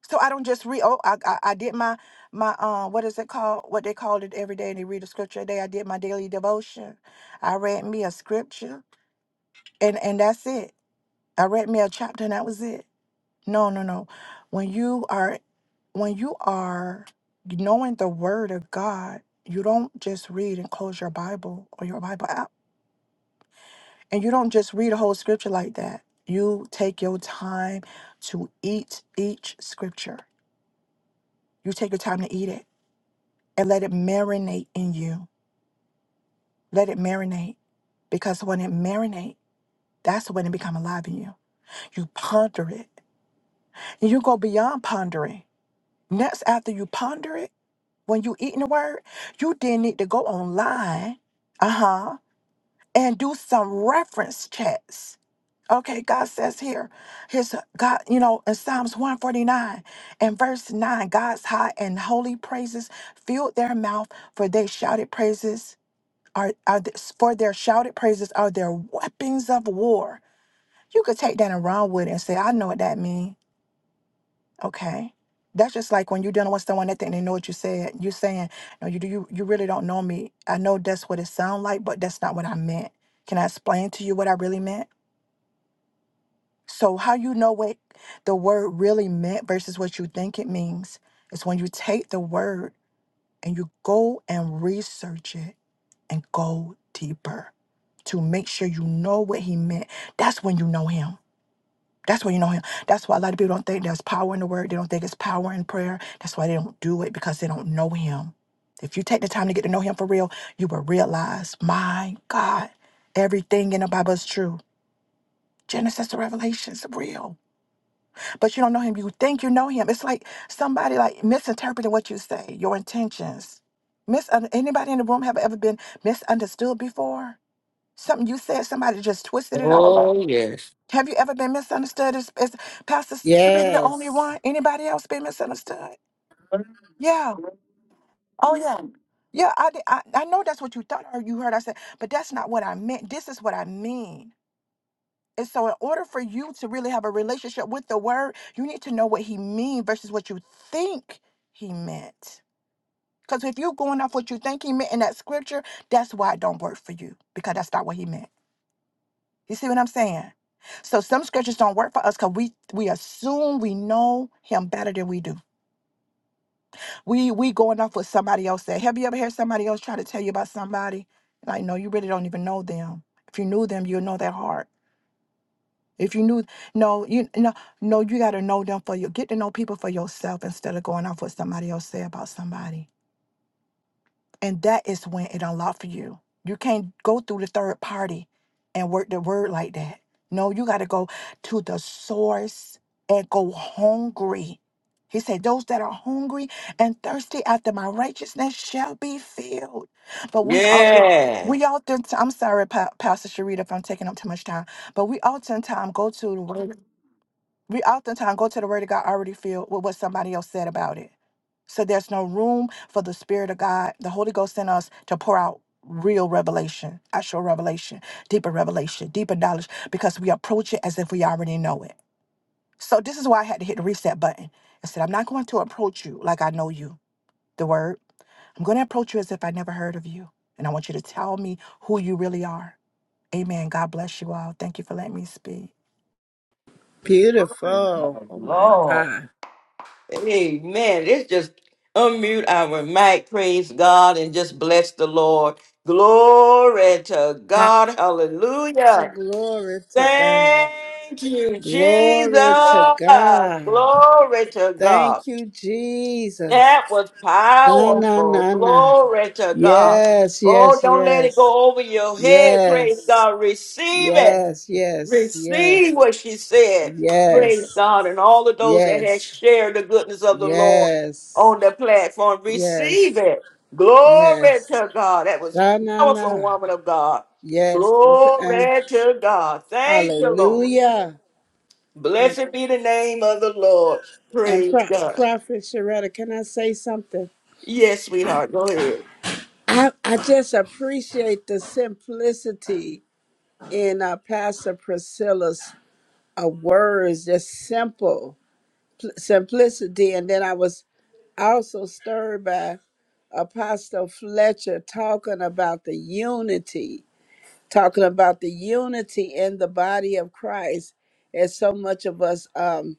Speaker 6: So I don't just read. Oh, I, I I did my my um what is it called? What they called it every day, they read a scripture a day. I did my daily devotion. I read me a scripture, and and that's it I read me a chapter and that was it. No, no, no. When you are when you are knowing the word of God, you don't just read and close your Bible or your Bible app. And you don't just read a whole scripture like that. You take your time to eat each scripture. You take your time to eat it and let it marinate in you. Let it marinate. Because when it marinate, that's when it become alive in you. You ponder it. And you go beyond pondering. Next after you ponder it, when you eating the word, you then need to go online, uh-huh, and do some reference checks. Okay, God says here, his God, you know, in Psalms 149 and verse 9, God's high and holy praises filled their mouth, for they shouted praises are, are th- for their shouted praises are their weapons of war. You could take that and run with it and say, I know what that means. Okay. That's just like when you're dealing with someone that think they know what you said. You saying, "No, you do. You you really don't know me. I know that's what it sounds like, but that's not what I meant. Can I explain to you what I really meant?" So how you know what the word really meant versus what you think it means is when you take the word and you go and research it and go deeper to make sure you know what he meant. That's when you know him. That's when you know him. That's why a lot of people don't think there's power in the word. They don't think it's power in prayer. That's why they don't do it because they don't know him. If you take the time to get to know him for real, you will realize, my God, everything in the Bible is true. Genesis to Revelation is real. But you don't know him. You think you know him. It's like somebody like misinterpreting what you say, your intentions. Mis- uh, anybody in the room have ever been misunderstood before? Something you said, somebody just twisted it all up.
Speaker 1: Oh, yes.
Speaker 6: Have you ever been misunderstood? Is, is Pastor Sharita the only
Speaker 4: Yes.
Speaker 6: one? Anybody else been misunderstood? Yeah. Oh yeah. Yeah, I, did- I I know that's what you thought or you heard I said, but that's not what I meant. This is what I mean. And so in order for you to really have a relationship with the word, you need to know what he mean versus what you think he meant. Because if you're going off what you think he meant in that scripture, that's why it don't work for you. Because that's not what he meant. You see what I'm saying? So some scriptures don't work for us because we we assume we know him better than we do. We we going off what somebody else said. Have you ever heard somebody else try to tell you about somebody? Like, no, you really don't even know them. If you knew them, you'll know their heart. If you knew no, you no no, you gotta know them for you. Get to know people for yourself instead of going off what somebody else say about somebody. And that is when it unlocked for you. You can't go through the third party and work the word like that. No, you got to go to the source and go hungry. He said, Those that are hungry and thirsty after my righteousness shall be filled. But we often,
Speaker 1: Yes.
Speaker 6: we often, I'm sorry, Pa- Pastor Sharita, if I'm taking up too much time, but we oftentimes go to the word. We oftentimes go to the word of God already filled with what somebody else said about it. So there's no room for the Spirit of God, the Holy Ghost in us to pour out real revelation, actual revelation, deeper revelation, deeper knowledge, because we approach it as if we already know it. So this is why I had to hit the reset button. I said, I'm not going to approach you like I know you, the word. I'm going to approach you as if I never heard of you. And I want you to tell me who you really are. Amen. God bless you all. Thank you for letting me speak.
Speaker 1: Praise
Speaker 4: Beautiful.
Speaker 1: the
Speaker 4: Oh
Speaker 1: Lord.
Speaker 4: my
Speaker 1: Amen. Let's just unmute our mic. Praise God and just bless the Lord. Glory to
Speaker 4: God.
Speaker 1: God. Hallelujah.
Speaker 4: Glory to God.
Speaker 1: Thank you, Jesus.
Speaker 4: Glory to God.
Speaker 1: Glory to God.
Speaker 4: Thank you, Jesus.
Speaker 1: That was
Speaker 4: Na na
Speaker 1: powerful.
Speaker 4: na na.
Speaker 1: Glory to God.
Speaker 4: Yes,
Speaker 1: Oh,
Speaker 4: yes,
Speaker 1: don't let it
Speaker 4: yes.
Speaker 1: go over your head. Praise
Speaker 4: Yes.
Speaker 1: God. Receive it.
Speaker 4: Yes, yes, yes.
Speaker 1: Receive what she said. Praise
Speaker 4: Yes.
Speaker 1: God. And all of those that have
Speaker 4: Yes.
Speaker 1: shared the goodness of the Lord
Speaker 4: Yes.
Speaker 1: on the platform,
Speaker 4: Yes.
Speaker 1: receive it. Glory
Speaker 4: Yes.
Speaker 1: to God. That was
Speaker 4: Na na
Speaker 1: powerful,
Speaker 4: na.
Speaker 1: woman of God.
Speaker 4: Yes. Uh,
Speaker 1: Glory to God. Thank you, Lord.
Speaker 4: hallelujah. And
Speaker 1: Blessed be the name of the Lord.
Speaker 4: and
Speaker 1: Praise
Speaker 4: Pro-
Speaker 1: God.
Speaker 4: Prophet Sharetta, can I say something?
Speaker 1: Yes, sweetheart. Go ahead.
Speaker 4: I, I just appreciate the simplicity in uh, Pastor Priscilla's uh, words, just simple pl- simplicity. And then I was also stirred by Apostle Fletcher talking about the unity, talking about the unity in the body of Christ, as so much of us. Um,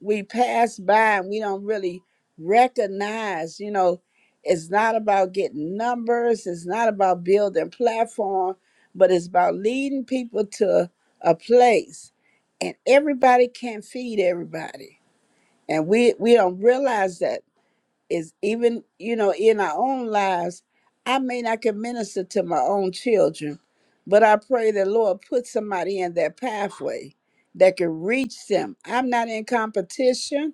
Speaker 4: we pass by and we don't really recognize, you know, it's not about getting numbers, it's not about building platform, but it's about leading people to a place. And everybody can't feed everybody. And we we don't realize that is even, you know, in our own lives, I may not can minister to my own children, but I pray the Lord put somebody in that pathway that can reach them. I'm not in competition.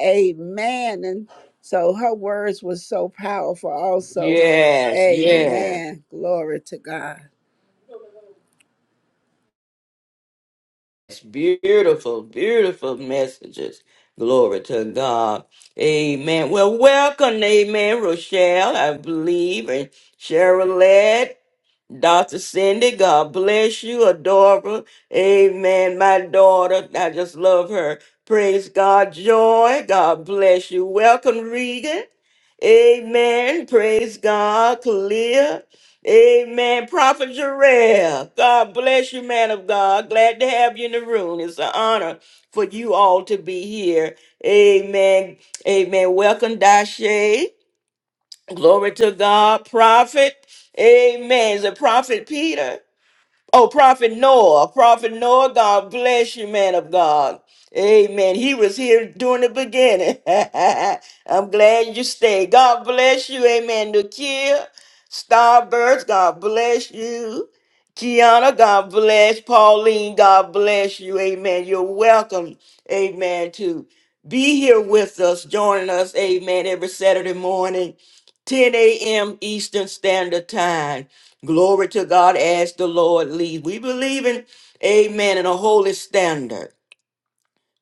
Speaker 4: Amen. And so her words were so powerful also.
Speaker 1: Yes, yes.
Speaker 4: Amen. Glory to God.
Speaker 1: Yes, Beautiful, beautiful messages. Glory to God. Amen. Well, welcome, amen, Rochelle, I believe, and Cheryl Dr. Cindy, God bless you. Adora. Amen. My daughter. I just love her. Praise God. Joy. God bless you. Welcome, Regan. Amen. Praise God. Kalia. Amen. Prophet Jarrell, God bless you, man of God. Glad to have you in the room. It's an honor for you all to be here. Amen. Amen. Welcome, Dashe. Glory to God. Prophet. Amen. Is it Prophet Peter? Oh, Prophet Noah. Prophet Noah, God bless you, man of God. Amen. He was here during the beginning. I'm glad you stayed. God bless you. Amen. Nakia, Starbirds, God bless you. Kiana, God bless. Pauline, God bless you. Amen. You're welcome. Amen. To be here with us, joining us. Amen. Every Saturday morning, 10 a.m. Eastern Standard Time. Glory to God as the Lord leads. We believe in, amen, in a holy standard.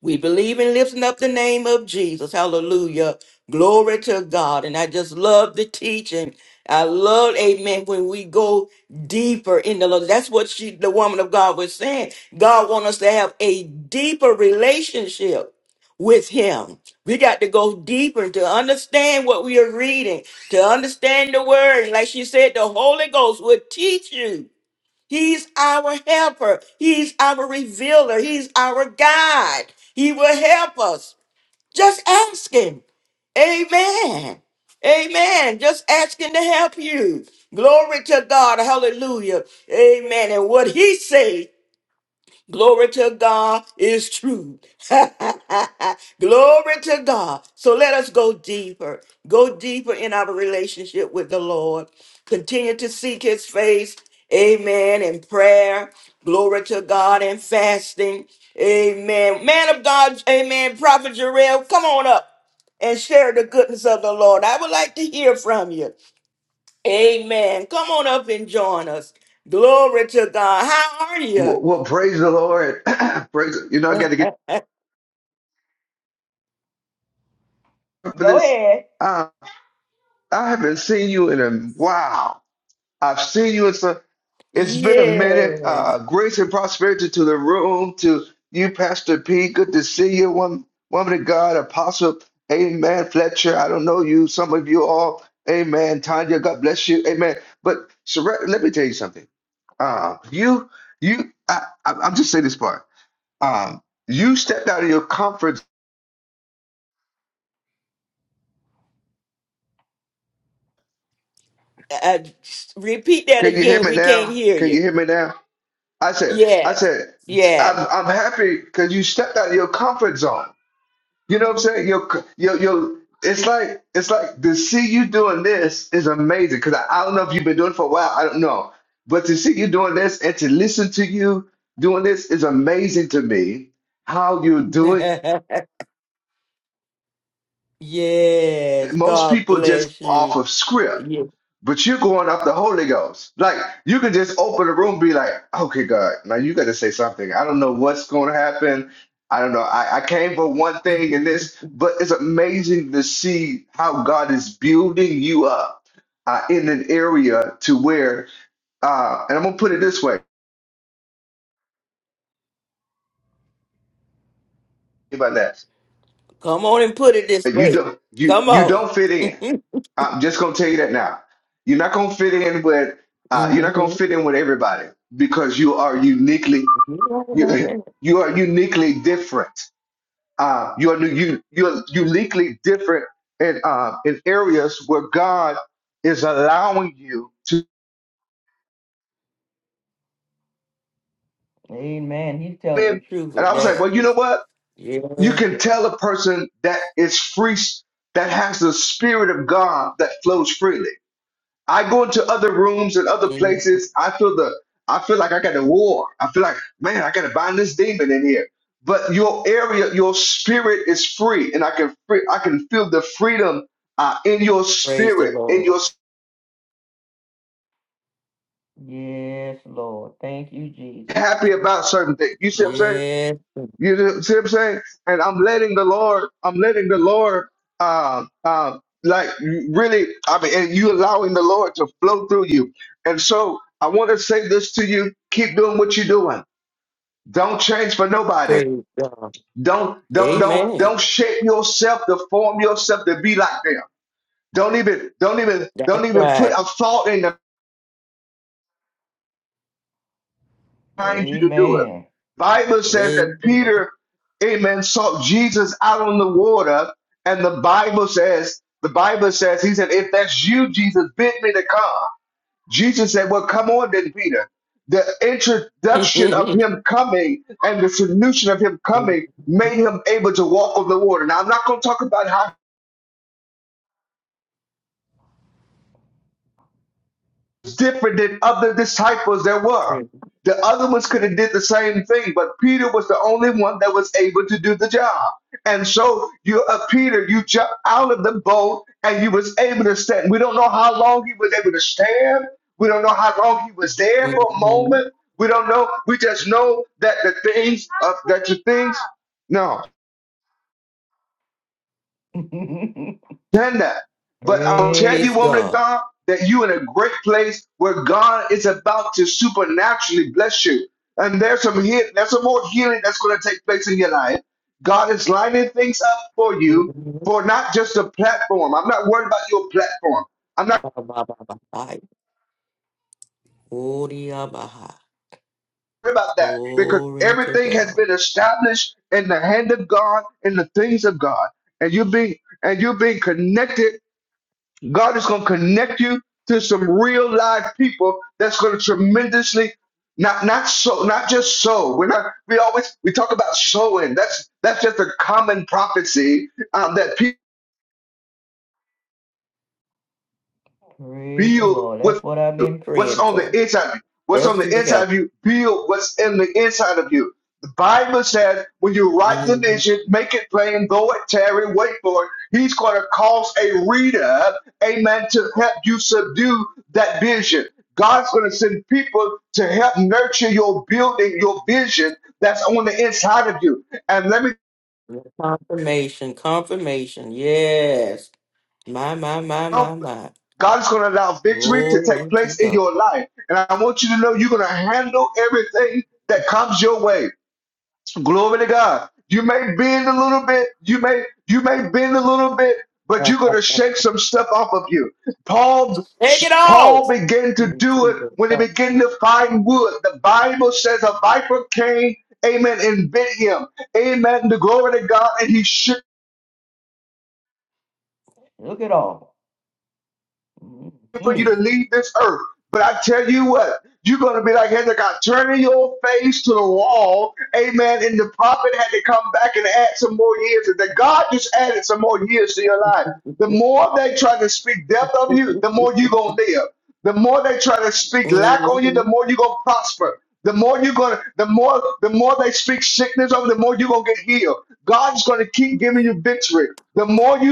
Speaker 1: We believe in lifting up the name of Jesus. Hallelujah. Glory to God. And I just love the teaching. I love, amen, when we go deeper in the Lord. That's what she, the woman of God was saying. God wants us to have a deeper relationship with him. We got to go deeper to understand what we are reading, to understand the word. And like she said, the Holy Ghost will teach you. He's our helper. He's our revealer. He's our guide. He will help us. Just ask Him. Amen. Amen. Just ask Him to help you. Glory to God. Hallelujah. Amen. And what He says. Glory to God is true. Glory to God. So let us go deeper. Go deeper in our relationship with the Lord. Continue to seek his face. Amen. In prayer. Glory to God and fasting. Amen. Man of God. Amen. Prophet Jarrell, come on up and share the goodness of the Lord. I would like to hear from you. Amen. Come on up and join us. Glory to God. How are you?
Speaker 7: Well, well, praise the Lord. praise, you know, I got to get up for
Speaker 1: Go
Speaker 7: this.
Speaker 1: ahead.
Speaker 7: Uh, I haven't seen you in a wow. I've seen you in some. It's been a minute.
Speaker 1: Yes.
Speaker 7: Uh, grace and prosperity to the room, to you, Pastor P. Good to see you, woman, woman of God, Apostle. Amen, Fletcher. I don't know you. Some of you all. Amen, Tanya. God bless you. Amen. But Sherette, let me tell you something. Uh, you, you. I, I, I'm just saying this part. Um, you stepped out of your comfort
Speaker 1: Uh, repeat that
Speaker 7: Can you hear
Speaker 1: again.
Speaker 7: me
Speaker 1: We can't
Speaker 7: now?
Speaker 1: hear
Speaker 7: Can
Speaker 1: you.
Speaker 7: you hear me now? I said, I
Speaker 1: Yes.
Speaker 7: said,
Speaker 1: Yeah.
Speaker 7: I'm, I'm happy because you stepped out of your comfort zone. You know what I'm saying? Your, your, your. It's like, it's like to see you doing this is amazing because I, I don't know if you've been doing it for a while. I don't know, but to see you doing this and to listen to you doing this is amazing to me. How you do it?
Speaker 1: yes.
Speaker 7: Most
Speaker 1: God
Speaker 7: people just
Speaker 1: bless
Speaker 7: off
Speaker 1: you.
Speaker 7: of script.
Speaker 1: Yeah.
Speaker 7: but you're going off the Holy Ghost. Like you can just open the room, and be like, "Okay, God, now you got to say something. I don't know what's going to happen. I don't know. I, I came for one thing and this, but it's amazing to see how God is building you up uh, in an area to where, uh, and I'm gonna put it this way about that:
Speaker 1: Come on and put it this
Speaker 7: that you
Speaker 1: way.
Speaker 7: don't you
Speaker 1: Come
Speaker 7: you
Speaker 1: on.
Speaker 7: don't fit in. I'm just gonna tell you that now. You're not gonna fit in with uh, you're not gonna
Speaker 1: hmm
Speaker 7: fit in with everybody because you are uniquely
Speaker 1: you right about
Speaker 7: You
Speaker 1: that.
Speaker 7: you are uniquely different. Uh, you are you you're uniquely different in uh, in areas where God is allowing you to.
Speaker 1: Amen. He's telling the
Speaker 7: And
Speaker 1: truth
Speaker 7: I
Speaker 1: with
Speaker 7: was like,
Speaker 1: that.
Speaker 7: well, you know what?
Speaker 1: Yes.
Speaker 7: You can
Speaker 1: Lord.
Speaker 7: tell a person that is free, that has the spirit of God that flows freely I go into other rooms and other
Speaker 1: Mhm.
Speaker 7: places. I feel the I feel like I got a war. I feel like, man, I gotta bind this demon in here. But your area, your spirit is free, and I can free, I can feel the freedom uh, in your
Speaker 1: Praise the
Speaker 7: spirit, and
Speaker 1: Lord.
Speaker 7: you're
Speaker 1: Yes, Lord. Thank you, Jesus.
Speaker 7: happy about certain things. You see what I'm saying?
Speaker 1: Yes.
Speaker 7: You see what I'm saying? And I'm letting the Lord, I'm letting the Lord, uh, uh, like really, I mean, and you allowing the Lord to flow through you. And so I want to say this to you: keep doing what you're doing Don't change for nobody.
Speaker 1: Praise God.
Speaker 7: Don't don't don't
Speaker 1: Amen.
Speaker 7: don't shape yourself to form yourself to be like them. Don't even don't even
Speaker 1: That's
Speaker 7: don't even
Speaker 1: right.
Speaker 7: put a thought in the mind you to do it.
Speaker 1: Amen.
Speaker 7: Bible says that
Speaker 1: Praise the
Speaker 7: Peter, amen, sought Jesus out on the water, and the Bible says the Bible says he said, "If that's you, Jesus, bid me to come." Jesus said, Well, come on then, Peter. The
Speaker 1: Lord.
Speaker 7: introduction of him coming and the solution of him coming made him able to walk on the water. Now, I'm not going to talk about how different than other disciples there were.
Speaker 1: Praise
Speaker 7: The other ones could have did the same thing, but Peter was the only one that was able to do the job. And so you, uh, Peter, you jumped out of the boat and you was able to stand. We don't know how long he was able to stand. We don't know how long he was there for a
Speaker 1: Mhm.
Speaker 7: moment. We don't know. We just know that the things of that the things. no.
Speaker 1: Praise.
Speaker 7: done that. But I'll tell you,
Speaker 1: Praise
Speaker 7: woman of
Speaker 1: God.
Speaker 7: God, that you in a great place where God is about to supernaturally bless you. And there's some heal, there's some more healing that's going to take place in your life. God is lining things up for you
Speaker 1: Mhm.
Speaker 7: for not just a platform. I'm not worried about your platform. I'm not
Speaker 1: Ba, ba, ba, ba, ba. Odiyabaha.
Speaker 7: worried about that because
Speaker 1: Glory to
Speaker 7: everything has
Speaker 1: God.
Speaker 7: been established in the hand of God in the things of God. And you're being and you're being connected God is going to connect you to some real live people that's going to tremendously not not so not just sow. We're not we always we talk about sowing. That's that's just a common prophecy um, that people
Speaker 1: Praise the Lord.
Speaker 7: build.
Speaker 1: That's what I've been
Speaker 7: what's
Speaker 1: praying
Speaker 7: on the
Speaker 1: for.
Speaker 7: inside of you. What's on the
Speaker 1: Destiny
Speaker 7: inside
Speaker 1: help.
Speaker 7: of you, build what's in the inside of you. The Bible says, when you write the
Speaker 1: hmm
Speaker 7: vision, make it plain, though it tarry, wait for it. He's going to cause a reader, amen, to help you subdue that vision. God's going to send people to help nurture your building, your vision that's on the inside of you. And let me
Speaker 1: Confirmation, confirmation. Yes. My, my, my, my,
Speaker 7: tell you,
Speaker 1: my.
Speaker 7: God is going to allow victory to take
Speaker 1: Glory to
Speaker 7: place in
Speaker 1: God.
Speaker 7: your life. And I want you to know you're going to handle everything that comes your way Glory to God. You may bend a little bit. You may you may bend a little bit, but you're gonna shake some stuff off of you. Paul
Speaker 1: Take it
Speaker 7: Paul
Speaker 1: off.
Speaker 7: began to do it when he began to find wood. The Bible says a viper came, amen, and bit him. Amen. The glory to God, and he shook.
Speaker 1: Look at all.
Speaker 7: for you to
Speaker 1: Mhm.
Speaker 7: leave this earth. But I tell you what, you're going to be like Hezekiah, turning your face to the wall. Amen. And the prophet had to come back and add some more years. And that God just added some more years to your life. The more they try to speak death of you, the more you're going to live. The more they try to speak lack on you, the
Speaker 1: Mhm.
Speaker 7: more you're going to prosper. The more you're gonna, the more, the more they speak sickness over, the more you're gonna get healed. God's gonna keep giving you victory. The more you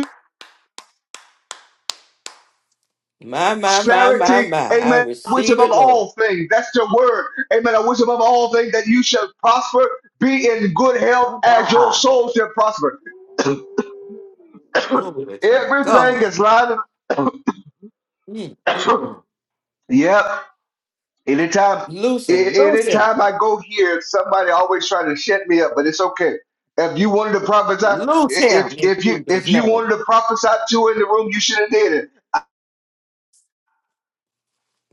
Speaker 1: My, my, my, my,
Speaker 7: prosperity,
Speaker 1: my. I
Speaker 7: amen, which
Speaker 1: receive it,
Speaker 7: above
Speaker 1: Lord.
Speaker 7: all things, that's your word, amen, which above all things that you shall prosper, be in good health as your
Speaker 1: Ah,
Speaker 7: soul shall prosper.
Speaker 1: Glory to
Speaker 7: Everything
Speaker 1: God.
Speaker 7: is lined
Speaker 1: Mm, mm, mm.
Speaker 7: up. yep, anytime,
Speaker 1: Loose him,
Speaker 7: a-
Speaker 1: loose him,
Speaker 7: anytime I go here, somebody always trying to shut me up, but it's okay. If you wanted to prophesy, i-
Speaker 1: loose him
Speaker 7: if
Speaker 1: in
Speaker 7: if you
Speaker 1: Jesus'
Speaker 7: if you
Speaker 1: name.
Speaker 7: wanted to prophesy to in the room, you should have did it.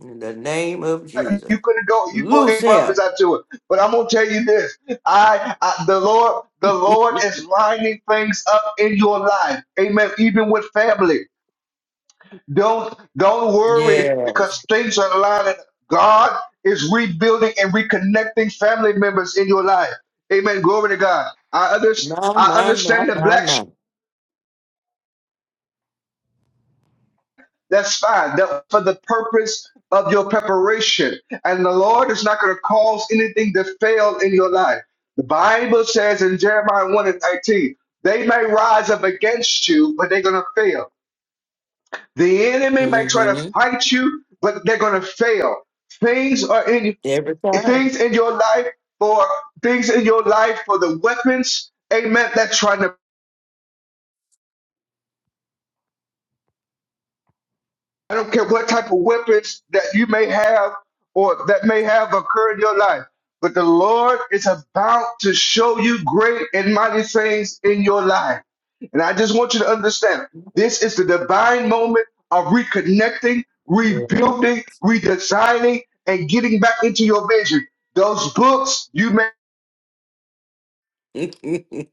Speaker 1: In the name of Jesus.
Speaker 7: you couldn't go you go
Speaker 1: Loose
Speaker 7: and
Speaker 1: him.
Speaker 7: prophesy to it. But I'm gonna tell you this. I, I the Lord the Lord is lining things up in your life. Amen. Even with family. Don't don't worry
Speaker 1: Yes.
Speaker 7: because things are lining. God is rebuilding and reconnecting family members in your life. Amen. Glory to God. I understand
Speaker 1: My,
Speaker 7: I
Speaker 1: my, my,
Speaker 7: understand that
Speaker 1: my,
Speaker 7: black
Speaker 1: my.
Speaker 7: That's fine. That for the purpose of your preparation. And the Lord is not going to cause anything to fail in your life. The Bible says in Jeremiah 1 and 19, they may rise up against you, but they're going to fail. The enemy may try to
Speaker 1: Mm-hmm.
Speaker 7: fight you, but they're going to fail. Things are in
Speaker 1: Every time.
Speaker 7: things in your life for things in your life for the weapons, amen, That's trying to I don't care what type of weapons that you may have or that may have occurred in your life, but the Lord is about to show you great and mighty things in your life. And I just want you to understand this is the divine moment of reconnecting, rebuilding, redesigning, and getting back into your vision. Those books you may
Speaker 1: Yeah.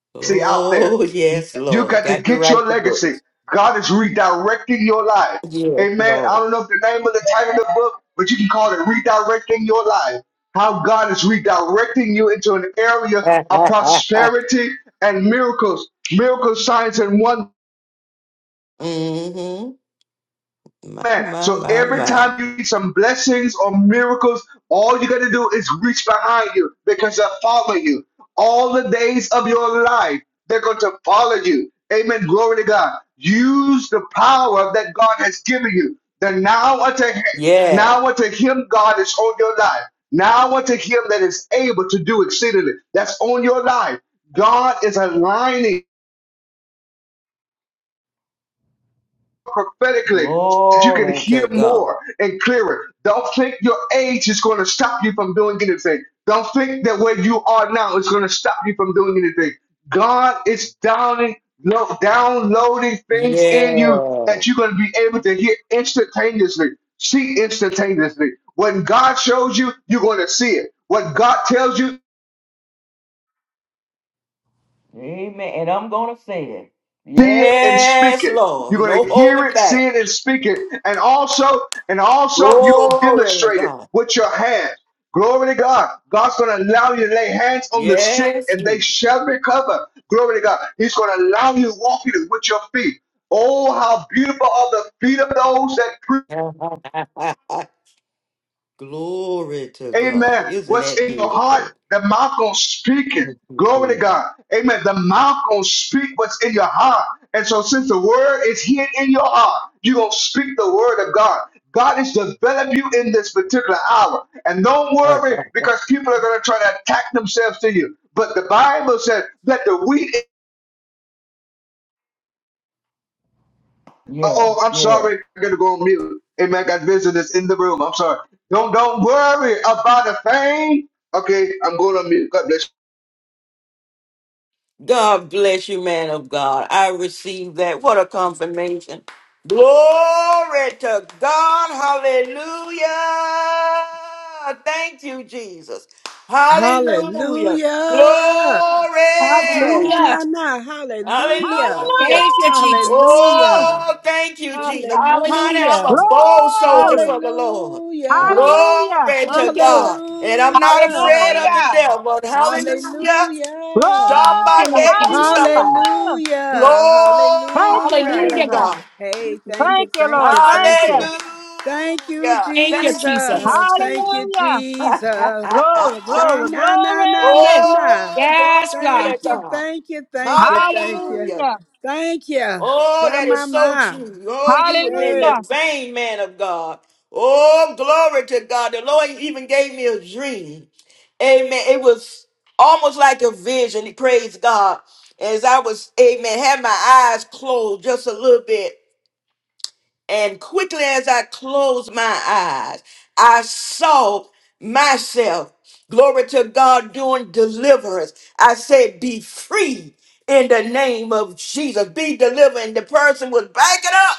Speaker 7: legacy out there.
Speaker 1: oh, yes,
Speaker 7: You
Speaker 1: Lord.
Speaker 7: got to
Speaker 1: Got to
Speaker 7: get your
Speaker 1: write the
Speaker 7: legacy.
Speaker 1: books.
Speaker 7: God is redirecting your life.
Speaker 1: Yes,
Speaker 7: Amen. I
Speaker 1: Lord.
Speaker 7: don't know if the name of the title of the book, but you can call it Redirecting Your Life. How God is redirecting you into an area of prosperity and miracles, miracles, signs, and wonders.
Speaker 1: Mm hmm My,
Speaker 7: Amen.
Speaker 1: my,
Speaker 7: So
Speaker 1: my,
Speaker 7: every
Speaker 1: my.
Speaker 7: time you need some blessings or miracles, all you got to do is reach behind you because they'll follow you. All the days of your life, they're going to follow you. Amen. Glory to God. Use the power that God has given you. The now unto him,
Speaker 1: Yeah.
Speaker 7: now unto him God is on your life. Now unto him that is able to do exceedingly. That's on your life. God is aligning. prophetically so that you can
Speaker 1: Glory
Speaker 7: hear
Speaker 1: to God.
Speaker 7: more and clearer. Don't think your age is going to stop you from doing anything. Don't think that where you are now is going to stop you from doing anything. God is downing, lo- downloading things in you
Speaker 1: Yeah.
Speaker 7: that you're going to be able to hear instantaneously, see instantaneously. When God shows you, you're going to see it. What God tells you,
Speaker 1: Amen. And I'm going to say it.
Speaker 7: see it and speak
Speaker 1: Yes,
Speaker 7: it. You're
Speaker 1: Lord.
Speaker 7: going
Speaker 1: No
Speaker 7: to hear
Speaker 1: holding
Speaker 7: it,
Speaker 1: back.
Speaker 7: see it, and speak it. And also, and also, you're going to
Speaker 1: Glory to
Speaker 7: demonstrate it
Speaker 1: God.
Speaker 7: with your hands. Glory to God. God's going to allow you to lay hands on the sick
Speaker 1: Yes.
Speaker 7: and they
Speaker 1: Jesus.
Speaker 7: shall recover. Glory to God. He's going to allow you to walk in it with your feet. Oh, how beautiful are the feet of those that preach
Speaker 1: Glory to God.
Speaker 7: Amen.
Speaker 1: Isn't
Speaker 7: What's
Speaker 1: that
Speaker 7: in your heart?
Speaker 1: beautiful?
Speaker 7: The mouth gonna speak it.
Speaker 1: Thank you,
Speaker 7: Glory to
Speaker 1: Jesus.
Speaker 7: God. Amen. The mouth gonna speak what's in your heart. And so since the word is hid in your heart, you gonna speak the word of God. God is developing you in this particular hour. And don't worry because people are gonna try to attack themselves to you. But the Bible says that the wheat is,
Speaker 1: Yeah,
Speaker 7: oh I'm
Speaker 1: yeah.
Speaker 7: sorry, I'm gonna go on mute. Amen. I got visitors in the room. I'm sorry. Don't don't worry about a thing. Okay, I'm going on mute. God bless you.
Speaker 1: God bless you, man of God. I receive that. What a confirmation. Glory to God. Hallelujah. Thank you, Jesus. Hallelujah. Glory.
Speaker 4: Hallelujah.
Speaker 8: Hallelujah.
Speaker 4: Sha-na-na-na. Hallelujah.
Speaker 1: Hallelujah.
Speaker 8: Thank
Speaker 3: Hallelujah.
Speaker 8: you, Jesus.
Speaker 4: Hallelujah.
Speaker 1: Oh, thank you, Jesus. Honey,
Speaker 8: Hallelujah,
Speaker 1: I'm a
Speaker 8: Jesus.
Speaker 4: Hallelujah.
Speaker 1: bold soldier
Speaker 3: Glory.
Speaker 1: for the Lord.
Speaker 4: Hallelujah.
Speaker 3: Hallelujah.
Speaker 1: Glory to
Speaker 8: Thank you, Lord.
Speaker 1: God. And I'm not afraid of the
Speaker 4: Hallelujah.
Speaker 9: Hallelujah.
Speaker 1: devil. Hallelujah.
Speaker 4: Hallelujah.
Speaker 8: Thank
Speaker 3: Glory.
Speaker 8: you, Lord Jesus.
Speaker 1: Somebody,
Speaker 3: Hallelujah.
Speaker 1: Glory
Speaker 4: Hallelujah.
Speaker 3: Thank you,
Speaker 1: to
Speaker 8: Hallelujah,
Speaker 4: Hallelujah.
Speaker 3: Jesus.
Speaker 1: God.
Speaker 8: God.
Speaker 4: Hey, thank
Speaker 3: Thank
Speaker 4: you,
Speaker 3: you,
Speaker 4: thank
Speaker 3: Lord.
Speaker 4: you,
Speaker 3: Thank
Speaker 4: thank
Speaker 3: you.
Speaker 4: you.
Speaker 1: Hallelujah.
Speaker 4: Thank you,
Speaker 8: Thank you,
Speaker 1: Thank-
Speaker 8: Jesus.
Speaker 4: Jesus. Thank you,
Speaker 3: Hallelujah.
Speaker 4: Jesus.
Speaker 3: Glory,
Speaker 4: Sha
Speaker 3: glory,
Speaker 1: oh,
Speaker 4: na na na na
Speaker 3: glory.
Speaker 4: na.
Speaker 8: Yes,
Speaker 1: glory to
Speaker 4: Thank
Speaker 8: God.
Speaker 4: you,
Speaker 1: God.
Speaker 4: thank you, thank you, thank you.
Speaker 1: Hallelujah.
Speaker 3: Hallelujah.
Speaker 4: Thank you.
Speaker 1: Oh,
Speaker 4: Sha
Speaker 1: that is
Speaker 4: ma
Speaker 1: so
Speaker 4: ma.
Speaker 1: true. Oh, you were in the
Speaker 4: Hey.
Speaker 3: Hallelujah.
Speaker 1: vein, man of God. Oh, glory to God. The Lord even gave me a dream. Amen. It was almost like a vision. Praise God. As I was, amen, had my eyes closed just a little bit. And quickly as I closed my eyes, I saw myself, glory to God, doing deliverance. I said, Be free in the name of Jesus. Be delivered. And the person was backing up.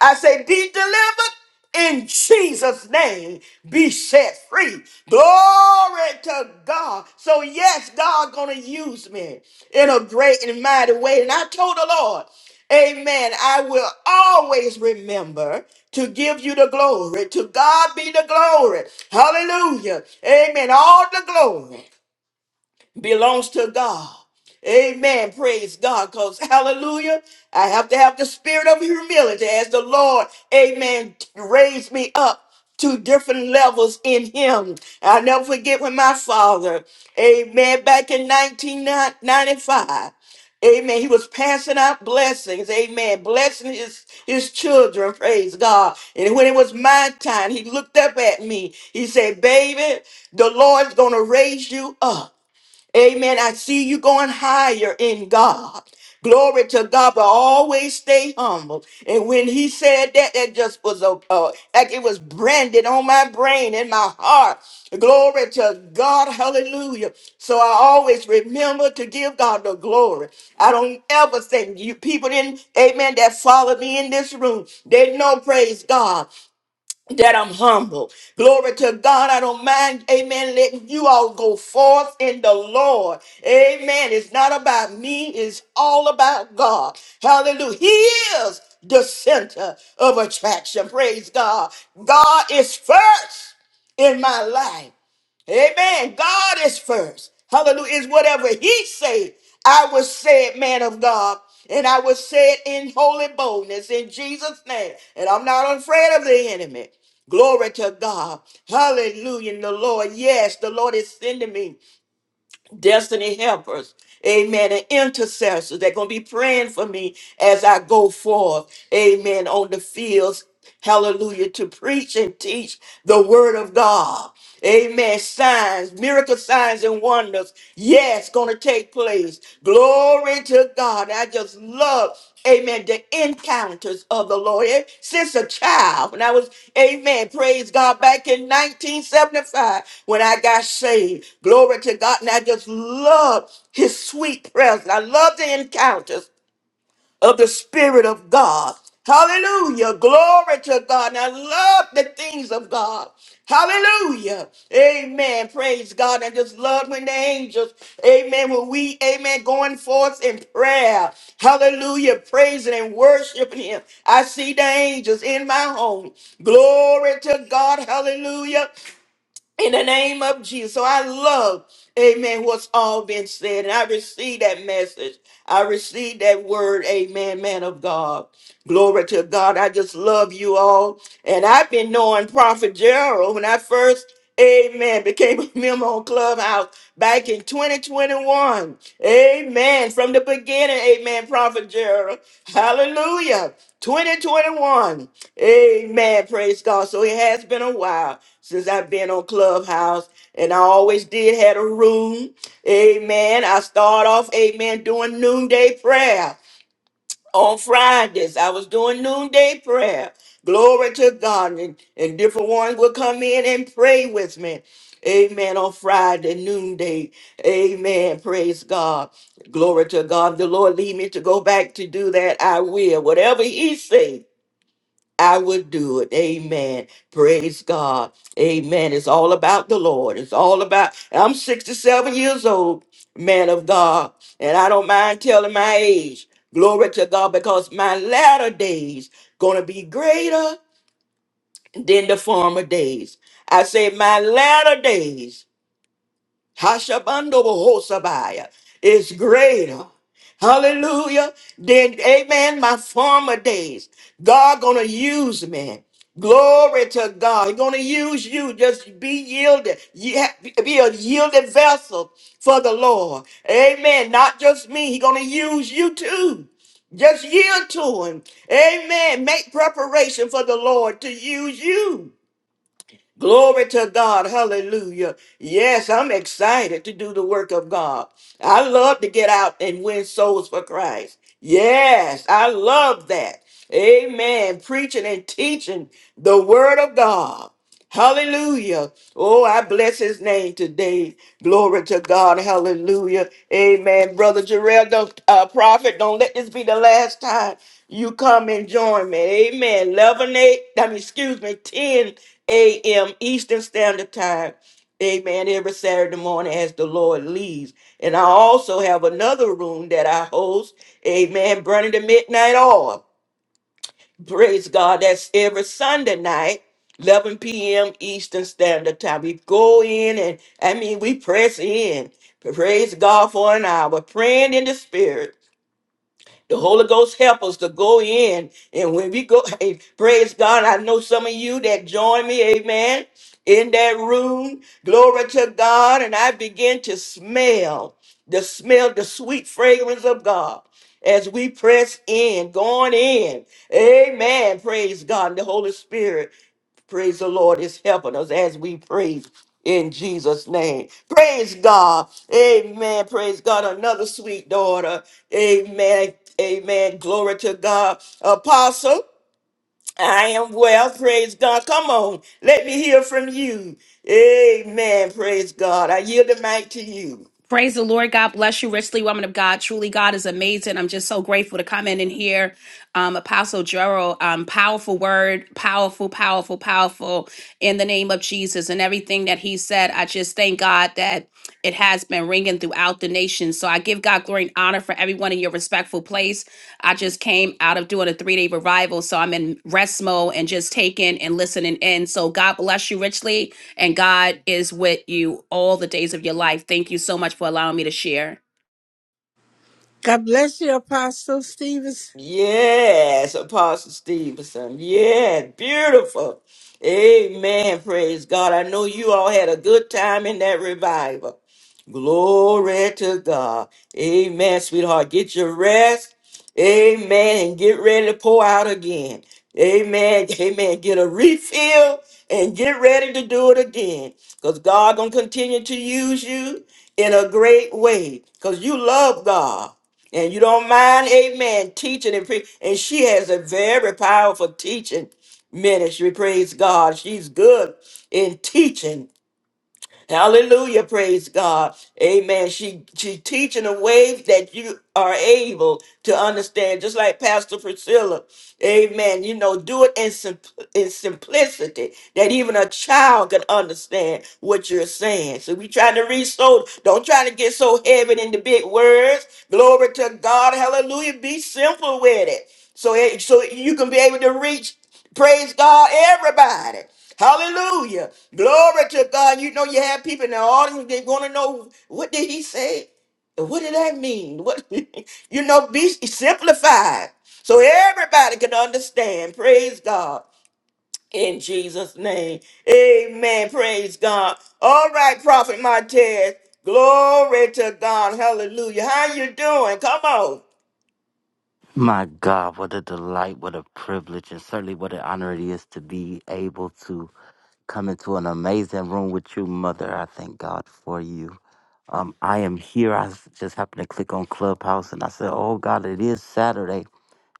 Speaker 1: I say, be delivered in Jesus' name. Be set free. Glory to God. So yes, God gonna use me in a great and mighty way. And I told the Lord, Amen. I will always remember to give you the glory. To God be the glory. Hallelujah. Amen. All the glory belongs to God. Amen. Praise God. Because, hallelujah, I have to have the spirit of humility as the Lord, amen, raised me up to different levels in Him. I'll never forget when my father, amen, back in 1995, Amen. He was passing out blessings. Amen. Blessing his, his children. Praise God. And when it was my time, he looked up at me. He said, Baby, the Lord's going to raise you up. Amen. I see you going higher in God. Glory to God, but always stay humble. And when he said that, that just was a, uh, like it was branded on my brain and my heart. Glory to God, hallelujah. So I always remember to give God the glory. I don't ever think you people in, amen, that follow me in this room, they know, praise God that I'm humble. Glory to God. I don't mind, amen, letting you all go forth in the Lord. Amen. It's not about me, it's all about God. Hallelujah. He is the center of attraction. Praise God. God is first in my life. Amen. God is first. Hallelujah. Is whatever he say. I was said, man of God. And I was said in holy boldness in Jesus' name. And I'm not afraid of the enemy. Glory to God. Hallelujah. And the Lord, yes, the Lord is sending me destiny helpers, amen, and intercessors. They're going to be praying for me as I go forth, amen, on the fields, hallelujah, to preach and teach the word of God. Amen. Signs, miracle signs and wonders. Yes, going to take place. Glory to God. I just love, amen, the encounters of the Lord. Eh, Since a child, when I was, amen, praise God, back in 1975 when I got saved. Glory to God. And I just love his sweet presence. I love the encounters of the Spirit of God. Hallelujah. Glory to God. And I love the things of God. Hallelujah. Amen. Praise God. I just love when the angels, amen, when we, amen, going forth in prayer. Hallelujah. Praising and worshiping Him. I see the angels in my home. Glory to God. Hallelujah in the name of Jesus. So I love, amen, what's all been said. And I receive that message. I receive that word, amen, man of God. Glory to God. I just love you all. And I've been knowing Prophet Gerald when I first, amen, became a member on Clubhouse back in 2021. Amen. From the beginning, amen, Prophet Gerald. Hallelujah. 2021. Amen. Praise God. So it has been a while since I've been on Clubhouse, and I always did had a room. Amen. I start off, amen, doing noonday prayer on Fridays. I was doing noonday prayer. Glory to God, and, and different ones would come in and pray with me. Amen. On Friday noonday. Amen. Praise God. Glory to God. The Lord lead me to go back to do that. I will. Whatever He say. I would do it. Amen. Praise God. Amen. It's all about the Lord. It's all about. I'm 67 years old, man of God, and I don't mind telling my age. Glory to God, because my latter days gonna be greater than the former days. I say my latter days Hashabando Bohosabaya is greater. Hallelujah. Then, amen, my former days. God gonna use me. Glory to God. He gonna use you. Just be yielded. You have- Be a yielded vessel for the Lord. Amen. Not just me. He gonna use you too. Just yield to him. Amen. Make preparation for the Lord to use you. Glory to God. Hallelujah. Yes, I'm excited to do the work of God. I love to get out and win souls for Christ. Yes, I love that. Amen. Preaching and teaching the word of God. Hallelujah. Oh, I bless his name today. Glory to God. Hallelujah. Amen. Brother Jarrell, don't, uh, prophet, don't let this be the last time you come and join me. Amen. 11 8. I mean, excuse me, 10 a.m. Eastern Standard Time. Amen. Every Saturday morning as the Lord leads. And I also have another room that I host. Amen. Burning the Midnight Oil. Praise God. That's every Sunday night. 11 p.m. Eastern Standard Time. We go in and, I mean, we press in. Praise God for an hour, praying in the Spirit the Holy Ghost help us to go in. And when we go, hey, praise God, I know some of you that join me, amen, in that room. Glory to God. And I begin to smell the smell, the sweet fragrance of God as we press in, going in. Amen. Praise God. The Holy Spirit. Praise the Lord is helping us as we pray in Jesus' name. Praise God. Amen. Praise God. Another sweet daughter. Amen. Amen. Glory to God. Apostle, I am well. Praise God. Come on. Let me hear from you. Amen. Praise God. I yield the mic to you.
Speaker 8: Praise the Lord. God bless you richly, woman of God. Truly, God is amazing. I'm just so grateful to come in and hear um, Apostle Gerald. Um, powerful word, powerful, powerful, powerful in the name of Jesus. And everything that he said, I just thank God that it has been ringing throughout the nation. So I give God glory and honor for everyone in your respectful place. I just came out of doing a three day revival. So I'm in rest mode and just taking and listening in. So God bless you richly and God is with you all the days of your life. Thank you so much for allowing me to share.
Speaker 4: God bless you, Apostle Stevens.
Speaker 1: Yes, Apostle Stevenson. Yes, beautiful. Amen. Praise God. I know you all had a good time in that revival. Glory to God. Amen, sweetheart. Get your rest. Amen. And get ready to pour out again. Amen. Amen. Get a refill and get ready to do it again. Because God gonna continue to use you in a great way. Because you love God and you don't mind, amen, teaching and pre- and she has a very powerful teaching ministry. Praise God. She's good in teaching Hallelujah, praise God. Amen. She she teaching a way that you are able to understand, just like Pastor Priscilla. Amen. You know, do it in, simp- in simplicity that even a child can understand what you're saying. So we trying to reach so don't try to get so heavy in the big words. Glory to God. Hallelujah. Be simple with it. So, it- so you can be able to reach, praise God, everybody. Hallelujah. Glory to God. You know, you have people in the audience, they want to know what did he say? What did that mean? What you know, be simplified so everybody can understand. Praise God. In Jesus' name. Amen. Praise God. All right, Prophet Martez. Glory to God. Hallelujah. How you doing? Come on.
Speaker 10: My God, what a delight, what a privilege, and certainly what an honor it is to be able to come into an amazing room with you, Mother. I thank God for you. Um, I am here. I s- just happened to click on Clubhouse and I said, Oh God, it is Saturday.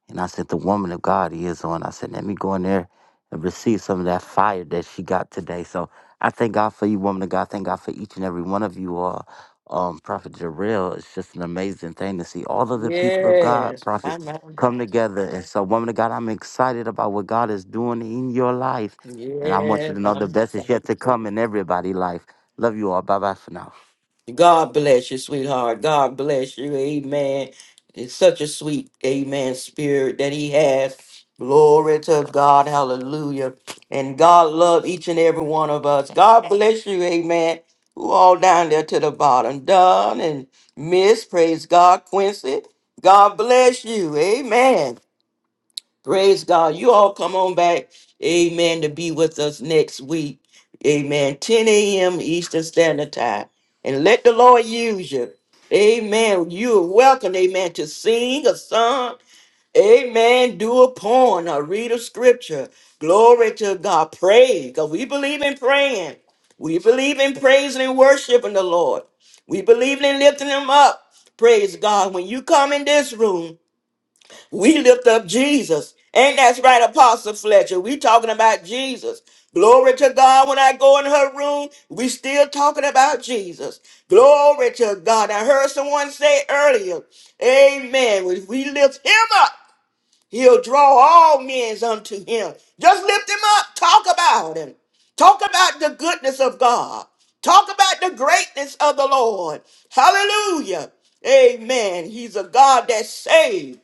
Speaker 10: And I said, The woman of God is on. I said, Let me go in there and receive some of that fire that she got today. So I thank God for you, woman of God. Thank God for each and every one of you all. Um, Prophet Jarrell, it's just an amazing thing to see all of the people of God,
Speaker 1: Yes.
Speaker 10: Prophet,
Speaker 1: I'm, I'm-
Speaker 10: come together. And so, woman of God, I'm excited about what God is doing in your life. And I want you
Speaker 1: yes,
Speaker 10: to know the
Speaker 1: I'm
Speaker 10: best is yet to
Speaker 1: excited.
Speaker 10: come in everybody's life. Love you all. Bye bye for now.
Speaker 1: God bless you, sweetheart. God bless you. Amen. It's such a sweet, amen, spirit that he has. Glory to God. Hallelujah. And God love each and every one of us. God bless you. Amen. Who all down there to the bottom. Don and Miss, praise God. Quincy, God bless you. Amen. Praise God. You all come on back. Amen. To be with us next week. Amen. 10 a.m. Eastern Standard Time. And let the Lord use you. Amen. You are welcome, amen, to sing a song. Amen. Do a poem or read a scripture. Glory to God. Pray. Because we believe in praying. We believe in praising and worshiping the Lord. We believe in lifting him up. Praise God. When you come in this room, we lift up Jesus. Ain't that's right, Apostle Fletcher? We talking about Jesus. Glory to God. When I go in her room, we still talking about Jesus. Glory to God. I heard someone say earlier, Amen. When we lift him up, he'll draw all men unto him. Just lift him up. Talk about him. Talk about the goodness of God. Talk about the greatness of the Lord. Hallelujah. Amen. He's a God that saves.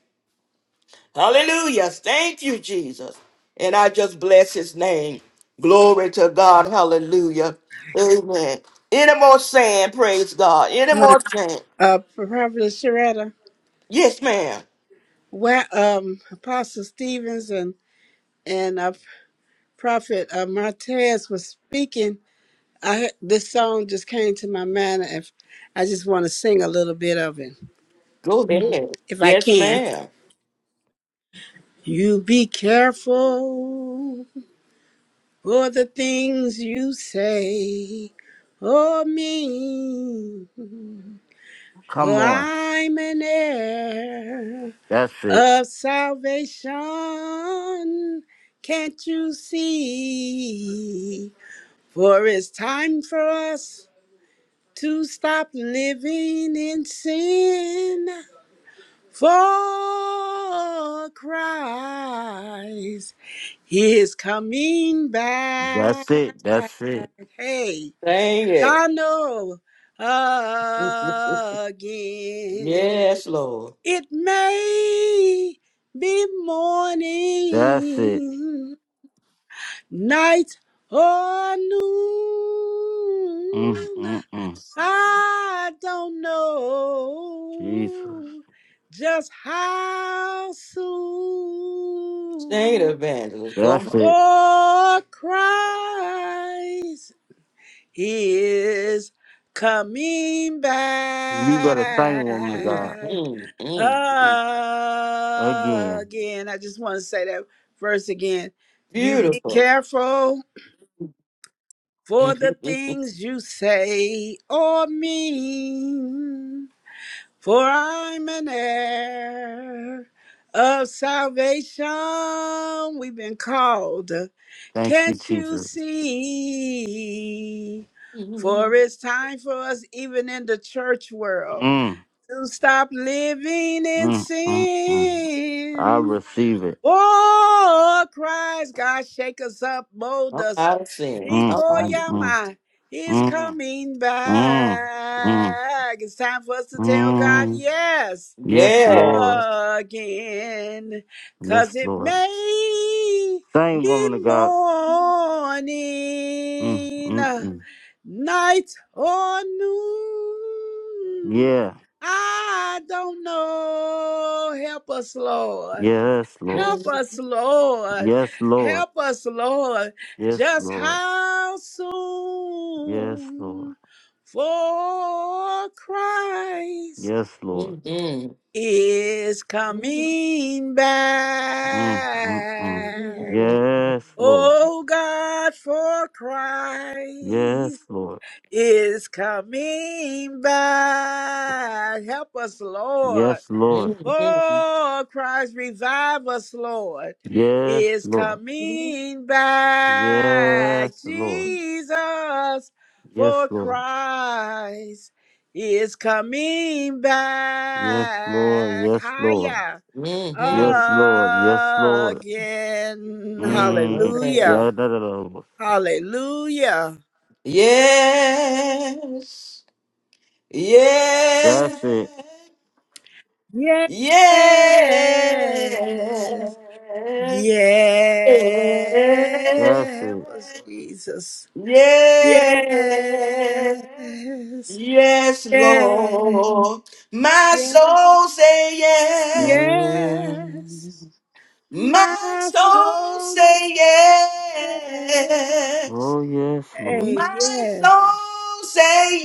Speaker 1: Hallelujah. Thank you, Jesus. And I just bless his name. Glory to God. Hallelujah. Amen. Any more saying, praise God. Any
Speaker 4: My
Speaker 1: more saying?
Speaker 4: uh Prophet Sharetta.
Speaker 1: Yes, ma'am.
Speaker 4: Where um Apostle Stevens and and uh. Prophet uh, Martez was speaking, I heard, this song just came to my mind. If I just want to sing a little bit of it,
Speaker 1: Go ahead.
Speaker 4: if I
Speaker 1: Yes,
Speaker 4: can.
Speaker 1: ma'am.
Speaker 4: You be careful for the things you say or mean, for
Speaker 10: Come on.
Speaker 4: I'm an heir
Speaker 10: That's it.
Speaker 4: of salvation. Can't you see? For it's time for us to stop living in sin for Christ is coming back.
Speaker 10: That's it. That's it.
Speaker 4: Hey,
Speaker 1: Sing it.
Speaker 4: Donald again.
Speaker 1: Yes, Lord.
Speaker 4: It may be
Speaker 10: That's it.
Speaker 4: morning, night or
Speaker 10: Mm,
Speaker 4: noon.
Speaker 10: mm, mm.
Speaker 4: I don't
Speaker 10: Jesus.
Speaker 4: know just how
Speaker 1: Sing it,
Speaker 4: soon.
Speaker 1: evangelist. Go
Speaker 10: That's
Speaker 1: on.
Speaker 10: it.
Speaker 4: Oh, Christ is coming
Speaker 10: You got to sing, woman of
Speaker 1: Mm,
Speaker 10: God.
Speaker 4: back
Speaker 1: mm, mm.
Speaker 10: Again.
Speaker 4: again. I just want to say that verse again. You be
Speaker 1: Beautiful.
Speaker 4: careful for the things you say or mean. For I'm an heir of salvation. We've been called.
Speaker 10: Thank you,
Speaker 4: Can't you
Speaker 10: Jesus.
Speaker 4: see? For
Speaker 1: Come
Speaker 4: it's time for us, even in the church world,
Speaker 10: Mm,
Speaker 4: to stop living in
Speaker 10: mm, mm, mm. I
Speaker 4: sin.
Speaker 10: receive it.
Speaker 4: Oh, Christ, God, shake us up, mold us
Speaker 1: out of sin.
Speaker 10: Mm,
Speaker 1: Come out.
Speaker 10: mm,
Speaker 1: of- sin.
Speaker 10: mm,
Speaker 4: Hikoyama He's
Speaker 10: mm,
Speaker 4: coming
Speaker 10: mm, mm,
Speaker 4: back. It's time for us to tell God
Speaker 10: mm.
Speaker 4: yes
Speaker 10: Yes,
Speaker 1: Yeah.
Speaker 10: Lord.
Speaker 4: again. Cause
Speaker 10: Yes,
Speaker 4: it
Speaker 10: Lord.
Speaker 4: may
Speaker 10: Same
Speaker 4: be
Speaker 10: woman of God. Mm,
Speaker 4: morning,
Speaker 10: mm, mm.
Speaker 4: night or noon.
Speaker 10: Yeah.
Speaker 4: I don't know. Help us, Lord.
Speaker 10: Yes, Lord.
Speaker 4: Help
Speaker 1: Mm,
Speaker 4: us, Lord.
Speaker 10: Yes, Lord.
Speaker 4: Help us, Lord.
Speaker 10: Yes,
Speaker 4: Just
Speaker 10: Lord.
Speaker 4: how
Speaker 10: Yes, Lord.
Speaker 4: soon for Christ
Speaker 10: Yes, Lord.
Speaker 1: mm,
Speaker 4: is
Speaker 1: mm.
Speaker 4: coming
Speaker 10: Mm, mm, mm.
Speaker 4: back.
Speaker 1: Mm-hmm.
Speaker 10: Yes, Lord.
Speaker 4: Oh God, for
Speaker 10: Yes,
Speaker 4: Christ
Speaker 10: Lord.
Speaker 4: is coming back. Help us, Lord.
Speaker 10: Yes, Lord.
Speaker 1: Amen.
Speaker 4: For Christ revive us, Lord,
Speaker 10: Yes,
Speaker 4: is
Speaker 10: Lord.
Speaker 4: coming back.
Speaker 10: Yes, Lord.
Speaker 4: Jesus,
Speaker 10: Yes,
Speaker 4: for
Speaker 10: Lord.
Speaker 4: Christ is coming
Speaker 10: Yes, Lord.
Speaker 4: back.
Speaker 10: Yes, Lord.
Speaker 4: Higher
Speaker 10: Yes, Lord. Yes, Lord.
Speaker 4: again.
Speaker 10: Mm. Yeah,
Speaker 4: Hallelujah.
Speaker 10: da, da, da. da.
Speaker 4: Hallelujah.
Speaker 1: Yes. Yes.
Speaker 10: That's it.
Speaker 4: Yes.
Speaker 1: Yes. Yes.
Speaker 4: Yeah,
Speaker 10: That's
Speaker 4: help
Speaker 10: it.
Speaker 4: us, Jesus.
Speaker 1: Yes,
Speaker 4: Yes,
Speaker 1: Yes,
Speaker 4: yes,
Speaker 1: Lord. My
Speaker 4: yes,
Speaker 1: soul say yes.
Speaker 4: yes.
Speaker 10: Yes.
Speaker 1: My
Speaker 4: My
Speaker 1: soul
Speaker 4: soul says,
Speaker 1: say yes.
Speaker 10: Oh, yes, Lord.
Speaker 4: hey,
Speaker 1: My
Speaker 4: yeah,
Speaker 1: soul say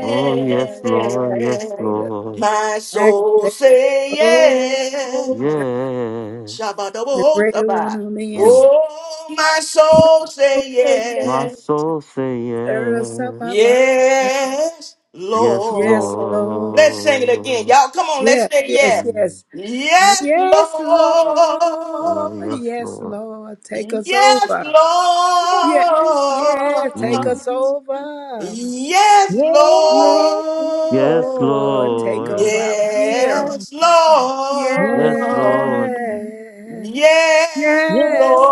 Speaker 10: Oh, yes,
Speaker 4: God,
Speaker 10: Lord. Yes,
Speaker 4: activate us,
Speaker 10: Lord.
Speaker 1: My soul
Speaker 4: activate.
Speaker 1: say yes.
Speaker 4: Oh, God,
Speaker 10: Yes.
Speaker 1: Shabba
Speaker 4: the
Speaker 1: double
Speaker 4: greater one
Speaker 1: hosaba.
Speaker 4: on the inside.
Speaker 10: Mm.
Speaker 1: Oh, my soul
Speaker 4: So
Speaker 1: say
Speaker 4: say
Speaker 10: My
Speaker 4: yes,
Speaker 1: yes.
Speaker 10: soul say
Speaker 4: stir us up,
Speaker 10: yes.
Speaker 4: up, up.
Speaker 1: Yes,
Speaker 10: Yes,
Speaker 4: Yes,
Speaker 1: Lord.
Speaker 4: Lord.
Speaker 1: Let's sing it again.
Speaker 10: Lord.
Speaker 1: Y'all come on, let's
Speaker 4: Yes,
Speaker 1: say
Speaker 4: yes,
Speaker 1: yes.
Speaker 10: Mm.
Speaker 4: yes.
Speaker 1: Yes,
Speaker 4: Yes, Lord.
Speaker 10: Oh,
Speaker 1: Lord.
Speaker 10: yes,
Speaker 4: Yes,
Speaker 10: Lord.
Speaker 4: Lord. Take us
Speaker 1: Yes,
Speaker 4: over.
Speaker 1: Lord.
Speaker 4: Yeah, yeah. Take
Speaker 10: Mm.
Speaker 4: us over.
Speaker 3: Yes. Yes. Yes. Yes.
Speaker 1: Yes, Lord.
Speaker 10: Yes,
Speaker 4: Lord, take
Speaker 10: Lord.
Speaker 4: over our will.
Speaker 1: Yes,
Speaker 10: Yes,
Speaker 1: Lord.
Speaker 10: Lord.
Speaker 4: Yes.
Speaker 1: Yes,
Speaker 4: Yes,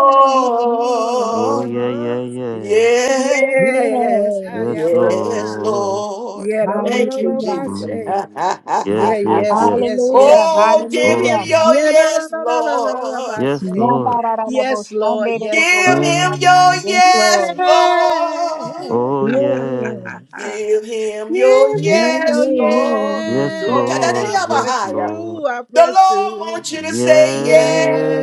Speaker 10: Oh, yeah, yeah,
Speaker 4: Lord.
Speaker 10: yes.
Speaker 1: Yes.
Speaker 4: Yes.
Speaker 3: Yes.
Speaker 10: Yes,
Speaker 4: Hiya,
Speaker 1: Yes,
Speaker 4: mama.
Speaker 10: Lord.
Speaker 1: Lord.
Speaker 4: Yeah, no, no,
Speaker 1: Thank
Speaker 4: no,
Speaker 1: you,
Speaker 4: no,
Speaker 3: Hallelujah.
Speaker 4: my
Speaker 1: Jesus.
Speaker 10: Mm.
Speaker 4: Yeah,
Speaker 10: Yes, yes,
Speaker 4: yes,
Speaker 10: yes.
Speaker 4: yes, yes,
Speaker 3: Hallelujah.
Speaker 1: oh,
Speaker 4: yes.
Speaker 1: give him
Speaker 10: Oh,
Speaker 3: Hallelujah.
Speaker 1: your
Speaker 10: yes,
Speaker 4: Yeah, da, da,
Speaker 1: yes,
Speaker 4: da, da, da, da, da,
Speaker 1: Lord.
Speaker 4: ba,
Speaker 10: Yes,
Speaker 4: say.
Speaker 10: Lord.
Speaker 4: Yes, Lord. Yes,
Speaker 1: Give
Speaker 4: Lord.
Speaker 1: him
Speaker 3: Yandarararaboshandererabosasa.
Speaker 1: your
Speaker 10: Yeah.
Speaker 3: Yes,
Speaker 4: Yeah.
Speaker 1: yes,
Speaker 3: Lord.
Speaker 1: Lord.
Speaker 10: Oh, yes.
Speaker 3: Yeah.
Speaker 1: Give him your
Speaker 4: Give him
Speaker 3: Yeah,
Speaker 4: your
Speaker 1: yes,
Speaker 3: yeah,
Speaker 1: Lord.
Speaker 10: Yes,
Speaker 1: Lord, da- da- da-
Speaker 4: yeah.
Speaker 10: Lord.
Speaker 4: I
Speaker 1: da- da-
Speaker 10: Yes,
Speaker 4: press
Speaker 1: higher.
Speaker 10: Lord.
Speaker 4: through. I
Speaker 1: The
Speaker 4: press
Speaker 1: Lord
Speaker 4: through.
Speaker 1: wants you to say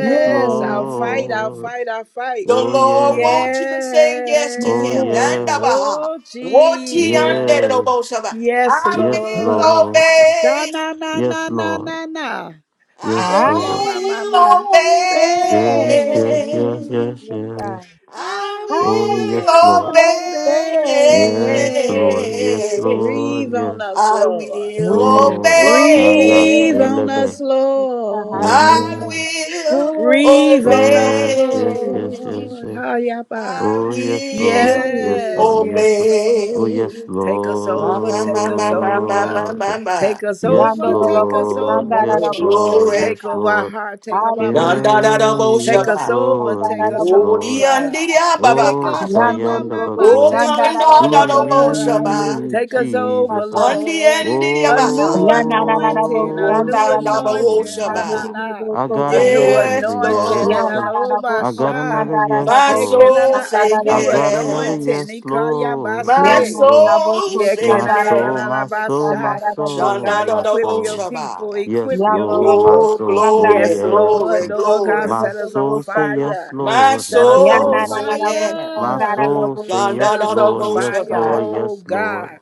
Speaker 3: yeah.
Speaker 4: I'll fight.
Speaker 3: Yeah.
Speaker 4: I'll
Speaker 10: Lord.
Speaker 4: fight. I'll fight.
Speaker 1: The
Speaker 10: Oh,
Speaker 1: Lord
Speaker 10: yes.
Speaker 1: wants you to say yes to
Speaker 10: Oh,
Speaker 4: Yeah.
Speaker 1: him.
Speaker 3: Lord.
Speaker 10: yes.
Speaker 1: Dandabaha.
Speaker 4: Oh,
Speaker 1: Woti
Speaker 4: Jesus.
Speaker 10: Yes.
Speaker 1: anderobosaba.
Speaker 4: Yes,
Speaker 1: I
Speaker 10: Yes,
Speaker 4: Lord.
Speaker 1: will
Speaker 10: Lord.
Speaker 4: Na
Speaker 1: obey.
Speaker 4: na na
Speaker 10: Yes,
Speaker 4: na na
Speaker 10: Lord.
Speaker 4: na na.
Speaker 1: I
Speaker 10: Yes,
Speaker 4: Oh
Speaker 3: I
Speaker 4: yeah,
Speaker 10: Lord.
Speaker 4: my my
Speaker 3: will
Speaker 4: my
Speaker 1: will
Speaker 4: faith.
Speaker 10: Yes, yes,
Speaker 3: obey.
Speaker 10: yes,
Speaker 1: obey.
Speaker 10: yes,
Speaker 3: Yes,
Speaker 10: yes.
Speaker 3: God.
Speaker 1: I
Speaker 4: I
Speaker 3: I
Speaker 10: Oh, yes,
Speaker 1: will
Speaker 10: Lord.
Speaker 4: will
Speaker 3: will
Speaker 1: obey.
Speaker 4: obey.
Speaker 3: obey.
Speaker 10: Yes, Lord. Yes,
Speaker 4: Hey,
Speaker 10: Lord.
Speaker 4: breathe on
Speaker 10: Yes.
Speaker 4: us,
Speaker 1: I
Speaker 4: Lord.
Speaker 1: will
Speaker 3: Will
Speaker 10: Oh, Shaya
Speaker 1: obey.
Speaker 4: Breathe on
Speaker 3: obey.
Speaker 4: us,
Speaker 10: Delebe.
Speaker 3: Yes, God.
Speaker 1: I
Speaker 4: Lord.
Speaker 3: Hallelujah.
Speaker 10: Yes.
Speaker 1: will
Speaker 3: Will
Speaker 4: Breathe on us,
Speaker 10: Yes, yes,
Speaker 3: obey.
Speaker 10: yes,
Speaker 1: obey.
Speaker 10: yes,
Speaker 4: Lord.
Speaker 10: yes.
Speaker 4: Hayaba.
Speaker 1: I
Speaker 10: Oh, yes, Lord.
Speaker 1: will
Speaker 10: Yes,
Speaker 3: Will
Speaker 4: Yes,
Speaker 10: Lord. Yes,
Speaker 4: yes,
Speaker 10: Lord.
Speaker 3: obey.
Speaker 4: Lord.
Speaker 10: Oh, yes,
Speaker 1: obey.
Speaker 4: Take us
Speaker 1: Ma
Speaker 4: over,
Speaker 1: ma
Speaker 4: take
Speaker 1: ma
Speaker 4: us
Speaker 1: ma ma ma ma
Speaker 4: over.
Speaker 1: ma
Speaker 10: Lord.
Speaker 1: ma.
Speaker 4: Take us
Speaker 10: Yes,
Speaker 4: over,
Speaker 3: Yandoro
Speaker 4: take
Speaker 3: lobo
Speaker 4: us
Speaker 10: Lord.
Speaker 4: over,
Speaker 3: sandara
Speaker 1: Glory,
Speaker 10: Yes,
Speaker 3: lobo
Speaker 4: Lord.
Speaker 10: Lord.
Speaker 1: glory.
Speaker 4: Take
Speaker 10: Yes,
Speaker 3: kosata.
Speaker 4: over our
Speaker 10: Lord.
Speaker 4: heart, take over our
Speaker 1: Da
Speaker 3: Hallelujah.
Speaker 10: Yeah,
Speaker 1: da da
Speaker 4: mind.
Speaker 1: da,
Speaker 3: Yandoro
Speaker 1: bo
Speaker 4: Take
Speaker 10: yes,
Speaker 3: lobo
Speaker 4: us
Speaker 1: shaba.
Speaker 4: over,
Speaker 10: Lord.
Speaker 3: sandara
Speaker 4: take
Speaker 10: Yes,
Speaker 4: us
Speaker 3: lobo
Speaker 1: Odi
Speaker 10: Lord.
Speaker 4: over.
Speaker 3: kosata.
Speaker 1: andi ya
Speaker 4: Take
Speaker 10: Oh,
Speaker 1: baba.
Speaker 4: us, ah, my
Speaker 3: Yandoro
Speaker 10: Shayanda
Speaker 4: my,
Speaker 3: Bobo
Speaker 4: my,
Speaker 10: Bako,
Speaker 4: take
Speaker 3: shandara
Speaker 4: us
Speaker 1: Wotanda
Speaker 10: do
Speaker 3: Yandorobo
Speaker 1: da
Speaker 10: it in
Speaker 1: do bo
Speaker 3: Shandarabo
Speaker 4: over.
Speaker 1: shaba.
Speaker 10: me,
Speaker 4: Take us
Speaker 3: Sandorobo
Speaker 4: over,
Speaker 10: Jesus.
Speaker 3: Sata.
Speaker 1: Undi
Speaker 4: Lord.
Speaker 1: endi
Speaker 4: A new
Speaker 1: yabahaya.
Speaker 3: Yandarabo
Speaker 4: anointing, a
Speaker 10: Oh,
Speaker 4: new
Speaker 1: Wotanda ba
Speaker 3: Shandarabo
Speaker 1: ho
Speaker 4: anointing, na
Speaker 10: Jesus.
Speaker 4: na
Speaker 1: shaba.
Speaker 4: na.
Speaker 10: I
Speaker 3: Sandorobo
Speaker 10: got
Speaker 4: A
Speaker 3: Sata.
Speaker 4: new
Speaker 10: another
Speaker 1: Yes,
Speaker 4: anointing and
Speaker 10: yes.
Speaker 1: Lord.
Speaker 4: an
Speaker 3: Yandarabo
Speaker 10: I got
Speaker 4: overshine.
Speaker 10: another yes,
Speaker 1: My
Speaker 3: Sandarabo
Speaker 4: Take
Speaker 10: Lord.
Speaker 4: na
Speaker 1: soul
Speaker 4: na a
Speaker 1: say
Speaker 10: I
Speaker 4: new
Speaker 3: Sandarabo
Speaker 10: got another
Speaker 3: Sata.
Speaker 4: anointing.
Speaker 1: yes.
Speaker 10: yes,
Speaker 4: He call ya by
Speaker 10: Lord.
Speaker 1: My
Speaker 10: Yes, Lord.
Speaker 3: Yandarabo
Speaker 1: soul
Speaker 4: yeah,
Speaker 1: say
Speaker 4: can
Speaker 10: My
Speaker 4: I, na, na,
Speaker 10: soul,
Speaker 1: yes.
Speaker 4: na,
Speaker 3: Sandarabo
Speaker 4: na,
Speaker 10: my
Speaker 4: ba,
Speaker 10: soul, my
Speaker 4: sha.
Speaker 10: soul,
Speaker 3: Sandarabo
Speaker 4: God,
Speaker 1: Shanda da
Speaker 10: my
Speaker 1: do
Speaker 3: Sata.
Speaker 4: equip
Speaker 1: bo
Speaker 4: your
Speaker 10: soul.
Speaker 4: people,
Speaker 1: shaba.
Speaker 10: Yes,
Speaker 4: equip your
Speaker 10: Lord.
Speaker 3: Yandorobo
Speaker 10: My
Speaker 4: people.
Speaker 1: Oh,
Speaker 10: soul say
Speaker 1: glory,
Speaker 4: Yes,
Speaker 3: Sandarabo
Speaker 10: yes.
Speaker 1: glory,
Speaker 4: Lord, Lord God,
Speaker 1: glory.
Speaker 10: My
Speaker 4: set us on
Speaker 3: Sandorobo
Speaker 10: soul say
Speaker 3: Sata.
Speaker 10: yes,
Speaker 4: fire.
Speaker 1: My
Speaker 10: Lord.
Speaker 4: Set
Speaker 10: My
Speaker 4: us on
Speaker 1: soul
Speaker 10: soul.
Speaker 1: say
Speaker 3: Yandarabo
Speaker 1: yes.
Speaker 10: My
Speaker 4: fire.
Speaker 10: soul
Speaker 3: Sandarabo
Speaker 10: say
Speaker 4: Set
Speaker 1: Shanda
Speaker 10: yes,
Speaker 1: da
Speaker 4: us
Speaker 1: do
Speaker 4: on
Speaker 10: Lord,
Speaker 1: bo
Speaker 10: yes,
Speaker 4: fire,
Speaker 3: Sandarabo
Speaker 1: shaba.
Speaker 10: Lord,
Speaker 3: Sata.
Speaker 4: oh
Speaker 10: yes, Lord.
Speaker 4: God.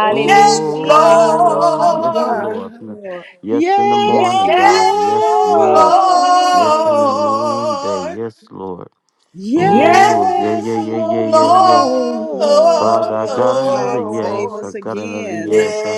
Speaker 4: Oh
Speaker 1: Yes,
Speaker 4: God,
Speaker 3: hallelujah,
Speaker 10: Oh,
Speaker 4: oh
Speaker 10: yes,
Speaker 1: Lord.
Speaker 3: hallelujah.
Speaker 10: Lord.
Speaker 4: God.
Speaker 10: Yes in the
Speaker 4: Yes,
Speaker 3: Yes,
Speaker 10: morning, God. Yes,
Speaker 1: Yes,
Speaker 10: Lord.
Speaker 3: Lord.
Speaker 4: Lord.
Speaker 10: Yes in the noonday.
Speaker 1: Lord.
Speaker 10: Yes, Lord.
Speaker 3: Yes,
Speaker 1: Yes,
Speaker 10: Oh, yeah, yeah,
Speaker 4: Yes,
Speaker 10: yeah,
Speaker 3: Lord.
Speaker 10: yeah,
Speaker 3: Yes,
Speaker 10: yeah, yeah.
Speaker 3: Lord.
Speaker 10: Father, I got
Speaker 4: Lord.
Speaker 10: another
Speaker 4: God, save
Speaker 10: yes.
Speaker 1: Lord.
Speaker 10: I
Speaker 4: us
Speaker 10: got another
Speaker 4: again.
Speaker 10: yes. I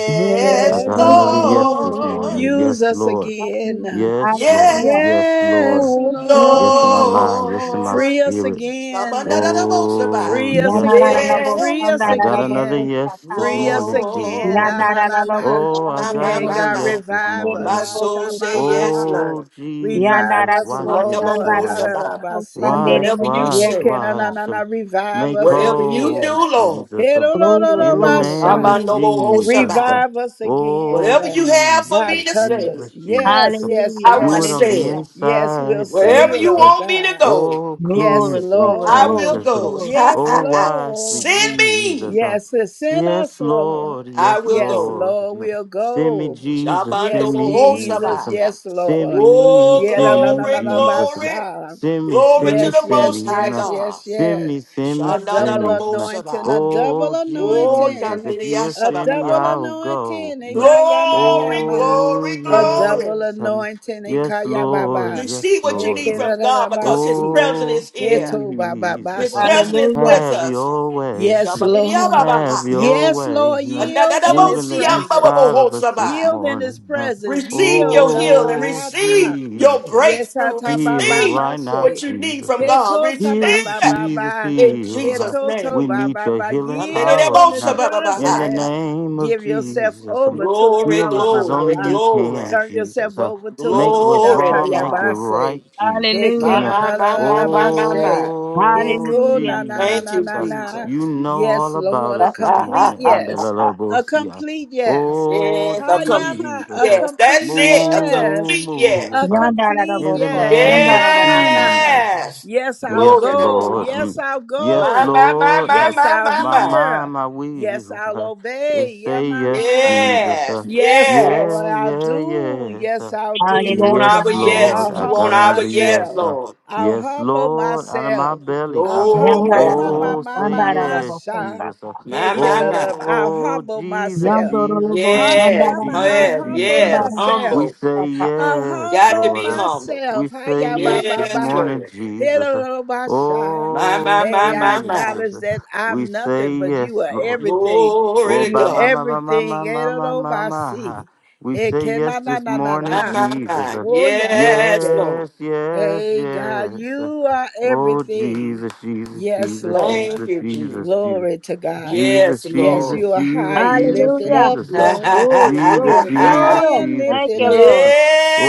Speaker 10: I
Speaker 3: Yes,
Speaker 10: got
Speaker 4: Yes,
Speaker 10: another
Speaker 4: Lord.
Speaker 10: yes this
Speaker 1: Lord.
Speaker 10: morning.
Speaker 3: Lord.
Speaker 4: Use
Speaker 10: Yes,
Speaker 4: us
Speaker 10: Lord.
Speaker 3: Hallelujah,
Speaker 4: again.
Speaker 10: Yes, Lord.
Speaker 3: hallelujah.
Speaker 1: Yes,
Speaker 10: Yes, Lord.
Speaker 4: Yes,
Speaker 3: Yes, Lord.
Speaker 10: Yes in my
Speaker 4: Lord.
Speaker 10: mind. Yes in my
Speaker 1: Lord.
Speaker 4: Free us
Speaker 10: spirit.
Speaker 4: again.
Speaker 1: Shabandadadabosaba.
Speaker 10: Oh,
Speaker 4: Free us
Speaker 10: yes, God.
Speaker 4: again. Free
Speaker 1: Yes,
Speaker 4: us
Speaker 10: I got another
Speaker 4: again.
Speaker 10: yes
Speaker 3: Yanarararabosandaraboposata.
Speaker 10: this
Speaker 4: Free us
Speaker 10: morning,
Speaker 4: again.
Speaker 10: Jesus.
Speaker 1: Lord.
Speaker 4: Na na na na.
Speaker 10: Oh, I
Speaker 1: My, my,
Speaker 10: got
Speaker 1: my,
Speaker 4: Hey
Speaker 10: another
Speaker 1: my,
Speaker 4: God,
Speaker 10: yes
Speaker 1: my.
Speaker 10: this
Speaker 4: revive us.
Speaker 1: My
Speaker 4: Ha
Speaker 10: morning.
Speaker 1: soul
Speaker 4: sha ma
Speaker 1: say
Speaker 4: ma
Speaker 3: Yanarararabosandaraboposandaraboposata.
Speaker 1: yes,
Speaker 4: ma.
Speaker 10: Oh,
Speaker 1: Lord.
Speaker 4: Revive
Speaker 10: Jesus,
Speaker 4: us,
Speaker 10: wash
Speaker 1: I
Speaker 10: me
Speaker 1: never
Speaker 10: this
Speaker 4: Lord.
Speaker 1: won't
Speaker 4: Ha
Speaker 10: morning.
Speaker 4: da da
Speaker 1: survive.
Speaker 4: ba si.
Speaker 10: Wash,
Speaker 1: Whatever you
Speaker 10: wash,
Speaker 4: Yeah,
Speaker 1: say.
Speaker 4: can I
Speaker 3: Yandarabosandarabosandarabososasa.
Speaker 4: na na
Speaker 10: wash
Speaker 4: na
Speaker 10: 'em.
Speaker 4: revive
Speaker 10: Make
Speaker 4: us
Speaker 1: Whatever you do,
Speaker 10: whole,
Speaker 4: again?
Speaker 1: Lord,
Speaker 10: Jesus.
Speaker 4: Hey,
Speaker 10: 'em.
Speaker 4: do, do, do,
Speaker 3: Glory,
Speaker 4: do,
Speaker 10: In the
Speaker 3: glory,
Speaker 4: basha.
Speaker 10: name of
Speaker 3: glory,
Speaker 10: Jesus.
Speaker 1: Rabandobohoshabai.
Speaker 10: uh,
Speaker 3: hallelujah,
Speaker 4: Revive us
Speaker 10: Oh,
Speaker 4: again.
Speaker 1: whatever you have for
Speaker 4: God
Speaker 1: me
Speaker 10: Jesus,
Speaker 1: to
Speaker 4: touch
Speaker 1: say,
Speaker 4: us.
Speaker 10: Jesus,
Speaker 4: Yes,
Speaker 10: Jesus. 'em.
Speaker 4: yes,
Speaker 3: hallelujah,
Speaker 1: I will
Speaker 10: Do
Speaker 4: yes.
Speaker 10: it on
Speaker 1: say
Speaker 10: the
Speaker 3: hallelujah,
Speaker 1: it.
Speaker 4: Yes, we'll
Speaker 10: inside,
Speaker 4: say
Speaker 1: Wherever
Speaker 4: it,
Speaker 1: you
Speaker 10: Jesus.
Speaker 4: oh
Speaker 10: uh,
Speaker 1: want me to
Speaker 4: God.
Speaker 1: go,
Speaker 10: Oh,
Speaker 4: Yes,
Speaker 3: glory,
Speaker 10: cleanse me,
Speaker 3: glory,
Speaker 1: I
Speaker 4: Lord.
Speaker 1: will
Speaker 3: glory,
Speaker 10: Jesus. 'em.
Speaker 1: go.
Speaker 3: glory,
Speaker 4: Yes,
Speaker 10: Oh, wash me,
Speaker 1: Send
Speaker 4: Lord.
Speaker 10: Jesus.
Speaker 1: me,
Speaker 10: uh,
Speaker 4: Yes, send
Speaker 10: Yes,
Speaker 4: us, Lord.
Speaker 10: Lord.
Speaker 1: I
Speaker 10: Yes,
Speaker 1: will
Speaker 4: Yes,
Speaker 1: go.
Speaker 10: Lord.
Speaker 4: Lord,
Speaker 10: um,
Speaker 4: we'll
Speaker 10: Send me,
Speaker 4: go.
Speaker 10: Jesus. Send
Speaker 4: Yes,
Speaker 10: me,
Speaker 4: Jesus.
Speaker 10: Jesus. 'em.
Speaker 1: Shabandobohoshabai.
Speaker 4: Yes,
Speaker 10: Send
Speaker 4: Lord.
Speaker 10: me,
Speaker 1: Oh,
Speaker 4: Yeah, no,
Speaker 10: send
Speaker 4: no,
Speaker 10: me,
Speaker 4: no, no,
Speaker 1: glory,
Speaker 4: no,
Speaker 10: Jesus. um,
Speaker 1: glory,
Speaker 4: basha.
Speaker 10: Semi,
Speaker 1: glory to
Speaker 10: semi,
Speaker 4: Yes,
Speaker 1: the
Speaker 10: semi,
Speaker 4: yes,
Speaker 1: Most High
Speaker 10: nah.
Speaker 4: yes,
Speaker 1: God.
Speaker 4: yes, yes.
Speaker 10: Semi, semi,
Speaker 4: A double
Speaker 10: semi, nah.
Speaker 4: anointing, a
Speaker 1: Shandadadobosabai.
Speaker 4: double
Speaker 10: Oh,
Speaker 1: Oh,
Speaker 10: Jesus,
Speaker 4: anointing,
Speaker 10: if you will
Speaker 4: a
Speaker 10: send me,
Speaker 4: double
Speaker 1: Tandiriasababaha.
Speaker 10: I'll go.
Speaker 4: anointing. eh,
Speaker 10: Nah.
Speaker 4: ya, ya, ma, ma,
Speaker 1: Glory,
Speaker 4: ma.
Speaker 10: Oh,
Speaker 1: glory,
Speaker 4: A double
Speaker 1: glory.
Speaker 10: yes, um,
Speaker 4: anointing. eh, ka,
Speaker 10: yes,
Speaker 4: ya, ba,
Speaker 10: Lord,
Speaker 4: ba.
Speaker 10: yes,
Speaker 1: receive what you
Speaker 4: Eh,
Speaker 10: Lord.
Speaker 1: need
Speaker 4: ke,
Speaker 10: um,
Speaker 4: da,
Speaker 1: from
Speaker 4: da,
Speaker 1: God
Speaker 4: da, ba,
Speaker 1: because His
Speaker 4: si.
Speaker 1: presence
Speaker 10: Oh,
Speaker 1: is
Speaker 4: Eh,
Speaker 1: here.
Speaker 4: to, ba, ba, ba,
Speaker 1: His
Speaker 10: Jesus, uh,
Speaker 1: presence
Speaker 4: sha.
Speaker 1: is
Speaker 3: hallelujah,
Speaker 1: with
Speaker 10: have
Speaker 1: us.
Speaker 10: your way,
Speaker 4: Yes,
Speaker 10: mm,
Speaker 4: Lord.
Speaker 10: have
Speaker 1: Shabadidiyababahaya.
Speaker 10: your
Speaker 4: Yes,
Speaker 10: way.
Speaker 4: Lord.
Speaker 10: Nah.
Speaker 4: Yield in his
Speaker 10: Moving the
Speaker 4: presence.
Speaker 10: inside of us this
Speaker 1: Mandadadabosiyambababahosaba.
Speaker 4: Yield in his
Speaker 10: morning. nah.
Speaker 4: presence.
Speaker 1: Receive
Speaker 4: Yield.
Speaker 1: your
Speaker 4: Da, ta,
Speaker 1: healing.
Speaker 10: Oh,
Speaker 4: ta, ta.
Speaker 1: Receive your
Speaker 10: Jesus. um.
Speaker 4: Yes, I
Speaker 1: breakthrough.
Speaker 4: ta ba
Speaker 10: Heal
Speaker 4: ba
Speaker 1: Receive
Speaker 4: ba
Speaker 10: right now,
Speaker 1: what
Speaker 4: say.
Speaker 1: you need
Speaker 10: Jesus.
Speaker 1: from
Speaker 4: Here
Speaker 1: God.
Speaker 4: goes a
Speaker 1: Receive
Speaker 4: ba
Speaker 10: Heal,
Speaker 4: ba
Speaker 1: it
Speaker 4: ba
Speaker 10: Jesus,
Speaker 4: ba.
Speaker 1: in
Speaker 10: heal.
Speaker 4: Here
Speaker 10: Uh,
Speaker 1: Jesus'
Speaker 4: to to
Speaker 10: We
Speaker 1: name.
Speaker 4: ba
Speaker 10: need
Speaker 4: ba
Speaker 10: your
Speaker 4: ba.
Speaker 10: healing
Speaker 4: Yield
Speaker 10: power.
Speaker 4: in His
Speaker 10: Now, in the
Speaker 1: Mandadidabosababahaya.
Speaker 4: presence.
Speaker 10: name of
Speaker 4: Give yourself
Speaker 10: Jesus, um,
Speaker 4: over to Him.
Speaker 1: Glory,
Speaker 4: Ma
Speaker 10: heal
Speaker 4: ma
Speaker 10: us
Speaker 4: ma
Speaker 10: as
Speaker 4: ma
Speaker 10: only
Speaker 1: glory,
Speaker 10: you
Speaker 4: ma.
Speaker 1: glory,
Speaker 10: can,
Speaker 4: Turn
Speaker 10: Jesus.
Speaker 4: yourself
Speaker 10: Uh,
Speaker 4: over to
Speaker 10: make
Speaker 4: Him. And
Speaker 10: what's
Speaker 4: I
Speaker 1: glory to
Speaker 4: tell
Speaker 10: wrong,
Speaker 4: ya
Speaker 10: make it
Speaker 1: God.
Speaker 4: ba say.
Speaker 10: right,
Speaker 4: Here
Speaker 10: Jesus.
Speaker 1: My,
Speaker 4: can
Speaker 10: Um,
Speaker 3: hallelujah,
Speaker 10: uh,
Speaker 4: na
Speaker 1: my,
Speaker 4: na na
Speaker 1: my,
Speaker 4: na
Speaker 1: my,
Speaker 4: na
Speaker 1: my,
Speaker 4: ba
Speaker 1: my, my.
Speaker 4: say. Here
Speaker 10: oh,
Speaker 4: go
Speaker 3: hallelujah.
Speaker 4: na na na
Speaker 1: Thank
Speaker 4: na
Speaker 1: you,
Speaker 10: Jesus,
Speaker 4: na
Speaker 10: uh,
Speaker 4: na.
Speaker 1: Jesus.
Speaker 10: you know
Speaker 4: Yes,
Speaker 10: all about
Speaker 4: Lord, a
Speaker 10: us
Speaker 1: yes,
Speaker 10: this
Speaker 4: complete
Speaker 10: morning. Under
Speaker 4: yes. A
Speaker 10: uh,
Speaker 4: complete yes.
Speaker 10: Oh,
Speaker 1: a
Speaker 4: Hayama,
Speaker 1: complete
Speaker 4: a
Speaker 10: Jesus, uh,
Speaker 1: yes. That's
Speaker 4: complete
Speaker 1: it. A
Speaker 10: move,
Speaker 4: yes.
Speaker 10: move,
Speaker 1: complete yes.
Speaker 4: A
Speaker 10: move
Speaker 4: complete
Speaker 10: in the
Speaker 4: yes.
Speaker 10: name of
Speaker 4: Sha-na-na.
Speaker 10: Jesus.
Speaker 3: Yandarabosandarabosandarabososasa.
Speaker 1: Yes.
Speaker 4: Yes, I'll
Speaker 10: Yes,
Speaker 1: Glory to
Speaker 4: go.
Speaker 10: Lord.
Speaker 1: God.
Speaker 10: Um,
Speaker 4: Yes, I'll
Speaker 10: yes,
Speaker 1: My,
Speaker 4: go.
Speaker 1: my, my,
Speaker 10: Lord.
Speaker 1: my,
Speaker 10: Um,
Speaker 4: Yes,
Speaker 1: my,
Speaker 4: I'll
Speaker 1: my,
Speaker 10: my
Speaker 1: my.
Speaker 10: mind,
Speaker 4: hear.
Speaker 10: my
Speaker 4: Yes,
Speaker 10: will.
Speaker 4: I'll
Speaker 10: Uh, it
Speaker 4: obey. Yeah,
Speaker 10: say
Speaker 4: my
Speaker 10: yes,
Speaker 4: mama.
Speaker 10: Jesus.
Speaker 1: Yes.
Speaker 10: Uh,
Speaker 4: Yes,
Speaker 1: Yes.
Speaker 4: Lord,
Speaker 10: yeah,
Speaker 4: I'll
Speaker 10: yeah,
Speaker 4: do.
Speaker 10: yes. Uh,
Speaker 4: Yes, I'll
Speaker 1: You
Speaker 4: do.
Speaker 1: want
Speaker 3: Hallelujah,
Speaker 10: yes,
Speaker 1: our
Speaker 4: Yeah,
Speaker 10: Lord.
Speaker 1: yes.
Speaker 4: I'll
Speaker 10: I
Speaker 1: You
Speaker 3: hallelujah.
Speaker 1: want
Speaker 10: got
Speaker 4: humble
Speaker 1: our
Speaker 10: another
Speaker 1: yes,
Speaker 10: yes.
Speaker 4: myself.
Speaker 10: Uh,
Speaker 1: Lord.
Speaker 4: I'll
Speaker 10: yes,
Speaker 4: humble
Speaker 10: Lord. Out of my
Speaker 4: myself.
Speaker 10: belly. Uh,
Speaker 4: I'll
Speaker 1: Glory
Speaker 4: humble
Speaker 1: to
Speaker 4: my
Speaker 1: God.
Speaker 4: my
Speaker 10: oh,
Speaker 4: my
Speaker 10: say
Speaker 4: my my
Speaker 10: yes,
Speaker 4: sha.
Speaker 10: Jesus.
Speaker 3: Yandarabosandarabosandarabososasa.
Speaker 10: Uh,
Speaker 4: Hey,
Speaker 1: My,
Speaker 4: kid,
Speaker 1: my,
Speaker 4: uh,
Speaker 1: my.
Speaker 4: I'll
Speaker 10: oh,
Speaker 4: humble
Speaker 10: Jesus,
Speaker 4: myself.
Speaker 10: Jesus,
Speaker 4: I'll,
Speaker 10: Jesus,
Speaker 1: Yes.
Speaker 10: Jesus,
Speaker 4: I'll
Speaker 1: Yes.
Speaker 4: humble
Speaker 10: Jesus. Uh,
Speaker 1: Yes.
Speaker 4: myself.
Speaker 10: we
Speaker 1: Humble.
Speaker 10: say
Speaker 3: Yandorobosandarabosandarabososasa.
Speaker 4: I'll
Speaker 10: yes,
Speaker 1: Got to
Speaker 4: humble
Speaker 10: Lord.
Speaker 1: be
Speaker 10: Uh,
Speaker 1: humble.
Speaker 10: we
Speaker 4: myself.
Speaker 10: say
Speaker 4: Hiya ba
Speaker 10: yes
Speaker 4: ba
Speaker 10: this
Speaker 1: Yes,
Speaker 4: ba.
Speaker 10: morning,
Speaker 1: Lord.
Speaker 10: Jesus. uh,
Speaker 4: Hello ba sha.
Speaker 1: My, my,
Speaker 10: Oh,
Speaker 1: my,
Speaker 4: Hey, I
Speaker 1: my, my.
Speaker 10: Jesus.
Speaker 4: acknowledge that
Speaker 10: We
Speaker 4: I'm
Speaker 10: say
Speaker 4: nothing, but you
Speaker 10: yes,
Speaker 4: are
Speaker 10: Lord.
Speaker 4: everything.
Speaker 1: Glory
Speaker 10: Oh,
Speaker 1: to
Speaker 10: ba
Speaker 4: You
Speaker 10: ba
Speaker 1: God.
Speaker 10: ba ba ma ma
Speaker 4: everything.
Speaker 10: ma ma
Speaker 4: Hello
Speaker 10: ma
Speaker 4: ba
Speaker 10: ma. ha.
Speaker 4: si.
Speaker 10: We
Speaker 4: Hey,
Speaker 10: say
Speaker 4: can
Speaker 10: yes
Speaker 4: na na
Speaker 10: this
Speaker 4: na na
Speaker 1: My,
Speaker 10: morning,
Speaker 4: na.
Speaker 1: my,
Speaker 10: Jesus.
Speaker 1: my.
Speaker 10: Uh,
Speaker 4: Oh ya ba
Speaker 1: Yes,
Speaker 4: say.
Speaker 1: Lord.
Speaker 10: Yes, yes,
Speaker 4: Hey God,
Speaker 10: yes. Uh,
Speaker 4: you are
Speaker 10: Oh,
Speaker 4: everything.
Speaker 10: Jesus, Jesus,
Speaker 4: Yes,
Speaker 10: Jesus,
Speaker 4: Lord.
Speaker 1: Thank
Speaker 10: Jesus,
Speaker 1: you,
Speaker 10: Jesus,
Speaker 1: Jesus.
Speaker 10: Jesus.
Speaker 4: Glory to God.
Speaker 10: Jesus,
Speaker 1: Yes,
Speaker 4: Yes,
Speaker 1: Lord.
Speaker 4: you
Speaker 10: Jesus,
Speaker 4: are
Speaker 10: Jesus,
Speaker 4: high and
Speaker 10: Jesus,
Speaker 4: lifted
Speaker 3: Hallelujah.
Speaker 4: up,
Speaker 10: Jesus, uh,
Speaker 1: yes.
Speaker 4: Lord.
Speaker 3: Glory,
Speaker 10: Jesus,
Speaker 4: You're
Speaker 3: glory,
Speaker 4: high
Speaker 10: Jesus,
Speaker 3: glory.
Speaker 4: and
Speaker 10: Jesus,
Speaker 3: Thank
Speaker 4: lifted
Speaker 3: you,
Speaker 4: up.
Speaker 10: Jesus.
Speaker 3: Lord.
Speaker 10: um,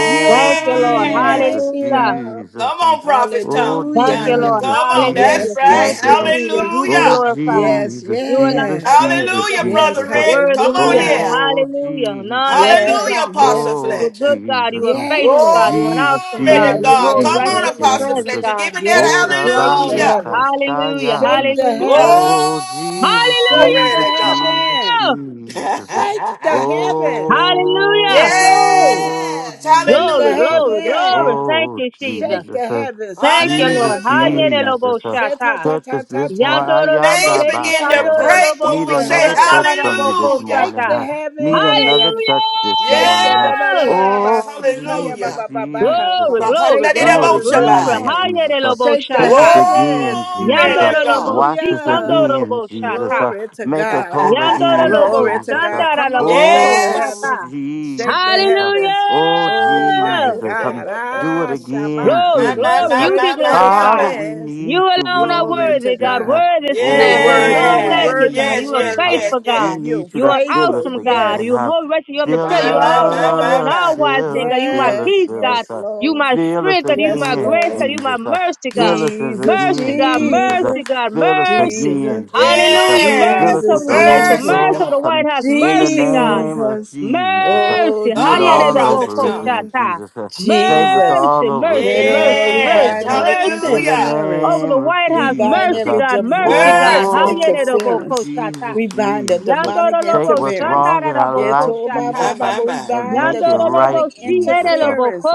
Speaker 4: You're
Speaker 3: Thank you,
Speaker 4: high
Speaker 3: Lord.
Speaker 4: and
Speaker 10: Jesus,
Speaker 4: lifted
Speaker 3: Hallelujah.
Speaker 4: up.
Speaker 1: Come
Speaker 10: Jesus, um,
Speaker 1: on, Prophet
Speaker 10: oh
Speaker 1: Tom,
Speaker 3: Thank you,
Speaker 1: Tanya.
Speaker 4: Hallelujah.
Speaker 3: Lord.
Speaker 10: Jesus,
Speaker 1: Come on. That's
Speaker 10: Jesus,
Speaker 3: Hallelujah.
Speaker 4: Yes,
Speaker 3: Thank
Speaker 1: right.
Speaker 4: yes,
Speaker 3: you,
Speaker 10: Jesus, um,
Speaker 4: yes,
Speaker 3: Jesus.
Speaker 4: yes,
Speaker 3: You be
Speaker 10: oh
Speaker 1: Hallelujah.
Speaker 3: glorified.
Speaker 4: yes,
Speaker 10: Jesus,
Speaker 3: You alone
Speaker 10: Jesus,
Speaker 4: yes,
Speaker 3: are worthy,
Speaker 10: Jesus,
Speaker 1: Hallelujah,
Speaker 3: God.
Speaker 4: yes,
Speaker 1: Brother
Speaker 10: Jesus, um,
Speaker 1: Rick.
Speaker 3: Worthy
Speaker 1: Come
Speaker 3: is the
Speaker 1: on
Speaker 3: Lamb.
Speaker 4: hallelujah.
Speaker 1: here.
Speaker 10: oh
Speaker 3: Hallelujah. None
Speaker 10: Jesus,
Speaker 3: like
Speaker 10: um,
Speaker 3: you,
Speaker 1: Hallelujah,
Speaker 4: Yes,
Speaker 3: God.
Speaker 1: Apostle
Speaker 4: yes, uh,
Speaker 3: You're
Speaker 10: oh
Speaker 3: a
Speaker 1: Fletcher.
Speaker 3: good God. You're
Speaker 10: Jesus,
Speaker 3: a
Speaker 10: um,
Speaker 1: Glory
Speaker 3: faithful God.
Speaker 4: yes,
Speaker 3: You're an
Speaker 10: Jesus,
Speaker 3: awesome God.
Speaker 1: to
Speaker 4: yes,
Speaker 3: You're
Speaker 10: Jesus,
Speaker 1: God.
Speaker 3: holy,
Speaker 4: yes,
Speaker 1: Come
Speaker 3: righteous, and
Speaker 1: on,
Speaker 10: Jesus,
Speaker 4: yes,
Speaker 3: the
Speaker 1: Apostle
Speaker 4: yes,
Speaker 10: Jesus,
Speaker 3: present
Speaker 10: um,
Speaker 1: Fletcher.
Speaker 3: God.
Speaker 1: Give him
Speaker 4: yes.
Speaker 10: oh
Speaker 1: that
Speaker 4: and
Speaker 3: You're
Speaker 4: Shake
Speaker 3: all
Speaker 4: the
Speaker 10: Rabande
Speaker 1: hallelujah.
Speaker 3: known.
Speaker 4: heavens,
Speaker 3: Hallelujah.
Speaker 4: shake
Speaker 10: Kashaya.
Speaker 4: the
Speaker 1: Glory
Speaker 3: Hallelujah.
Speaker 10: Oh,
Speaker 4: heavens,
Speaker 10: Jesus,
Speaker 4: shake the
Speaker 10: Jesus,
Speaker 1: to God.
Speaker 10: Jesus,
Speaker 4: heavens,
Speaker 3: Hallelujah.
Speaker 10: Jesus.
Speaker 4: shake the heavens.
Speaker 3: Hallelujah.
Speaker 4: So
Speaker 10: Oh,
Speaker 1: yes.
Speaker 4: shake the
Speaker 3: Glory,
Speaker 10: Jesus.
Speaker 3: glory,
Speaker 1: Hallelujah.
Speaker 3: glory.
Speaker 4: heavens,
Speaker 3: Thank
Speaker 10: Oh,
Speaker 3: you, Jesus.
Speaker 4: shake
Speaker 10: Jesus.
Speaker 4: the heavens. Ha
Speaker 3: Thank you,
Speaker 4: ta
Speaker 10: Jesus,
Speaker 3: Lord.
Speaker 4: ba shake.
Speaker 1: Hallelujah.
Speaker 3: Hayerelobo
Speaker 10: Jesus.
Speaker 4: Ta ta
Speaker 3: shata.
Speaker 4: ta
Speaker 10: Church
Speaker 4: ta
Speaker 10: is
Speaker 4: ta
Speaker 10: this morning.
Speaker 4: ta.
Speaker 3: Yandorolobo
Speaker 1: Things
Speaker 10: Ayanda
Speaker 4: Shake the
Speaker 1: begin to
Speaker 10: Baso.
Speaker 4: heavens,
Speaker 1: break
Speaker 3: shikandorolobo
Speaker 1: when
Speaker 4: shake
Speaker 10: Need
Speaker 1: we
Speaker 3: ko
Speaker 4: the
Speaker 1: say
Speaker 10: another
Speaker 4: heavens.
Speaker 10: church from you this
Speaker 1: hallelujah.
Speaker 4: Shake
Speaker 10: morning.
Speaker 4: the
Speaker 10: huh? Need another
Speaker 4: heavens.
Speaker 10: church this
Speaker 4: Shake
Speaker 10: morning.
Speaker 4: the
Speaker 10: huh?
Speaker 4: da- da- da-
Speaker 3: Hallelujah!
Speaker 4: da- da-
Speaker 1: Yes.
Speaker 4: ba-
Speaker 10: Oh,
Speaker 4: see, ka- ya- ba-
Speaker 10: Jesus,
Speaker 1: Hallelujah.
Speaker 4: ba- ba- ba- ha.
Speaker 10: Jesus.
Speaker 3: Glory, glory,
Speaker 4: Shake the
Speaker 10: Do it
Speaker 3: glory,
Speaker 4: heavens this
Speaker 3: glory.
Speaker 10: again,
Speaker 1: Babahandadidaboshabaya.
Speaker 4: morning.
Speaker 10: Jesus.
Speaker 3: Hayerelobo
Speaker 4: Shake the
Speaker 10: Church us
Speaker 3: shata.
Speaker 10: again,
Speaker 4: heavens.
Speaker 1: Glory
Speaker 10: Jesus.
Speaker 1: to
Speaker 3: Yandorolobo
Speaker 1: God.
Speaker 10: Wash us
Speaker 4: Hallelujah.
Speaker 10: again, Jesus. Uh,
Speaker 4: Glory to
Speaker 10: make us
Speaker 4: God.
Speaker 10: whole again,
Speaker 4: Glory to
Speaker 10: Jesus. Uh,
Speaker 4: God. Come on, shake the
Speaker 10: oh,
Speaker 1: yes.
Speaker 4: heavens. Shake the
Speaker 10: Jesus. Uh,
Speaker 4: heavens.
Speaker 10: oh,
Speaker 4: Oh
Speaker 3: Hallelujah!
Speaker 4: my
Speaker 10: Jesus. Um,
Speaker 4: God.
Speaker 10: do it
Speaker 4: Ah,
Speaker 10: again,
Speaker 4: Shama.
Speaker 3: Glory,
Speaker 1: my, my,
Speaker 10: Jesus.
Speaker 3: glory,
Speaker 1: my,
Speaker 10: Uh,
Speaker 3: you
Speaker 4: Shake
Speaker 3: be
Speaker 1: my,
Speaker 4: the
Speaker 1: my, my,
Speaker 10: Father,
Speaker 3: glorified.
Speaker 1: my.
Speaker 10: we
Speaker 4: heavens.
Speaker 3: You
Speaker 10: need you.
Speaker 3: alone
Speaker 10: We
Speaker 3: are
Speaker 4: Glory
Speaker 10: need
Speaker 4: to
Speaker 3: worthy,
Speaker 10: you.
Speaker 3: God.
Speaker 10: Uh,
Speaker 4: God.
Speaker 3: Worthy is the
Speaker 4: You're
Speaker 3: Lamb. There's
Speaker 4: worthy.
Speaker 10: oh,
Speaker 3: none
Speaker 4: You're
Speaker 10: we
Speaker 3: like
Speaker 1: Yes,
Speaker 3: you,
Speaker 4: worthy.
Speaker 3: God.
Speaker 10: need
Speaker 4: You're
Speaker 3: You
Speaker 1: yes,
Speaker 3: are
Speaker 1: yes,
Speaker 10: you. Uh,
Speaker 4: worthy.
Speaker 1: yes,
Speaker 3: faithful,
Speaker 10: we
Speaker 1: yes.
Speaker 3: God.
Speaker 10: need
Speaker 4: You
Speaker 10: you
Speaker 3: You
Speaker 10: to
Speaker 3: are an
Speaker 10: fill
Speaker 4: faithful.
Speaker 10: us
Speaker 3: awesome God.
Speaker 10: again.
Speaker 3: You
Speaker 4: Yes.
Speaker 10: Uh,
Speaker 3: hold wretched, you are the
Speaker 10: fill
Speaker 3: prayer.
Speaker 1: My,
Speaker 3: You are
Speaker 1: my,
Speaker 3: all
Speaker 1: my,
Speaker 4: Yes.
Speaker 3: knowing. You are
Speaker 1: my,
Speaker 3: an
Speaker 10: us,
Speaker 3: all
Speaker 1: my.
Speaker 3: wise
Speaker 10: fill
Speaker 3: thing,
Speaker 10: us,
Speaker 3: God. You my
Speaker 10: fill us,
Speaker 4: Yes.
Speaker 3: peace,
Speaker 10: fill us.
Speaker 3: God.
Speaker 4: Yes,
Speaker 10: Uh,
Speaker 3: You
Speaker 4: Lord.
Speaker 3: my
Speaker 10: fill us
Speaker 3: strength, God. You
Speaker 4: Yes,
Speaker 3: my
Speaker 10: again,
Speaker 3: grace, God. You
Speaker 4: Lord.
Speaker 3: my
Speaker 10: Jesus. Uh,
Speaker 3: mercy, God.
Speaker 10: fill us as
Speaker 4: Jesus,
Speaker 3: Mercy,
Speaker 10: again,
Speaker 3: God.
Speaker 10: Jesus. Uh,
Speaker 3: Mercy,
Speaker 4: Jesus,
Speaker 3: God.
Speaker 10: Fill us
Speaker 3: Mercy.
Speaker 4: Jesus,
Speaker 10: again, Jesus. Uh,
Speaker 3: Hallelujah.
Speaker 10: fill
Speaker 1: Yes,
Speaker 3: Mercy
Speaker 10: us with
Speaker 3: over
Speaker 4: Jesus,
Speaker 3: this
Speaker 10: the
Speaker 3: nation.
Speaker 10: Holy
Speaker 4: Jesus,
Speaker 1: mercy,
Speaker 3: Mercy over the
Speaker 10: Ghost
Speaker 1: God.
Speaker 3: White
Speaker 10: um,
Speaker 3: House.
Speaker 10: in the
Speaker 3: Mercy, God.
Speaker 10: name of
Speaker 4: Jesus.
Speaker 10: Jesus. Uh,
Speaker 4: Oh,
Speaker 3: Mercy.
Speaker 10: do it
Speaker 3: How
Speaker 1: Come on,
Speaker 10: all
Speaker 4: Jesus,
Speaker 1: prophet's
Speaker 10: over
Speaker 1: tongue.
Speaker 10: again,
Speaker 4: Jesus.
Speaker 3: you
Speaker 10: Jesus. Uh, save us
Speaker 4: Jesus.
Speaker 10: all
Speaker 3: Mercy,
Speaker 10: over
Speaker 3: mercy,
Speaker 10: again this
Speaker 4: Hallelujah.
Speaker 3: mercy,
Speaker 4: We
Speaker 10: morning.
Speaker 1: Yes,
Speaker 3: mercy,
Speaker 4: bind
Speaker 10: uh,
Speaker 4: every
Speaker 10: in
Speaker 3: mercy.
Speaker 10: the
Speaker 1: hallelujah.
Speaker 4: interference.
Speaker 3: Over the
Speaker 10: name of
Speaker 3: White
Speaker 4: We
Speaker 3: House,
Speaker 4: bind
Speaker 10: Jesus.
Speaker 3: mercy,
Speaker 10: Uh,
Speaker 4: every
Speaker 3: God, mercy,
Speaker 4: demonic
Speaker 3: God.
Speaker 1: Mercy.
Speaker 3: Hayere robo
Speaker 10: oh,
Speaker 3: ko
Speaker 4: interference.
Speaker 3: shata.
Speaker 10: Jesus,
Speaker 4: We bind the
Speaker 10: Jesus. Uh,
Speaker 4: demonic
Speaker 3: Yandoro
Speaker 10: take
Speaker 3: robo
Speaker 10: what's
Speaker 4: interference.
Speaker 10: wrong
Speaker 3: shandara
Speaker 10: in
Speaker 3: robo
Speaker 10: our
Speaker 4: Yeah,
Speaker 3: ko
Speaker 10: life,
Speaker 4: to- ba
Speaker 3: shata.
Speaker 10: Jesus,
Speaker 4: ba
Speaker 1: My,
Speaker 4: ba.
Speaker 10: um,
Speaker 1: my,
Speaker 4: ba. We
Speaker 1: my.
Speaker 10: and
Speaker 4: bind the
Speaker 10: make it right,
Speaker 3: Yandorobo
Speaker 4: demonic
Speaker 10: Jesus. Uh,
Speaker 3: Sierelobo
Speaker 4: interference.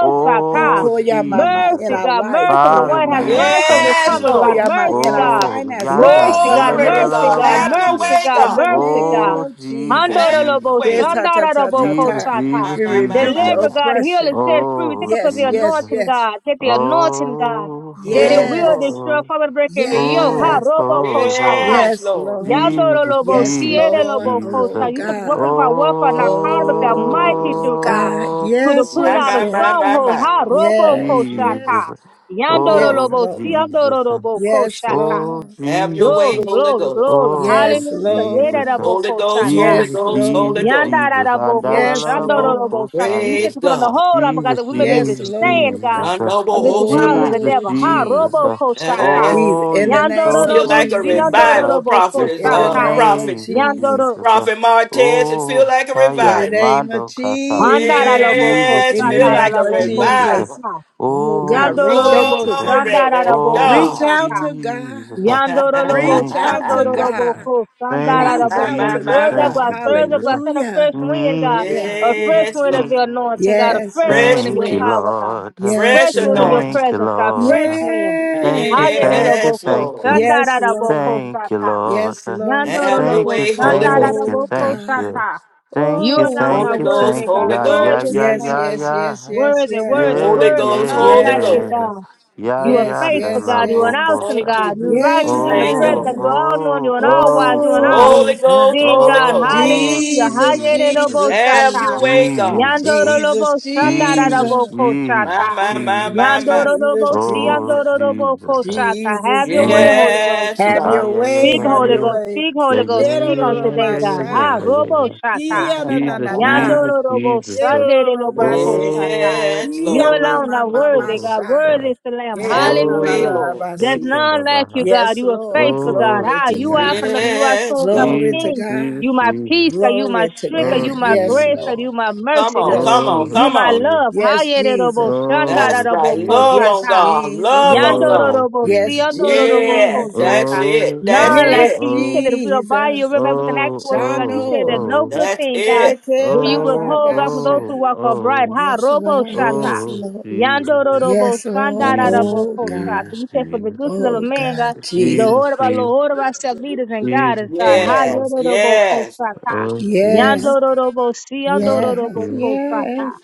Speaker 4: We call ya mama
Speaker 10: Jesus.
Speaker 4: in
Speaker 3: Mercy,
Speaker 10: Uh,
Speaker 4: our
Speaker 3: God,
Speaker 4: life,
Speaker 3: mercy over
Speaker 4: in
Speaker 3: the
Speaker 10: Father,
Speaker 4: our
Speaker 3: White House,
Speaker 10: we
Speaker 4: body.
Speaker 3: mercy over
Speaker 10: thank
Speaker 3: this
Speaker 1: Yes,
Speaker 4: We
Speaker 10: you.
Speaker 3: Congress,
Speaker 10: Uh,
Speaker 4: call
Speaker 3: God,
Speaker 1: Lord.
Speaker 4: ya mama
Speaker 3: mercy,
Speaker 4: in our
Speaker 3: God,
Speaker 10: Oh,
Speaker 4: finances. We
Speaker 10: yanda.
Speaker 3: mercy,
Speaker 10: La
Speaker 4: come
Speaker 3: God,
Speaker 10: la la
Speaker 1: Glory to
Speaker 10: la la
Speaker 4: against
Speaker 3: mercy,
Speaker 4: it
Speaker 10: la.
Speaker 1: God.
Speaker 3: God,
Speaker 10: We'll
Speaker 1: Have
Speaker 4: now.
Speaker 1: your
Speaker 10: see ya.
Speaker 3: mercy,
Speaker 1: way,
Speaker 3: God,
Speaker 4: In
Speaker 1: God.
Speaker 4: the
Speaker 3: mercy,
Speaker 4: name
Speaker 3: God.
Speaker 10: Oh,
Speaker 4: of
Speaker 10: Jesus,
Speaker 4: Jesus.
Speaker 1: Have your
Speaker 3: Handorobo
Speaker 10: Jesus,
Speaker 1: way.
Speaker 4: Yes,
Speaker 10: Jesus.
Speaker 4: ta ta ta
Speaker 3: Shandarobo
Speaker 4: ta
Speaker 10: Jesus,
Speaker 4: ta.
Speaker 3: Kosata.
Speaker 1: My,
Speaker 10: Jesus,
Speaker 4: We
Speaker 1: my, my,
Speaker 10: Jesus,
Speaker 4: rebuke
Speaker 1: my,
Speaker 4: the
Speaker 3: Deliver,
Speaker 1: my.
Speaker 10: Jesus.
Speaker 3: God, heal
Speaker 4: oppression.
Speaker 3: and set free. We thank
Speaker 10: Oh,
Speaker 3: you for the
Speaker 4: Yes,
Speaker 10: Jesus.
Speaker 4: yes,
Speaker 3: anointing,
Speaker 4: yes.
Speaker 3: God. Get the anointing, God.
Speaker 10: Oh,
Speaker 3: That it
Speaker 1: Yes,
Speaker 3: will
Speaker 10: oh,
Speaker 1: Lord.
Speaker 4: Yes.
Speaker 3: destroy,
Speaker 10: oh,
Speaker 3: form and break every yoke. Ha,
Speaker 10: oh,
Speaker 4: Yes.
Speaker 3: robo
Speaker 10: oh,
Speaker 3: kosata.
Speaker 10: oh.
Speaker 1: Yes,
Speaker 4: Yes,
Speaker 1: Lord.
Speaker 4: Lord.
Speaker 3: Yandoro
Speaker 10: Jesus,
Speaker 3: lobo,
Speaker 4: Yes,
Speaker 3: siere
Speaker 10: Jesus,
Speaker 4: Lord.
Speaker 3: lobo,
Speaker 10: Jesus.
Speaker 4: Oh
Speaker 3: kosa. You said, the weapon
Speaker 4: God.
Speaker 3: of our warfare, not carnal, but they mighty
Speaker 4: Oh
Speaker 3: to God.
Speaker 4: God.
Speaker 3: To the
Speaker 4: Yes,
Speaker 3: pulling
Speaker 1: My,
Speaker 3: down
Speaker 4: yes,
Speaker 3: of
Speaker 1: my,
Speaker 4: yes.
Speaker 1: my, my,
Speaker 3: stronghold,
Speaker 1: my.
Speaker 3: ha,
Speaker 10: Oh,
Speaker 3: robo,
Speaker 4: Yes, yes.
Speaker 10: Jesus.
Speaker 3: koshata. Yandoro
Speaker 4: Yes,
Speaker 10: Oh,
Speaker 3: lobo,
Speaker 4: Lord.
Speaker 3: siandoro
Speaker 10: Jesus.
Speaker 3: lobo,
Speaker 4: Yes,
Speaker 3: koshata.
Speaker 10: Oh
Speaker 4: Lord.
Speaker 1: Have your
Speaker 10: Jesus,
Speaker 3: Glory,
Speaker 10: uh,
Speaker 1: way, Holy
Speaker 3: glory,
Speaker 1: Ghost.
Speaker 3: glory.
Speaker 10: oh
Speaker 4: Yes,
Speaker 3: Hallelujah. Yere
Speaker 10: Jesus,
Speaker 4: Lord.
Speaker 10: uh,
Speaker 3: lobo,
Speaker 1: Holy Ghost,
Speaker 3: koshata.
Speaker 1: Holy
Speaker 10: Jesus,
Speaker 4: Yes,
Speaker 1: Ghost, Holy
Speaker 10: Jesus,
Speaker 4: Lord.
Speaker 1: Ghost.
Speaker 10: Jesus, and la
Speaker 3: Yandaraboko,
Speaker 10: la
Speaker 4: Yes,
Speaker 10: la
Speaker 4: Lord.
Speaker 3: shandorobo, shaka. You said
Speaker 10: bocosaye.
Speaker 1: Praise
Speaker 3: to put on the
Speaker 1: God.
Speaker 3: whole armor, God,
Speaker 10: Jesus,
Speaker 3: that we may be able to
Speaker 4: Yes,
Speaker 10: Jesus,
Speaker 3: stand,
Speaker 4: Lord.
Speaker 3: God,
Speaker 10: Jesus,
Speaker 1: Your
Speaker 10: uh,
Speaker 1: noble
Speaker 3: against the
Speaker 1: host of
Speaker 3: wiles of
Speaker 1: God.
Speaker 3: the
Speaker 10: Jesus,
Speaker 4: Oh
Speaker 3: devil. Ha,
Speaker 10: Jesus,
Speaker 4: Jesus.
Speaker 10: uh,
Speaker 3: roboko, shata.
Speaker 1: And
Speaker 4: Jesus.
Speaker 10: oh,
Speaker 4: In
Speaker 10: you're
Speaker 4: the
Speaker 10: so
Speaker 4: name of
Speaker 1: feel
Speaker 3: Yandorobo,
Speaker 1: like
Speaker 10: sweet,
Speaker 1: a
Speaker 4: Jesus.
Speaker 10: Jesus, uh,
Speaker 1: revival,
Speaker 3: siyandorobo,
Speaker 1: prophet
Speaker 3: ko,
Speaker 10: you're
Speaker 1: is
Speaker 4: In
Speaker 10: so
Speaker 4: the
Speaker 1: uh
Speaker 3: shata.
Speaker 4: name of
Speaker 1: prophet,
Speaker 10: amazing,
Speaker 4: Jesus.
Speaker 3: Yandoro,
Speaker 10: Jesus, uh,
Speaker 1: prophet Martez. It feel
Speaker 10: oh,
Speaker 1: like a
Speaker 4: In
Speaker 10: Shaya
Speaker 4: the
Speaker 1: revival.
Speaker 4: name of
Speaker 10: Mando Kata.
Speaker 4: Jesus.
Speaker 3: mandaraloboko,
Speaker 10: Jesus,
Speaker 1: Yes,
Speaker 4: In the
Speaker 1: feel
Speaker 10: Jesus,
Speaker 1: like a
Speaker 4: name of
Speaker 3: shataraloboko,
Speaker 10: Jesus. uh,
Speaker 1: revival.
Speaker 4: Jesus.
Speaker 3: shata.
Speaker 4: Oh
Speaker 10: Oh,
Speaker 4: God, reach out
Speaker 3: Yandorobo,
Speaker 4: to
Speaker 10: Jesus. uh,
Speaker 4: God.
Speaker 1: Glory to
Speaker 3: shandaraboko,
Speaker 10: Oh,
Speaker 4: Reach
Speaker 1: God.
Speaker 4: out
Speaker 3: shata.
Speaker 4: to
Speaker 10: Jesus.
Speaker 4: God.
Speaker 10: uh,
Speaker 1: my,
Speaker 3: Yandorolobo,
Speaker 4: Reach
Speaker 10: Thank you,
Speaker 4: out to
Speaker 10: Jesus. uh,
Speaker 4: God.
Speaker 3: Shandoroloboko,
Speaker 10: Thank you,
Speaker 4: Reach
Speaker 1: my,
Speaker 4: out
Speaker 3: Sandaraboko.
Speaker 1: my,
Speaker 4: to
Speaker 10: Jesus.
Speaker 3: Stir
Speaker 1: my,
Speaker 3: us up,
Speaker 1: my.
Speaker 4: God.
Speaker 10: Thank
Speaker 3: God.
Speaker 10: you,
Speaker 3: Stir us up,
Speaker 10: Jesus.
Speaker 3: God.
Speaker 10: uh,
Speaker 3: Send a fresh
Speaker 4: Hallelujah.
Speaker 3: wind, God.
Speaker 4: Yes,
Speaker 3: A fresh
Speaker 1: Yes,
Speaker 4: yes.
Speaker 3: wind of
Speaker 1: Lord.
Speaker 3: your
Speaker 10: mhm.
Speaker 3: anointing, God.
Speaker 1: A
Speaker 3: A
Speaker 4: Yes,
Speaker 3: fresh
Speaker 4: yes,
Speaker 3: wind
Speaker 1: fresh
Speaker 3: of your
Speaker 10: Thank you,
Speaker 1: wind,
Speaker 4: yes.
Speaker 3: power, God.
Speaker 10: Lord. uh,
Speaker 4: Yes,
Speaker 1: fresh
Speaker 3: Fresh wind of your
Speaker 4: Lord.
Speaker 1: anointing.
Speaker 10: Thank you,
Speaker 3: presence, God. Fresh
Speaker 10: Lord.
Speaker 3: wind.
Speaker 10: Thank you,
Speaker 4: Yes, Lord.
Speaker 10: thank you,
Speaker 1: Yes,
Speaker 3: Hayereloboko,
Speaker 10: thank
Speaker 1: Lord.
Speaker 10: you.
Speaker 4: Yes,
Speaker 3: Shandaraboko,
Speaker 4: Lord.
Speaker 10: Thank you,
Speaker 3: Shata.
Speaker 10: Lord.
Speaker 4: Yes, Lord.
Speaker 1: Have your
Speaker 10: Thank
Speaker 3: Yandorolobo,
Speaker 10: you,
Speaker 1: way, Holy
Speaker 10: thank
Speaker 1: Ghost.
Speaker 10: you,
Speaker 4: Oh
Speaker 3: Shandaraboko,
Speaker 10: thank
Speaker 4: God.
Speaker 10: you.
Speaker 3: Shata.
Speaker 10: Thank
Speaker 3: You
Speaker 10: you,
Speaker 3: alone
Speaker 1: Holy
Speaker 10: thank
Speaker 3: are
Speaker 4: Oh
Speaker 10: you,
Speaker 1: Ghost,
Speaker 3: worthy,
Speaker 10: thank
Speaker 4: God.
Speaker 10: you.
Speaker 3: God.
Speaker 1: Holy
Speaker 10: Yeah, yeah,
Speaker 3: Worthy is
Speaker 1: Ghost,
Speaker 10: yeah,
Speaker 3: the
Speaker 4: Yes,
Speaker 3: Lamb,
Speaker 10: yeah,
Speaker 3: God.
Speaker 4: yes, yes,
Speaker 10: yeah.
Speaker 4: yes,
Speaker 3: Worthy,
Speaker 4: yes.
Speaker 3: worthy,
Speaker 10: Yeah,
Speaker 1: Holy
Speaker 3: worthy.
Speaker 1: Ghost,
Speaker 10: yeah,
Speaker 3: None
Speaker 1: Holy
Speaker 3: like you,
Speaker 1: Ghost.
Speaker 4: Yes,
Speaker 10: yeah.
Speaker 3: God.
Speaker 10: Yeah,
Speaker 3: You are
Speaker 4: yes,
Speaker 10: yeah, the
Speaker 3: faithful,
Speaker 4: yes,
Speaker 3: God.
Speaker 10: love
Speaker 3: You are an
Speaker 10: of
Speaker 4: yes.
Speaker 3: awesome
Speaker 1: Thank
Speaker 10: Bosa.
Speaker 3: God.
Speaker 1: you,
Speaker 3: You are
Speaker 1: Jesus.
Speaker 3: righteous. You are
Speaker 1: Thank you,
Speaker 3: omnipresent,
Speaker 10: Oh,
Speaker 3: God. You
Speaker 1: Lord.
Speaker 4: Yes.
Speaker 3: are all knowing. You
Speaker 10: oh,
Speaker 3: are an all wise.
Speaker 10: oh,
Speaker 3: You are an all
Speaker 10: oh.
Speaker 1: Holy
Speaker 4: Oh, God.
Speaker 1: Ghost,
Speaker 3: seeing
Speaker 1: Holy
Speaker 3: God.
Speaker 1: Ghost.
Speaker 10: Oh, oh,
Speaker 3: Hallelujah.
Speaker 4: Jesus,
Speaker 10: Jesus.
Speaker 4: Jesus,
Speaker 1: Have
Speaker 3: Hayeroboshata.
Speaker 1: your
Speaker 4: Jesus.
Speaker 1: way, God.
Speaker 10: Jesus.
Speaker 4: Jesus,
Speaker 3: Yandorobo
Speaker 10: Jesus,
Speaker 4: Jesus.
Speaker 3: shandaraboko
Speaker 1: My,
Speaker 3: shata.
Speaker 10: Jesus,
Speaker 1: my, my, my,
Speaker 10: Jesus.
Speaker 1: my.
Speaker 4: Jesus,
Speaker 3: Yandorobo
Speaker 10: Oh,
Speaker 4: Jesus.
Speaker 3: siandorobo
Speaker 10: Jesus.
Speaker 3: koshata.
Speaker 4: Jesus,
Speaker 3: Have your way,
Speaker 4: Jesus.
Speaker 3: Holy Ghost.
Speaker 10: Mm,
Speaker 1: Yes,
Speaker 4: Have
Speaker 10: ah,
Speaker 4: your
Speaker 1: God.
Speaker 10: yeah, yeah,
Speaker 4: way,
Speaker 3: Speak,
Speaker 10: yeah,
Speaker 4: have
Speaker 3: Holy
Speaker 4: your
Speaker 3: Ghost.
Speaker 4: way.
Speaker 3: Speak,
Speaker 10: yeah, yeah,
Speaker 3: Holy
Speaker 10: yeah,
Speaker 3: Ghost.
Speaker 4: They don't
Speaker 3: Speak on
Speaker 4: know
Speaker 3: today,
Speaker 10: yeah, yeah, yeah, yeah,
Speaker 4: about
Speaker 3: God.
Speaker 10: yeah,
Speaker 3: Ha,
Speaker 4: shy.
Speaker 10: yeah, yeah.
Speaker 3: robo
Speaker 10: yeah, yeah.
Speaker 3: shata.
Speaker 4: Yeah, na, na,
Speaker 10: Jesus,
Speaker 4: na, na.
Speaker 10: Jesus,
Speaker 3: Yandoro robo
Speaker 10: Jesus.
Speaker 4: They
Speaker 10: uh,
Speaker 3: Sunday
Speaker 4: don't
Speaker 3: de
Speaker 4: know
Speaker 3: robo
Speaker 4: about
Speaker 3: ko
Speaker 10: Oh,
Speaker 4: see.
Speaker 3: shata.
Speaker 1: yes,
Speaker 3: You
Speaker 4: Yeah,
Speaker 1: Lord.
Speaker 4: ma,
Speaker 3: alone
Speaker 4: ma,
Speaker 3: are
Speaker 4: ma, ma,
Speaker 3: worthy, God.
Speaker 4: shy.
Speaker 10: uh,
Speaker 3: Worthy is the Lamb.
Speaker 1: Have your way,
Speaker 3: Hallelujah.
Speaker 10: oh,
Speaker 1: Lord.
Speaker 3: There's
Speaker 4: Ekenanarabasi.
Speaker 10: shaking the
Speaker 3: none like you,
Speaker 10: Baha.
Speaker 3: God.
Speaker 4: Yes,
Speaker 3: You are
Speaker 4: Lord.
Speaker 3: faithful, God.
Speaker 10: Oh,
Speaker 4: Glory
Speaker 3: Ha,
Speaker 4: to
Speaker 3: you are
Speaker 4: God.
Speaker 10: Jesus,
Speaker 3: from
Speaker 10: uh,
Speaker 3: you are
Speaker 1: Yes,
Speaker 3: soul coming
Speaker 1: God.
Speaker 4: Glory to
Speaker 10: Jesus,
Speaker 3: King.
Speaker 10: Jesus,
Speaker 4: God.
Speaker 3: You my
Speaker 10: Jesus.
Speaker 3: peace, God. You my
Speaker 4: Glory to
Speaker 3: strength, God.
Speaker 10: Oh,
Speaker 4: God.
Speaker 3: You my
Speaker 4: Yes,
Speaker 10: Jesus.
Speaker 3: grace, God.
Speaker 4: Lord.
Speaker 3: You my
Speaker 1: Come
Speaker 3: mercy,
Speaker 1: on,
Speaker 3: God.
Speaker 4: Yes,
Speaker 1: come on,
Speaker 10: Oh,
Speaker 3: You
Speaker 4: Jesus.
Speaker 1: come
Speaker 3: my
Speaker 1: on.
Speaker 10: Jesus.
Speaker 3: love. Ha,
Speaker 4: Yes,
Speaker 3: yede robo
Speaker 4: Jesus.
Speaker 3: shanda
Speaker 1: That's
Speaker 10: Oh,
Speaker 3: robo
Speaker 1: right.
Speaker 3: ko
Speaker 10: Jesus.
Speaker 1: Love on
Speaker 4: Yes,
Speaker 3: shata.
Speaker 1: God.
Speaker 4: Jesus.
Speaker 1: Love on
Speaker 3: Yandoro
Speaker 1: God.
Speaker 10: Oh,
Speaker 3: robo
Speaker 4: Yes,
Speaker 10: Jesus.
Speaker 3: siandoro robo
Speaker 1: Yeah,
Speaker 3: ko
Speaker 4: Jesus.
Speaker 1: that's
Speaker 3: shata.
Speaker 1: it.
Speaker 10: Oh,
Speaker 1: That's
Speaker 3: None
Speaker 10: oh,
Speaker 3: like
Speaker 4: Yes,
Speaker 3: you.
Speaker 1: it.
Speaker 3: You
Speaker 10: oh.
Speaker 3: said that if we abide you,
Speaker 4: Jesus.
Speaker 3: we're back with an
Speaker 10: Oh, oh,
Speaker 3: actual word, God. You
Speaker 10: oh,
Speaker 3: said that
Speaker 4: Shano.
Speaker 3: no
Speaker 10: oh.
Speaker 3: good
Speaker 1: That's
Speaker 3: thing, God,
Speaker 1: it.
Speaker 3: will you
Speaker 10: Oh,
Speaker 3: withhold, God, for those
Speaker 4: Ekebababasha.
Speaker 10: oh,
Speaker 3: who walk upright.
Speaker 10: oh,
Speaker 3: Ha,
Speaker 4: Yes,
Speaker 3: robo
Speaker 4: Lord.
Speaker 3: shata.
Speaker 4: Yes,
Speaker 10: oh,
Speaker 4: Lord.
Speaker 10: Jesus,
Speaker 3: Yando robo
Speaker 4: Yes, Lord.
Speaker 3: Sandara Robo da
Speaker 10: Jesus,
Speaker 4: Oh, God.
Speaker 3: So
Speaker 10: Jesus,
Speaker 3: you said for the
Speaker 10: Jesus,
Speaker 3: gooses of a
Speaker 4: Oh,
Speaker 3: man, God,
Speaker 4: God.
Speaker 3: the
Speaker 4: Jesus.
Speaker 10: Jesus,
Speaker 3: Lord of our
Speaker 10: Jesus,
Speaker 3: Lord, order of ourselves, leaders and God
Speaker 10: Jesus,
Speaker 3: is God. Ha,
Speaker 10: Jesus,
Speaker 1: Yes,
Speaker 3: robo ko
Speaker 1: yes.
Speaker 10: oh, Jesus,
Speaker 4: Yes.
Speaker 3: Yando robo si, yando
Speaker 10: oh,
Speaker 3: robo
Speaker 4: Yes,
Speaker 10: Jesus,
Speaker 3: ko
Speaker 4: yes,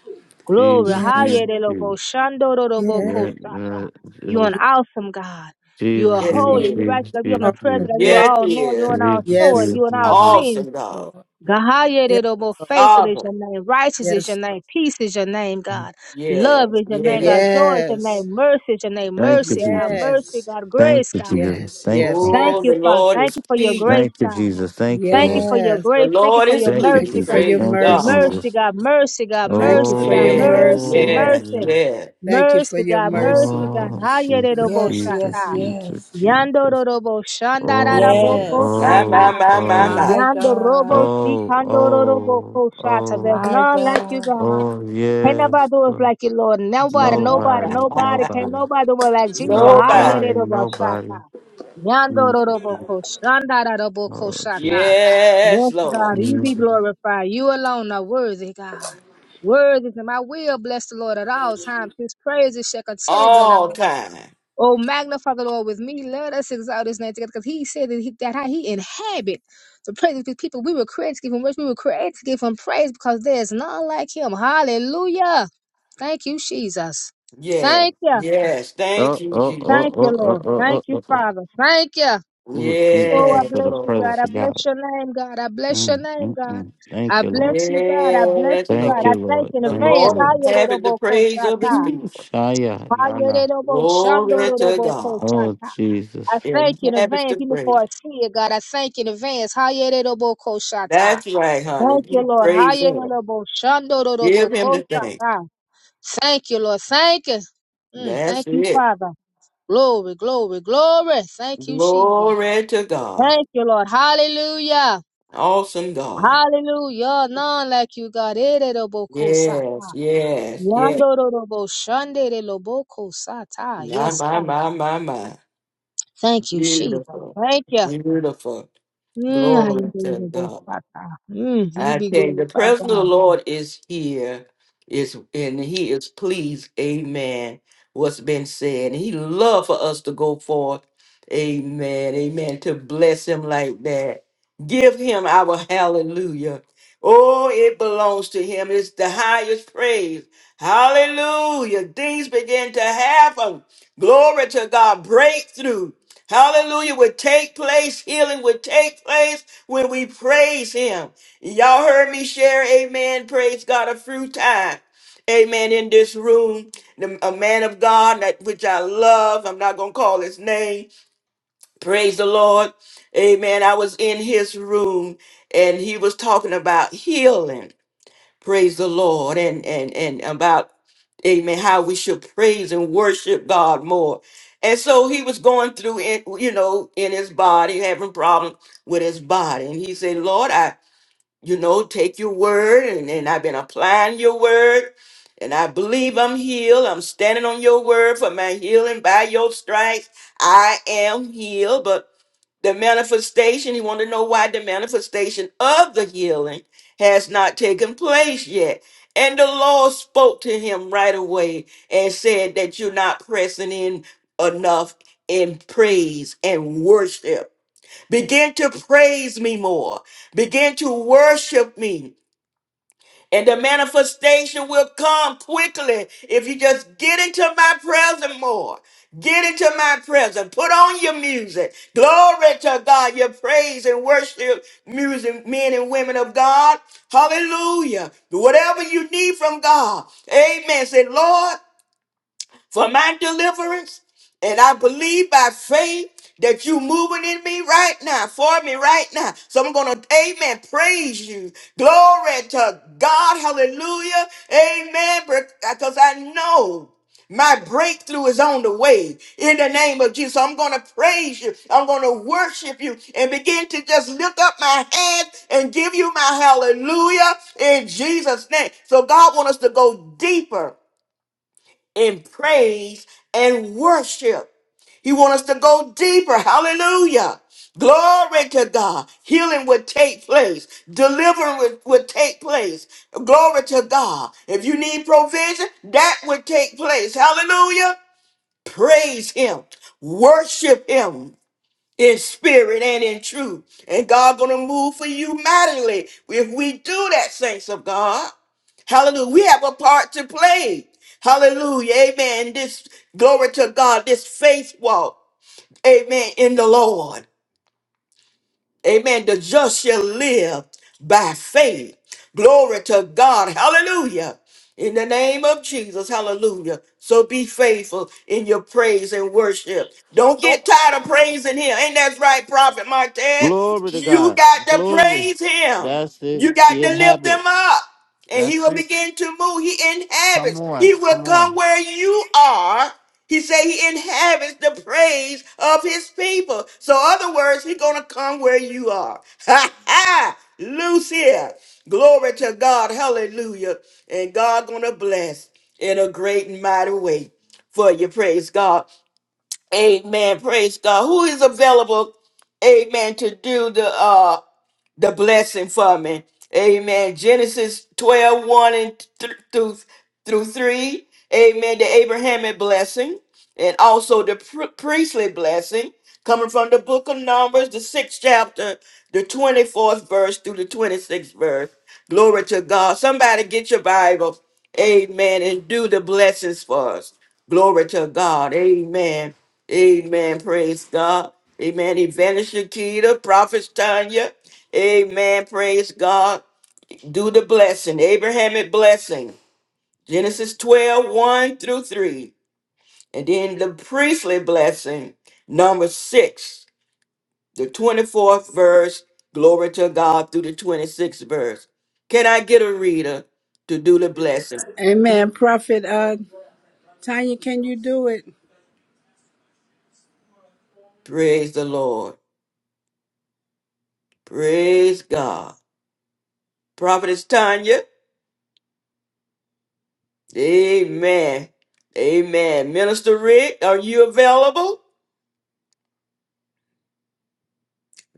Speaker 3: Glory.
Speaker 10: Jesus,
Speaker 4: yes,
Speaker 10: Jesus,
Speaker 3: Hayerelobo
Speaker 10: Jesus.
Speaker 3: shandororobo
Speaker 4: yes.
Speaker 10: Yeah,
Speaker 3: kosata.
Speaker 10: uh, it
Speaker 3: You're
Speaker 10: was
Speaker 3: an awesome God. You
Speaker 10: Jesus, Jesus,
Speaker 3: are
Speaker 1: Yes, he
Speaker 3: holy. You
Speaker 1: is.
Speaker 10: Jesus,
Speaker 3: righteous. You are
Speaker 10: Jesus,
Speaker 3: omnipresent.
Speaker 4: Awesome.
Speaker 10: Jesus,
Speaker 3: You
Speaker 4: Yes,
Speaker 1: Yes,
Speaker 3: are all
Speaker 1: he
Speaker 3: knowing. You are
Speaker 1: is.
Speaker 3: all
Speaker 10: Jesus,
Speaker 3: knowing.
Speaker 4: yes,
Speaker 10: Jesus,
Speaker 3: You are all
Speaker 10: Jesus.
Speaker 3: seeing.
Speaker 1: Awesome God.
Speaker 4: Lord.
Speaker 3: God,
Speaker 4: Yes,
Speaker 3: Hayerelobo,
Speaker 4: Lord.
Speaker 3: faithful is
Speaker 1: Sovereign.
Speaker 3: your name. Righteous is your
Speaker 4: Yes, Lord.
Speaker 3: name. Peace is your name, God. Love
Speaker 1: Yes,
Speaker 3: is your name,
Speaker 1: yes.
Speaker 3: God. Joy is your
Speaker 4: Yes,
Speaker 3: name. Mercy is your name.
Speaker 10: Thank you,
Speaker 3: Mercy, God.
Speaker 10: Jesus.
Speaker 3: Mercy,
Speaker 4: yes,
Speaker 3: God.
Speaker 10: Thank
Speaker 3: Grace,
Speaker 10: you,
Speaker 3: God.
Speaker 10: Jesus.
Speaker 4: yes,
Speaker 10: Thank
Speaker 4: yes,
Speaker 10: you.
Speaker 3: Thank
Speaker 1: Oh,
Speaker 3: you,
Speaker 4: yes.
Speaker 1: the
Speaker 3: Father.
Speaker 1: Lord
Speaker 3: Thank
Speaker 1: is
Speaker 3: you for your
Speaker 1: pleased.
Speaker 3: grace,
Speaker 10: Thank you,
Speaker 3: God.
Speaker 10: Jesus. Thank you,
Speaker 3: Thank you
Speaker 10: Lord.
Speaker 3: for your
Speaker 4: Yes.
Speaker 1: The
Speaker 3: grace. Thank you
Speaker 1: Lord
Speaker 3: for
Speaker 1: is
Speaker 3: your
Speaker 10: Thank you,
Speaker 4: Thank
Speaker 3: mercy,
Speaker 4: you
Speaker 1: pleased.
Speaker 4: for
Speaker 10: Jesus.
Speaker 3: God.
Speaker 4: your
Speaker 1: Praise
Speaker 10: Thank you,
Speaker 4: mercy.
Speaker 1: God.
Speaker 3: Mercy,
Speaker 10: Jesus.
Speaker 3: God. Mercy, God.
Speaker 4: Thank you
Speaker 3: Mercy,
Speaker 4: for
Speaker 3: God.
Speaker 4: your
Speaker 1: Yes,
Speaker 3: Mercy,
Speaker 4: mercy.
Speaker 10: Oh,
Speaker 1: yes,
Speaker 3: mercy.
Speaker 10: yes.
Speaker 1: yes.
Speaker 4: Thank you for
Speaker 3: Mercy,
Speaker 4: your
Speaker 3: God. Mercy,
Speaker 4: mercy.
Speaker 3: God.
Speaker 10: Oh, Jesus,
Speaker 3: Hayerobo
Speaker 4: Yes,
Speaker 10: Jesus,
Speaker 4: yes,
Speaker 3: shata.
Speaker 10: Jesus,
Speaker 4: yes.
Speaker 3: Yando
Speaker 10: Jesus.
Speaker 3: robo shanda rabo
Speaker 10: Oh,
Speaker 4: Yes.
Speaker 1: My, my,
Speaker 10: oh,
Speaker 3: shata.
Speaker 1: my, my,
Speaker 10: oh,
Speaker 4: My
Speaker 3: Yando robo
Speaker 4: God.
Speaker 3: si
Speaker 10: oh,
Speaker 3: kando robo
Speaker 10: oh,
Speaker 3: shata. There's
Speaker 10: oh,
Speaker 4: My
Speaker 3: none like you,
Speaker 4: God.
Speaker 3: God.
Speaker 10: oh,
Speaker 3: Ain't nobody
Speaker 10: yes.
Speaker 3: do us
Speaker 10: Lord.
Speaker 3: like you, Lord. Nobody,
Speaker 1: my.
Speaker 3: nobody,
Speaker 10: Nobody,
Speaker 3: nobody. can
Speaker 10: nobody,
Speaker 3: nobody do us like Jesus. How you
Speaker 1: Nobody.
Speaker 10: nobody,
Speaker 3: did about Shata?
Speaker 10: nobody. mm mm.
Speaker 3: Yandoroboko, Shandaraboko
Speaker 10: Oh,
Speaker 3: Shata.
Speaker 10: Jesus.
Speaker 1: Yes,
Speaker 3: Yes,
Speaker 1: Lord.
Speaker 3: God, you be
Speaker 10: mm
Speaker 3: glorified. You alone are worthy, God. Worthy is my will bless the Lord at all times. His praises shall continually be in our
Speaker 1: All
Speaker 3: mouth.
Speaker 1: time.
Speaker 3: Oh, magnify the Lord with me. Let us exalt his name together. Because he said that, he, that he inhabit the praise of his people. We were created to give him worship. We were created to give him praise because there is none like him. Hallelujah. Thank you, Jesus.
Speaker 1: Yes,
Speaker 3: Thank you.
Speaker 1: yes. Thank
Speaker 10: Oh,
Speaker 1: you,
Speaker 10: oh,
Speaker 1: Jesus.
Speaker 10: oh,
Speaker 3: Thank you,
Speaker 10: oh, oh,
Speaker 3: Lord. Thank
Speaker 10: oh,
Speaker 3: you,
Speaker 10: oh, oh.
Speaker 3: Father. Thank you.
Speaker 10: Oh, Ooh,
Speaker 3: Oh,
Speaker 10: Jesus, I
Speaker 3: I
Speaker 1: Yes,
Speaker 10: feel
Speaker 3: bless
Speaker 10: the
Speaker 3: you,
Speaker 1: Lord.
Speaker 3: God.
Speaker 10: presence
Speaker 3: I
Speaker 10: of God.
Speaker 3: bless your name, God. I bless your name, God.
Speaker 10: Mm-mm-mm. Thank
Speaker 3: I
Speaker 10: you, Lord.
Speaker 3: bless you, God. I bless
Speaker 1: Yes,
Speaker 3: you, God.
Speaker 10: Thank
Speaker 3: I
Speaker 10: you,
Speaker 1: Lord.
Speaker 3: thank
Speaker 10: Lord.
Speaker 3: you in
Speaker 1: The
Speaker 10: Thank you.
Speaker 3: advance.
Speaker 1: Lord
Speaker 10: Lord.
Speaker 1: inhabit the
Speaker 3: Hallelujah.
Speaker 1: praise of his
Speaker 10: Ooh,
Speaker 1: people.
Speaker 10: Shia, Nana.
Speaker 1: Glory to God.
Speaker 10: Oh, Jesus.
Speaker 3: I thank you in
Speaker 1: Inhabit
Speaker 3: advance,
Speaker 1: the
Speaker 3: even before
Speaker 1: praise.
Speaker 3: I see it, God. I thank you in advance. hayeroboko Thank
Speaker 1: That's right, honey.
Speaker 3: you,
Speaker 1: You
Speaker 3: Lord.
Speaker 1: praise him. Give him the
Speaker 3: hayeroboshandoroboko
Speaker 1: thanks.
Speaker 3: Thank you, Lord. Thank you. Mm,
Speaker 1: That's
Speaker 3: thank you,
Speaker 1: it.
Speaker 3: Father. Glory, glory, glory. Thank you, Jesus.
Speaker 1: Glory to God.
Speaker 3: Thank you, Lord. Hallelujah.
Speaker 1: Awesome God.
Speaker 3: Hallelujah. None like you, God.
Speaker 1: Yes,
Speaker 3: Ereroboko-shata.
Speaker 1: yes, yes.
Speaker 3: yandoroboshandereloboko
Speaker 1: My,
Speaker 3: Yes,
Speaker 1: my,
Speaker 3: God.
Speaker 1: my, my, my.
Speaker 3: Thank you, Jesus.
Speaker 1: Beautiful.
Speaker 3: Thank you.
Speaker 1: Beautiful.
Speaker 3: Mm, how you
Speaker 1: Glory to
Speaker 3: be
Speaker 1: God.
Speaker 3: glorified, Father. Mm, you
Speaker 1: I
Speaker 3: be
Speaker 1: tell you, the
Speaker 3: glorified,
Speaker 1: presence of
Speaker 3: God.
Speaker 1: the Lord is here, is and He is pleased. Amen. What's been said, and He love for us to go forth. Amen. Amen. To bless Him like that, give Him our hallelujah. Oh, it belongs to Him. It's the highest praise. Hallelujah. Things begin to happen. Glory to God. Breakthrough. Hallelujah. Would take place. Healing would take place when we praise Him. Y'all heard me share, amen. Praise God, a few times. Amen. In this room, the, a man of God, that which I love, I'm not going to call his name. Praise the Lord. Amen. I was in his room and he was talking about healing. Praise the Lord. And, and, and about, amen, how we should praise and worship God more. And so he was going through, in, you know, in his body, having problems with his body. And he said, Lord, I you know, take your word, and, and I've been applying your word, and I believe I'm healed. I'm standing on your word for my healing by your stripes. I am healed. But the manifestation, you want to know why the manifestation of the healing has not taken place yet. And the Lord spoke to him right away and said that you're not pressing in enough in praise and worship Begin to praise me more. Begin to worship me. And the manifestation will come quickly if you just get into my presence more. Get into my presence. Put on your music. Glory to God. Your praise and worship music, men and women of God. Hallelujah. Whatever you need from God. Amen. Say, Lord for my deliverance. And I believe by faith that you moving in me right now, for me right now. So I'm gonna, amen, praise you. Glory to God, hallelujah, amen. Because I know my breakthrough is on the way in the name of Jesus. So I'm going to praise you. I'm going to worship you and begin to just lift up my hands and give you my hallelujah in Jesus' name. So God wants us to go deeper in praise and worship. He wants us to go deeper. Hallelujah. Glory to God. Healing would take place. Deliverance would, would take place. Glory to God. If you need provision, that would take place. Hallelujah. Praise Him. Worship Him in spirit and in truth. And God gonna move for you mightily if we do that, saints of God. Hallelujah. We have a part to play. Hallelujah. Amen. This glory to God, this faith walk. Amen. In the Lord. Amen. The just shall live by faith. Glory to God. Hallelujah. In the name of Jesus. Hallelujah. So be faithful in your praise and worship. Don't get tired of praising him. Ain't that right, Prophet
Speaker 10: Glory
Speaker 1: Martez?
Speaker 10: to
Speaker 1: You
Speaker 10: God.
Speaker 1: got to
Speaker 10: Glory.
Speaker 1: praise him.
Speaker 10: That's it.
Speaker 1: You got
Speaker 10: He
Speaker 1: to lift him
Speaker 10: inhabits.
Speaker 1: up. And he
Speaker 10: That's
Speaker 1: will
Speaker 10: it.
Speaker 1: begin to move. He
Speaker 10: Come
Speaker 1: inhabits.
Speaker 10: on.
Speaker 1: He will
Speaker 10: Come
Speaker 1: come
Speaker 10: on.
Speaker 1: where you are he said he inhabits the praise of his people. So, other words, he's gonna come where you are. Ha ha! Loose here. Glory to God. Hallelujah. And God gonna bless in a great and mighty way for you. Praise God. Amen. Praise God. Who is available? Amen. To do the uh the blessing for me. Amen. Genesis twelve one and th- through, through 3. Amen. The Abrahamic blessing and also the pr- priestly blessing coming from the book of Numbers, the sixth chapter, the 24th verse through the 26th verse. Glory to God. Somebody get your Bible. Amen. And do the blessings for us. Glory to God. Amen. Amen. Praise God. Amen. Evangelist Shakita, Prophet Tanya. Amen. Praise God. Do the blessing. Abrahamic blessing. Genesis twelve one through 3. And then the priestly blessing, number 6, the 24th verse. Glory to God through the 26th verse. Can I get a reader to do the blessing?
Speaker 4: Amen. Prophet uh Tanya, can you do it?
Speaker 1: Praise the Lord. Praise God. Prophetess Tanya. Amen. Amen. Minister Rick, are you available?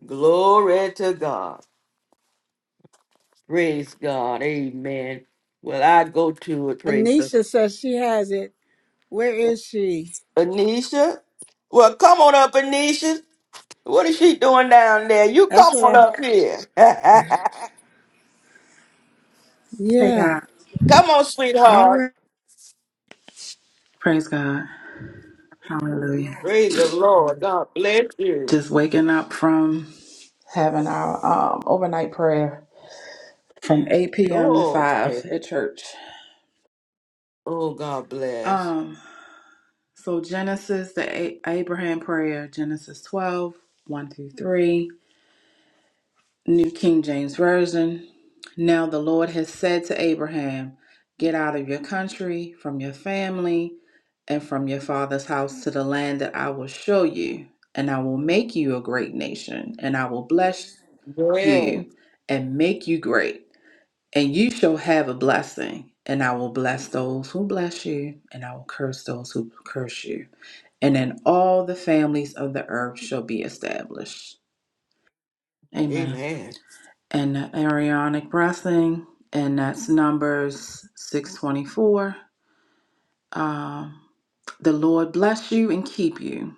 Speaker 1: Glory to God. Praise God. Amen. Well, I go to it. Praise God.
Speaker 4: Anisha says she has it. Where is she?
Speaker 1: Anisha? Well, come on up, Anisha. What is she doing down there? You
Speaker 4: That's
Speaker 1: come
Speaker 4: what
Speaker 1: on
Speaker 4: I.
Speaker 1: up here.
Speaker 11: Hey
Speaker 4: Yeah,
Speaker 11: God.
Speaker 1: come on,
Speaker 4: I
Speaker 1: sweetheart.
Speaker 4: read
Speaker 11: Praise God. Hallelujah.
Speaker 1: Praise the Lord. God bless you.
Speaker 11: Just waking up from having our um, overnight prayer from 8 p.m. to
Speaker 1: Oh, okay.
Speaker 11: 5 at church.
Speaker 1: Oh, God bless.
Speaker 11: Um, so Genesis, the A- Abraham prayer, Genesis 12, one through 3. New King James Version. Now the Lord has said to Abraham, Get out of your country, from your family, and from your father's house to the land that I will show you, and I will make you a great nation, and I will bless
Speaker 1: Yeah.
Speaker 11: you and make you great, and you shall have a blessing. And I will bless those who bless you, and I will curse those who curse you. And then all the families of the earth shall be established. Amen
Speaker 1: Amen.
Speaker 11: and the Arianic blessing, and that's Numbers 624. Um, the Lord bless you and keep you.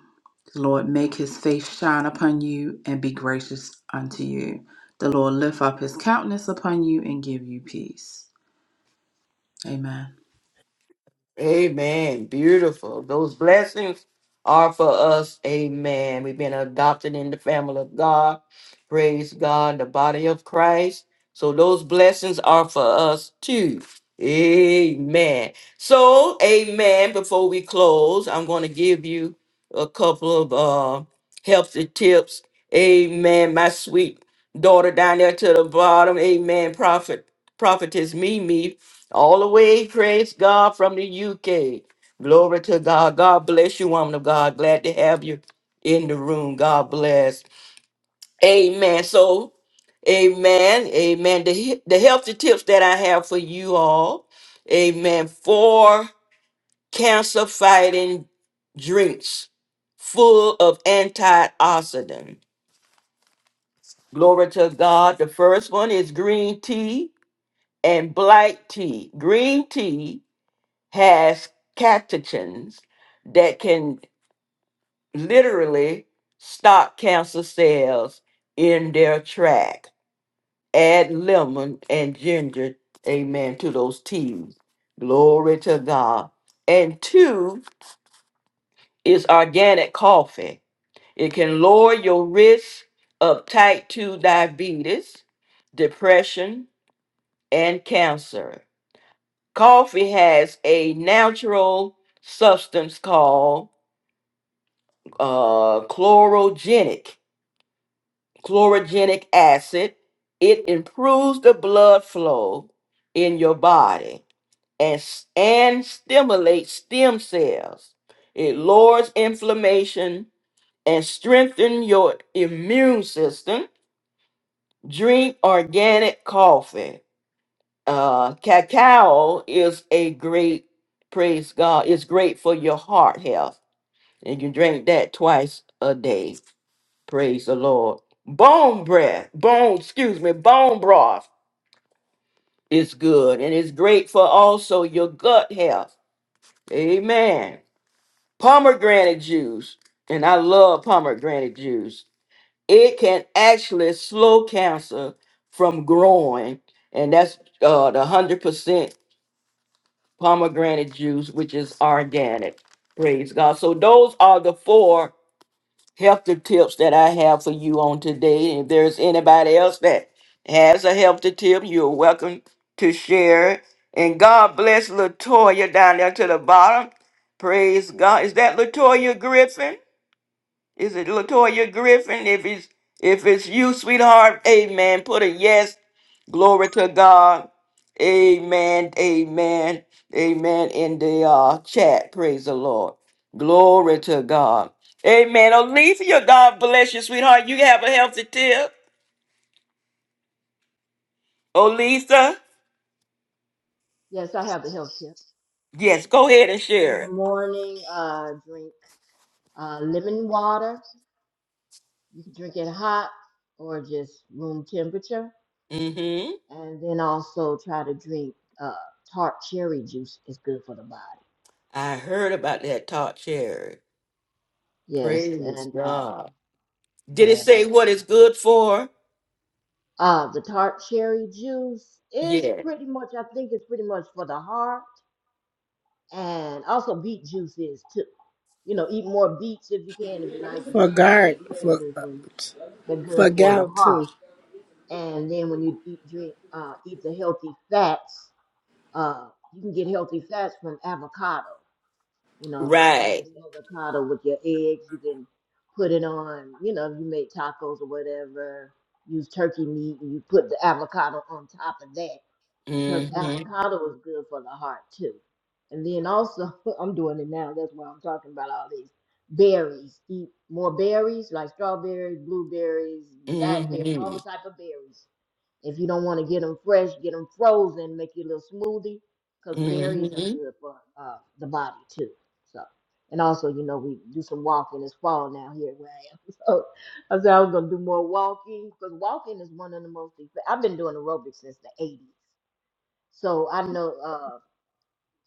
Speaker 11: The Lord make his face shine upon you and be gracious unto you. The Lord lift up his countenance upon you and give you peace. Amen.
Speaker 1: Amen. Beautiful. Those blessings are for us. Amen. We've been adopted in the family of God. Praise God, the body of Christ. So those blessings are for us too. Amen. So, amen. Before we close, I'm going to give you a couple of uh, healthy tips. Amen. My sweet daughter down there to the bottom. Amen. Prophet, prophetess Mimi all the way, praise God, from the UK. Glory to God. God bless you, woman of God. Glad to have you in the room. God bless. Amen. So, amen. Amen. The, he- the healthy tips that I have for you all, amen, for cancer fighting drinks full of antioxidant. Glory to God. The first one is green tea and black tea. Green tea has catechins that can literally stop cancer cells in their track. Add lemon and ginger, amen, to those teas. Glory to God. And two is organic coffee. It can lower your risk of type 2 diabetes, depression, and cancer. Coffee has a natural substance called uh, chlorogenic chlorogenic acid. It improves the blood flow in your body and s- and stimulates stem cells. It lowers inflammation and strengthens your immune system. Drink organic coffee. Uh, cacao is a great praise God. It's great for your heart health, and you drink that twice a day Praise the Lord. Bone breath, bone, excuse me, bone broth is good and it's great for also your gut health. Amen. Pomegranate juice, and I love pomegranate juice. It can actually slow cancer from growing, and that's uh, the 100% pomegranate juice, which is organic. Praise God. So, those are the four healthy tips that I have for you on today. If there's anybody else that has a healthy tip, you're welcome to share it. And God bless Latoya down there to the bottom. Praise God. Is that Latoya Griffin? Is it Latoya Griffin? If it's if it's you, sweetheart, amen. Put a yes Glory to God. Amen. Amen. Amen. In the uh, chat, praise the Lord. Glory to God. Amen. Olisa, God bless you, sweetheart. You have a healthy tip. Olisa,
Speaker 12: Yes, I have the health tip.
Speaker 1: yes, go ahead and
Speaker 12: In
Speaker 1: share
Speaker 12: the
Speaker 1: it.
Speaker 12: morning, uh, drink uh, lemon water. You can drink it hot or just room temperature.
Speaker 1: Mm-hmm.
Speaker 12: And then also try to drink uh, tart cherry juice. It's good for the body.
Speaker 1: I heard about that talk cherry.
Speaker 12: Yes,
Speaker 1: Praise
Speaker 12: and uh,
Speaker 1: God.
Speaker 12: what
Speaker 1: Did
Speaker 12: I
Speaker 1: it
Speaker 12: had
Speaker 1: say
Speaker 12: another.
Speaker 1: what it's good for?
Speaker 12: Uh, the tart cherry juice is
Speaker 1: Yeah.
Speaker 12: pretty much, I think it's pretty much for the heart. And also beet juice is too. You know, eat more beets if you can. If you like
Speaker 4: for
Speaker 12: beets,
Speaker 4: guard
Speaker 12: beets are
Speaker 4: for
Speaker 12: good for you. They're good
Speaker 4: for
Speaker 12: for the
Speaker 4: gout
Speaker 12: heart.
Speaker 4: too,
Speaker 12: And then when you eat drink uh, eat the healthy fats, uh, you can get healthy fats from avocado. You know, you can
Speaker 1: Right.
Speaker 12: mix avocado with your eggs. You can put it on. You know, if you make tacos or whatever. Use turkey meat and you put the avocado on top of that because
Speaker 1: Mm-hmm.
Speaker 12: avocado is good for the heart too. And then also, I'm doing it now. That's why I'm talking about all these berries. Eat more berries, like strawberries, blueberries, blackberries, all
Speaker 1: Mm-hmm.
Speaker 12: the type of berries if you don't want to get them fresh, get them frozen, make you a little smoothie, because berries are
Speaker 1: Mm-hmm.
Speaker 12: good for uh, the body too. So, and also, you know, we do some walking. It's fall now here where I am. So I said I was gonna do more walking because walking is one of the most. I've been doing aerobics since the '80s, so I know uh,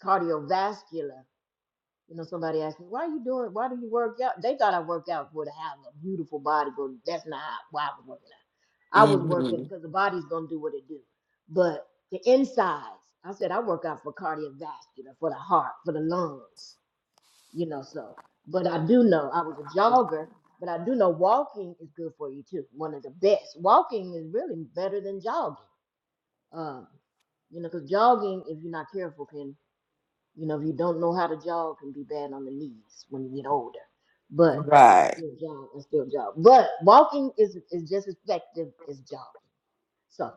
Speaker 12: cardiovascular. You know, somebody asked me, "Why are you doing? Why do you work out?" They thought I worked out for to have a beautiful body, but that's not how- why I was working out. I was working
Speaker 1: Mm-hmm.
Speaker 12: because the body's gonna do what it do, but the insides. I said I work out for cardiovascular, for the heart, for the lungs. You know, so. But I do know I was a jogger, but I do know walking is good for you too. One of the best. Walking is really better than jogging. Um, you know, because jogging, if you're not careful, can you know, if you don't know how to jog, it can be bad on the knees when you get older. But
Speaker 1: Right.
Speaker 12: still jog, and still jog. But walking is is just as effective as jogging. So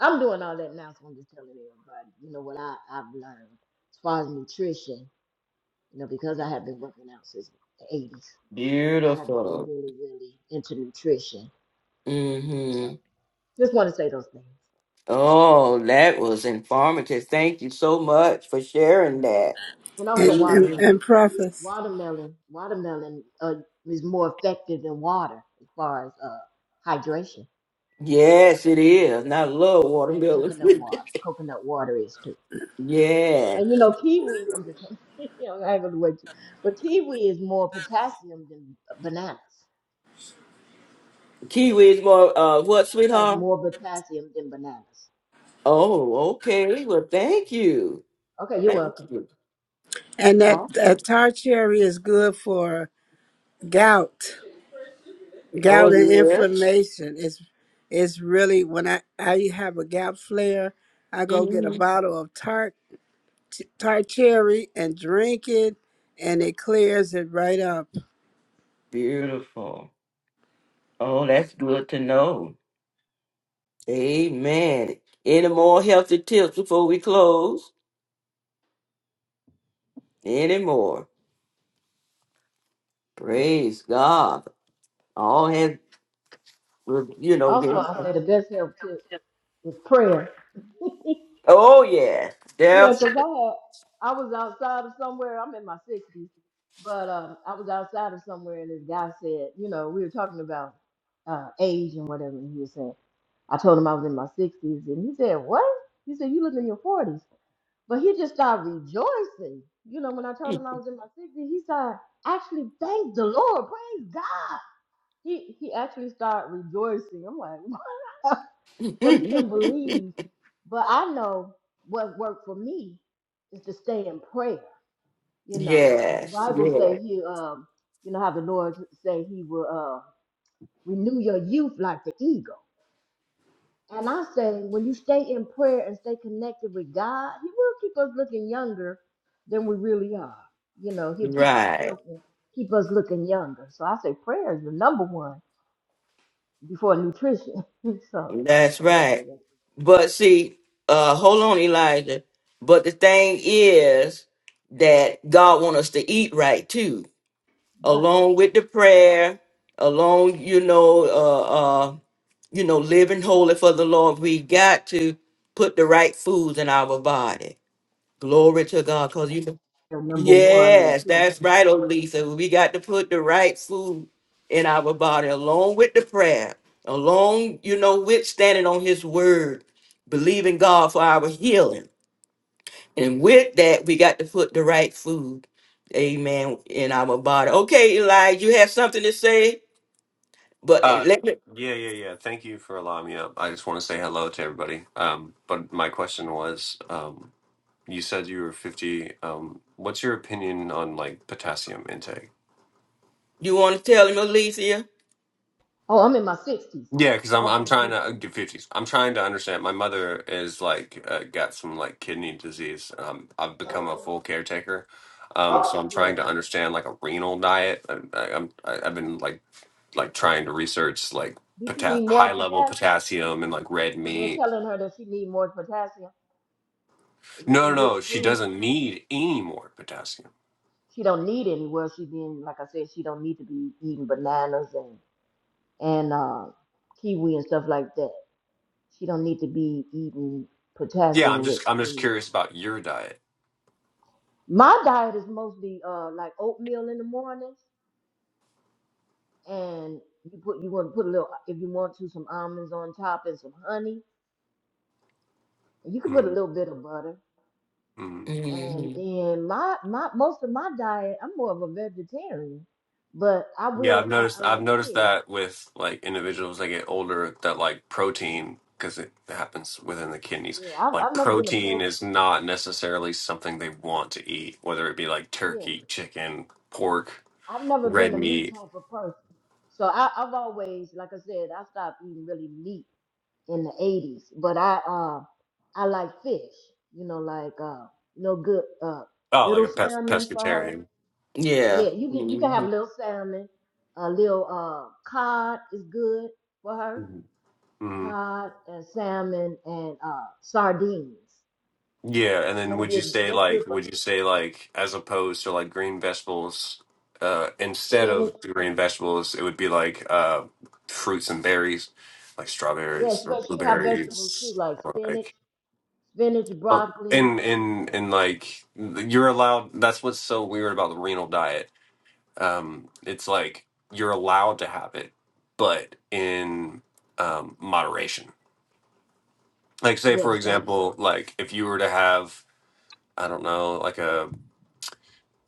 Speaker 12: I'm doing all that now, so I'm just telling everybody, you know what I, I've learned as far as nutrition, you know, because I have been working out since the eighties, I have been
Speaker 1: Beautiful.
Speaker 12: really, really into nutrition.
Speaker 1: Mm
Speaker 12: So
Speaker 1: hmm
Speaker 12: just want to say those things.
Speaker 1: Oh, that was informative. Thank you so much for sharing that.
Speaker 12: And
Speaker 4: and
Speaker 12: also
Speaker 4: and,
Speaker 12: watermelon.
Speaker 1: Amen.
Speaker 4: and preface.
Speaker 12: Watermelon, watermelon uh, is more effective than water as far as uh, hydration,
Speaker 1: Yes, it is. And I love
Speaker 12: and
Speaker 1: watermelon.
Speaker 12: coconut water. Coconut water is too.
Speaker 1: yeah.
Speaker 12: And you know, kiwi. I'm just, you know, I ain't gonna wait. But kiwi is more potassium than bananas.
Speaker 1: Kiwi is more, uh, what,
Speaker 12: Has
Speaker 1: sweetheart?
Speaker 12: more potassium than bananas.
Speaker 1: Oh, okay. Well, thank you.
Speaker 12: Okay, you're
Speaker 1: Thank
Speaker 12: welcome.
Speaker 1: you.
Speaker 4: And that,
Speaker 1: Awesome.
Speaker 4: that tar cherry is good for gout, gout
Speaker 1: Oh,
Speaker 4: and
Speaker 1: yes.
Speaker 4: inflammation. It's it's really when I I have a gout flare, I go get a
Speaker 1: hmm
Speaker 4: bottle of tart tart cherry and drink it, and it clears it right up.
Speaker 1: Beautiful. Oh, that's good to know. Amen. Any more healthy tips before we close? Any more? Praise God. All had, you know, been,
Speaker 12: Also, I say the best health tip is prayer.
Speaker 1: oh, yeah,
Speaker 12: Yeah,
Speaker 1: definitely.
Speaker 12: 'cause I had I was outside of somewhere. I'm in my sixties, but um, I was outside of somewhere, and this guy said, you know, we were talking about uh, age and whatever, and he was saying, I told him I was in my sixties, and he said, what? He said, you look in your forties, but he just started rejoicing. You know, when I told him I was in my sixties, he started actually thank the Lord, praise God. He he actually started rejoicing. I'm like, because you couldn't believe. But I know what worked for me is to stay in prayer. You know, the
Speaker 1: yes, yes,
Speaker 12: Bible say he, um, you know how the Lord say he will uh, renew your youth like the eagle. And I say, when you stay in prayer and stay connected with God, He will keep us looking younger than we really are. You know, He'll keep our
Speaker 1: right.
Speaker 12: health and keep us looking younger. So I say, prayer is the number one before nutrition. so
Speaker 1: That's
Speaker 12: I wanted to say
Speaker 1: right.
Speaker 12: that.
Speaker 1: But see, uh, hold on, Elijah. But the thing is that God wants us to eat right too,
Speaker 12: But
Speaker 1: along with the prayer, along, you know, uh, uh, you know, living holy for the Lord. We got to put the right foods in our body. Glory to God, because you know.
Speaker 12: the number one
Speaker 1: Yes,
Speaker 12: nutrition.
Speaker 1: that's right, Olisa. We got to put the right food in our body along with the prayer, along, you know, with standing on his word, believing God for our healing. And with that, we got to put the right food, amen, in our body. Okay, Elijah, you have something to say, but
Speaker 13: Uh,
Speaker 1: let me,
Speaker 13: yeah, yeah, yeah. Thank you for allowing me up. I just want to say hello to everybody. Um, but my question was, um, you said you were 50. Um, what's your opinion on like potassium intake?
Speaker 1: you want to tell him, Alicia?
Speaker 12: Oh, I'm in my sixties.
Speaker 13: Yeah, because I'm
Speaker 12: Okay,
Speaker 13: I'm trying
Speaker 12: but,
Speaker 13: to get 50s. I'm trying to understand. My mother is like uh, got some like kidney disease. Um, I've become a full caretaker. Um, so I'm trying
Speaker 12: yes.
Speaker 13: to understand like a renal diet. I, I, I'm I, I've been like like trying to research like
Speaker 12: Does she
Speaker 13: pota-
Speaker 12: need more
Speaker 13: high level
Speaker 12: potassium?
Speaker 13: potassium and like red
Speaker 12: So they're
Speaker 13: meat
Speaker 12: telling her that she need more potassium, enri-
Speaker 13: No, no,
Speaker 12: enriched
Speaker 13: no. She
Speaker 12: food.
Speaker 13: doesn't need any more potassium.
Speaker 12: She don't need any. Well, she being like I said, she don't need to be eating bananas and and uh, kiwi and stuff like that. She don't need to be eating
Speaker 13: Yeah, I'm
Speaker 12: potassium-rich
Speaker 13: just I'm just
Speaker 12: food.
Speaker 13: curious about your diet.
Speaker 12: My diet is mostly uh like oatmeal in the morning, and you put you want to put a little if you want to some almonds on top and some honey. And you can put a
Speaker 13: Mm,
Speaker 12: little bit of butter
Speaker 13: mm.
Speaker 1: hmm
Speaker 12: And then my my most of my diet, I'm more of a vegetarian, but I
Speaker 13: Yeah, I've
Speaker 12: will I,
Speaker 13: noticed
Speaker 12: I
Speaker 13: I've
Speaker 12: like
Speaker 13: noticed
Speaker 12: fish.
Speaker 13: that with like individuals that get older that like protein because it happens within the kidneys.
Speaker 12: Yeah, I've
Speaker 13: Like
Speaker 12: I've never been a
Speaker 13: protein
Speaker 12: pro.
Speaker 13: is not necessarily something they want to eat, whether it be like
Speaker 12: Yeah,
Speaker 13: turkey, chicken, pork,
Speaker 12: I've never been
Speaker 13: red
Speaker 12: a meat
Speaker 13: meat.
Speaker 12: type of person. So I, I've always, like I said, I stopped eating really meat in the '80s. But I uh I like fish. You know, like uh you know good uh
Speaker 13: Oh, like
Speaker 12: little
Speaker 13: a pes-
Speaker 12: salmon for her.
Speaker 13: pescatarian.
Speaker 1: Yeah.
Speaker 12: Yeah, you can you can have
Speaker 1: hmm
Speaker 12: little salmon, a little uh cod is good for her.
Speaker 13: Mhm.
Speaker 12: cod and salmon and uh, sardines.
Speaker 13: Yeah, and then
Speaker 12: That'll
Speaker 13: would you
Speaker 12: be
Speaker 13: say
Speaker 12: that's good
Speaker 13: like
Speaker 12: for
Speaker 13: would you say like as opposed to like green vegetables, uh instead
Speaker 12: spinach.
Speaker 13: of green vegetables, it would be like uh fruits and berries, like
Speaker 12: Yes,
Speaker 13: strawberries or
Speaker 12: yeah, she, she can have vegetables too,
Speaker 13: blueberries
Speaker 12: like
Speaker 13: or
Speaker 12: spinach,
Speaker 13: like
Speaker 12: spinach,
Speaker 13: or
Speaker 12: broccoli.
Speaker 13: and and and like you're allowed that's what's so weird about the renal diet. Um it's like you're allowed to have it, but in um moderation. Like say for
Speaker 12: Yes, so,
Speaker 13: example, like if you were to have I don't know, like a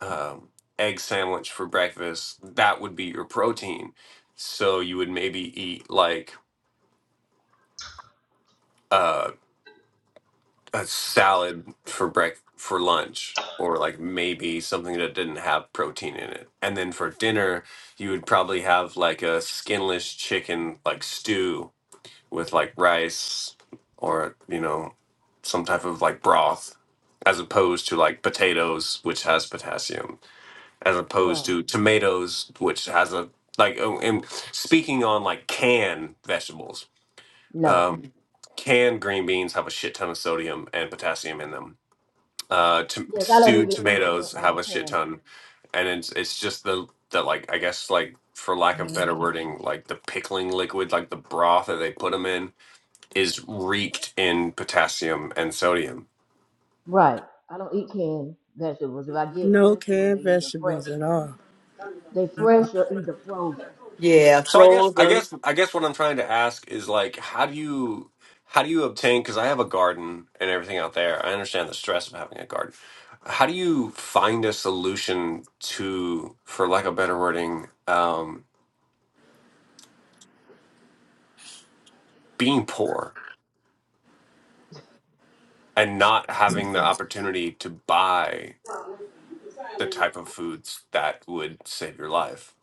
Speaker 13: um, egg sandwich for breakfast, that would be your protein. So you would maybe eat like uh, a salad for break for lunch, or like maybe something that didn't have protein in it. And then for dinner, you would probably have like a skinless chicken like stew with like rice or you know some type of like broth, as opposed to like potatoes, which has potassium as opposed
Speaker 12: right.
Speaker 13: to tomatoes, which has a like. oh, And speaking on like canned vegetables,
Speaker 12: No.
Speaker 13: um, canned green beans have a shit ton of sodium and potassium in them. Uh, to,
Speaker 12: Yes, I don't
Speaker 13: stewed
Speaker 12: even eat gr-
Speaker 13: tomatoes
Speaker 12: uh,
Speaker 13: have a shit
Speaker 12: canned.
Speaker 13: ton, and it's it's just the the like I guess like for lack of better wording, like the pickling liquid, like the broth that they put them in, is reeked in potassium and sodium
Speaker 12: Right. I don't eat canned vegetables. If I get
Speaker 4: No
Speaker 12: vegetables, they
Speaker 4: canned
Speaker 12: either fresh,
Speaker 4: vegetables at all.
Speaker 12: they fresh or either frozen.
Speaker 1: Yeah,
Speaker 13: So I guess I
Speaker 1: frozen.
Speaker 13: guess I guess what I'm trying to ask is like how do you how do you obtain because I have a garden and everything out there. I understand the stress of having a garden. How do you find a solution to, for lack of better wording, um, being poor and not having the opportunity to buy the type of foods that would save your life?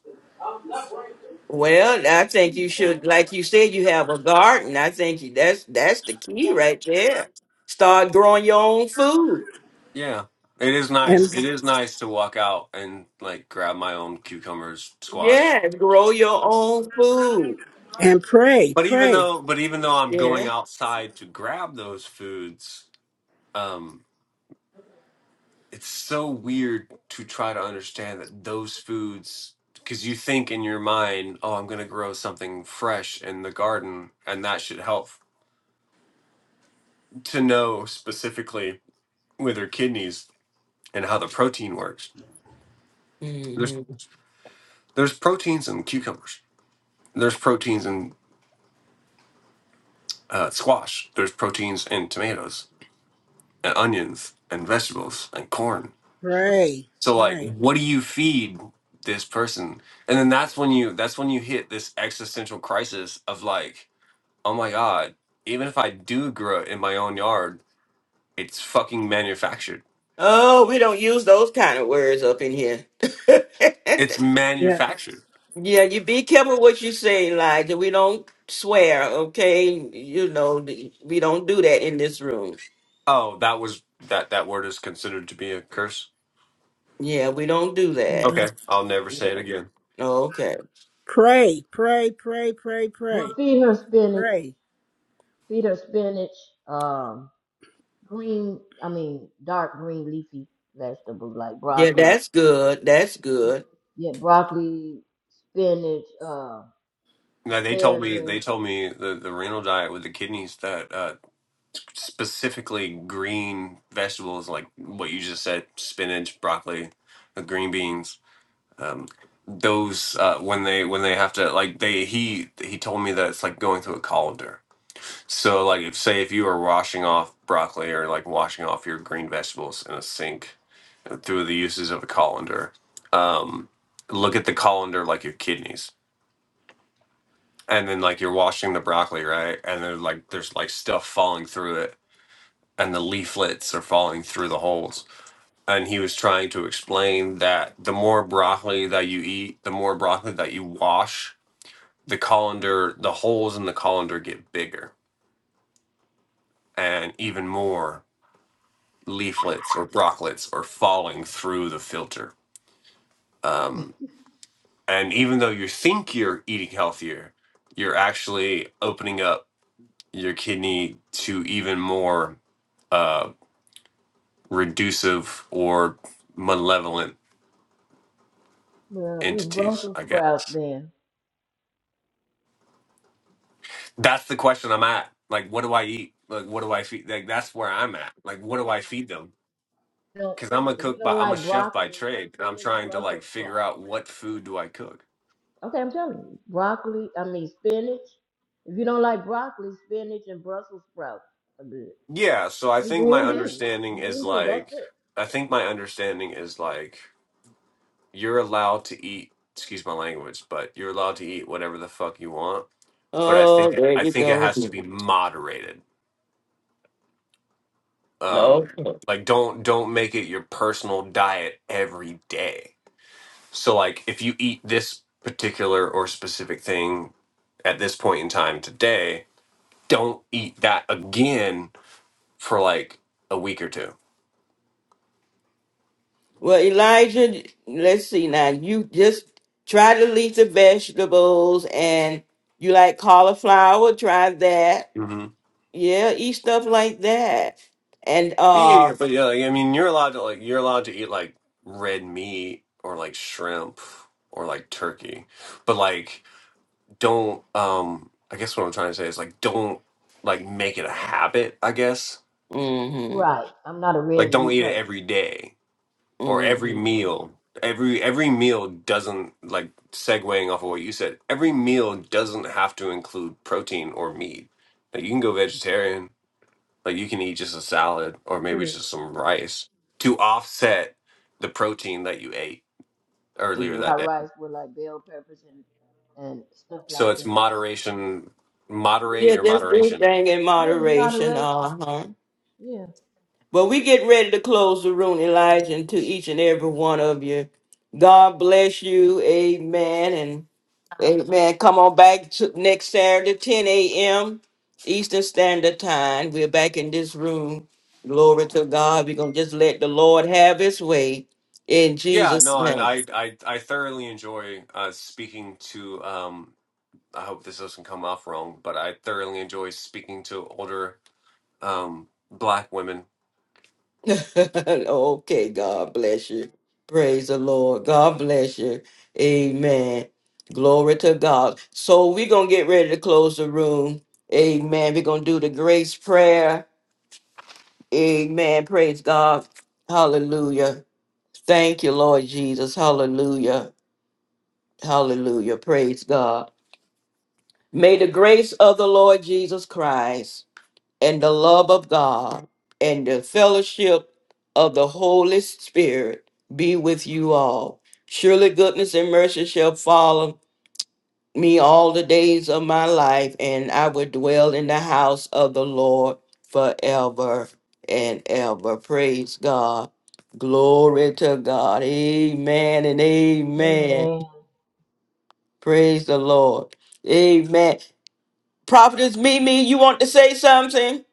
Speaker 1: Well, I think you should, like you said, you have a garden. I think you, that's that's the key right there. Start growing your own food.
Speaker 13: Yeah. It is
Speaker 4: And
Speaker 13: nice. It is nice to walk out and like grab my own cucumbers, squash.
Speaker 1: Yeah, grow your own food.
Speaker 4: And pray,
Speaker 13: But even
Speaker 4: pray,
Speaker 13: though, but even though I'm going
Speaker 1: Yeah.
Speaker 13: outside to grab those foods, um, it's so weird to try to understand that those foods, because you think in your mind, oh, I'm going to grow something fresh in the garden, and that should help to know specifically with their kidneys and how the protein works.
Speaker 1: Mm.
Speaker 13: There's there's proteins in cucumbers. There's proteins in uh, squash. There's proteins in tomatoes and onions and vegetables and corn
Speaker 4: pray,
Speaker 13: So like,
Speaker 4: pray.
Speaker 13: what do you feed this person? And then that's when you that's when you hit this existential crisis of like, oh my god, even if I do grow it in my own yard, it's fucking manufactured.
Speaker 1: Oh, we don't use those kind of words up in here.
Speaker 13: It's
Speaker 4: Yes.
Speaker 13: manufactured.
Speaker 1: yeah, you be careful what you say, Elijah. We don't swear, okay? You know, th- we don't do that in this room.
Speaker 13: Oh, that was that that word is considered to be a curse.
Speaker 1: Yeah, we don't do that.
Speaker 13: Okay, I'll never say it
Speaker 1: Yeah.
Speaker 13: again.
Speaker 1: Okay.
Speaker 4: Pray, pray, pray, pray,
Speaker 12: Well,
Speaker 4: pray,
Speaker 12: feed her spinach.
Speaker 4: pray.
Speaker 12: Feed her spinach. Um, green. I mean, dark green leafy vegetables like
Speaker 1: Yeah,
Speaker 12: broccoli,
Speaker 1: that's good. That's good.
Speaker 12: Yeah, broccoli, spinach, uh,
Speaker 13: Now they told me they
Speaker 12: asparagus.
Speaker 13: told me the, the renal diet with the kidneys that uh, specifically green vegetables like what you just said spinach broccoli the green beans um, those uh, when they when they have to like they he he told me that it's like going through a colander. So like if say if you are washing off broccoli or like washing off your green vegetables in a sink uh, through the uses of a colander, um, look at the colander like your kidneys, and then like you're washing the broccoli right, and then like there's like stuff falling through it, and the leaflets are falling through the holes and he was trying to explain that the more broccoli that you eat, the more broccoli that you wash the colander, the holes in the colander get bigger, and even more leaflets or brocklets are falling through the filter. Um, and even though you think you're eating healthier, you're actually opening up your kidney to even more uh, reducive or malevolent
Speaker 12: Well, eat
Speaker 13: entities.
Speaker 12: Brussels
Speaker 13: I guess
Speaker 12: sprouts then.
Speaker 13: that's the question I'm at. Like, what do I eat? Like, what do I feed? Like, that's where I'm at. Like, what do I feed them?
Speaker 12: You know,
Speaker 13: because I'm a
Speaker 12: if you
Speaker 13: cook by
Speaker 12: don't
Speaker 13: I'm a
Speaker 12: like
Speaker 13: chef by
Speaker 12: broccoli,
Speaker 13: trade, and I'm
Speaker 12: spinach,
Speaker 13: trying to like
Speaker 12: Brussels sprouts.
Speaker 13: figure out what food do I cook.
Speaker 12: Okay, I'm telling you, broccoli. I mean spinach. If you don't like broccoli, spinach, and Brussels sprouts are good.
Speaker 13: Yeah, so I
Speaker 12: And
Speaker 13: think my
Speaker 12: green beans.
Speaker 13: understanding
Speaker 12: And
Speaker 13: is
Speaker 12: green beans. That's
Speaker 13: like
Speaker 12: it.
Speaker 13: I think my understanding is like you're allowed to eat. Excuse my language, but you're allowed to eat whatever the fuck you want. But I
Speaker 1: Oh,
Speaker 13: think
Speaker 1: there
Speaker 13: I
Speaker 1: you
Speaker 13: think it
Speaker 1: go
Speaker 13: has to
Speaker 1: again.
Speaker 13: be moderated. Um,
Speaker 1: No.
Speaker 13: like don't don't make it your personal diet every day. So like if you eat this particular or specific thing at this point in time today, don't eat that again for like a week or 2
Speaker 1: Well, Elijah, let's see now. You just try to leaf the vegetables and you like cauliflower, try that.
Speaker 13: Mm-hmm.
Speaker 1: Yeah, eat stuff like that. And
Speaker 13: Yeah, yeah,
Speaker 1: uh
Speaker 13: yeah, but yeah, like, I mean, you're allowed to like you're allowed to eat like red meat or like shrimp or like turkey, but like don't. Um, I guess what I'm trying to say is like don't like make it a habit. I guess
Speaker 1: hmm
Speaker 12: Right. I'm not a
Speaker 13: like
Speaker 12: red
Speaker 13: don't
Speaker 12: meat
Speaker 13: eat it
Speaker 12: person.
Speaker 13: every day or every
Speaker 1: hmm
Speaker 13: meal. Every every meal doesn't like segueing off of what you said. Every meal doesn't have to include protein or meat. Like you can go vegetarian Like you can eat just a salad or maybe
Speaker 12: True.
Speaker 13: just some rice to offset the protein that you ate earlier
Speaker 12: I
Speaker 13: that day.
Speaker 12: rice with like bell peppers and and stuff
Speaker 13: So
Speaker 12: like
Speaker 13: it's
Speaker 12: that.
Speaker 13: moderation,
Speaker 12: Yeah.
Speaker 13: moderate
Speaker 1: Yeah,
Speaker 13: your
Speaker 1: just do
Speaker 13: moderation.
Speaker 1: thing in
Speaker 12: Yeah, it's
Speaker 1: moderation.
Speaker 12: moderation.
Speaker 1: Uh-huh.
Speaker 12: Yeah.
Speaker 1: But we get ready to close the room, Elijah, and to each and every one of you. God bless you. Amen. and. Amen. Come on back to next Saturday, 10 a.m. Eastern Standard Time. We're back in this room. Glory to God. We're going to just let the Lord have his way in
Speaker 13: Yeah,
Speaker 1: Jesus'
Speaker 13: no, and
Speaker 1: name.
Speaker 13: I I I thoroughly enjoy uh speaking to um I hope this doesn't come off wrong, but I thoroughly enjoy speaking to older um black women
Speaker 1: okay, God bless you. Praise the Lord. God bless you. Amen. Glory to God. So we're going to get ready to close the room. Amen. We're going to do the grace prayer. Amen. Praise God. Hallelujah. Thank you, Lord Jesus. Hallelujah. Hallelujah. Praise God. May the grace of the Lord Jesus Christ and the love of God and the fellowship of the Holy Spirit be with you all. Surely goodness and mercy shall follow me all the days of my life, and I would dwell in the house of the Lord forever and ever. Praise God. Glory to God. Amen and amen.
Speaker 12: Amen.
Speaker 1: Praise the Lord. Amen. Prophetess Mimi, you want to say something?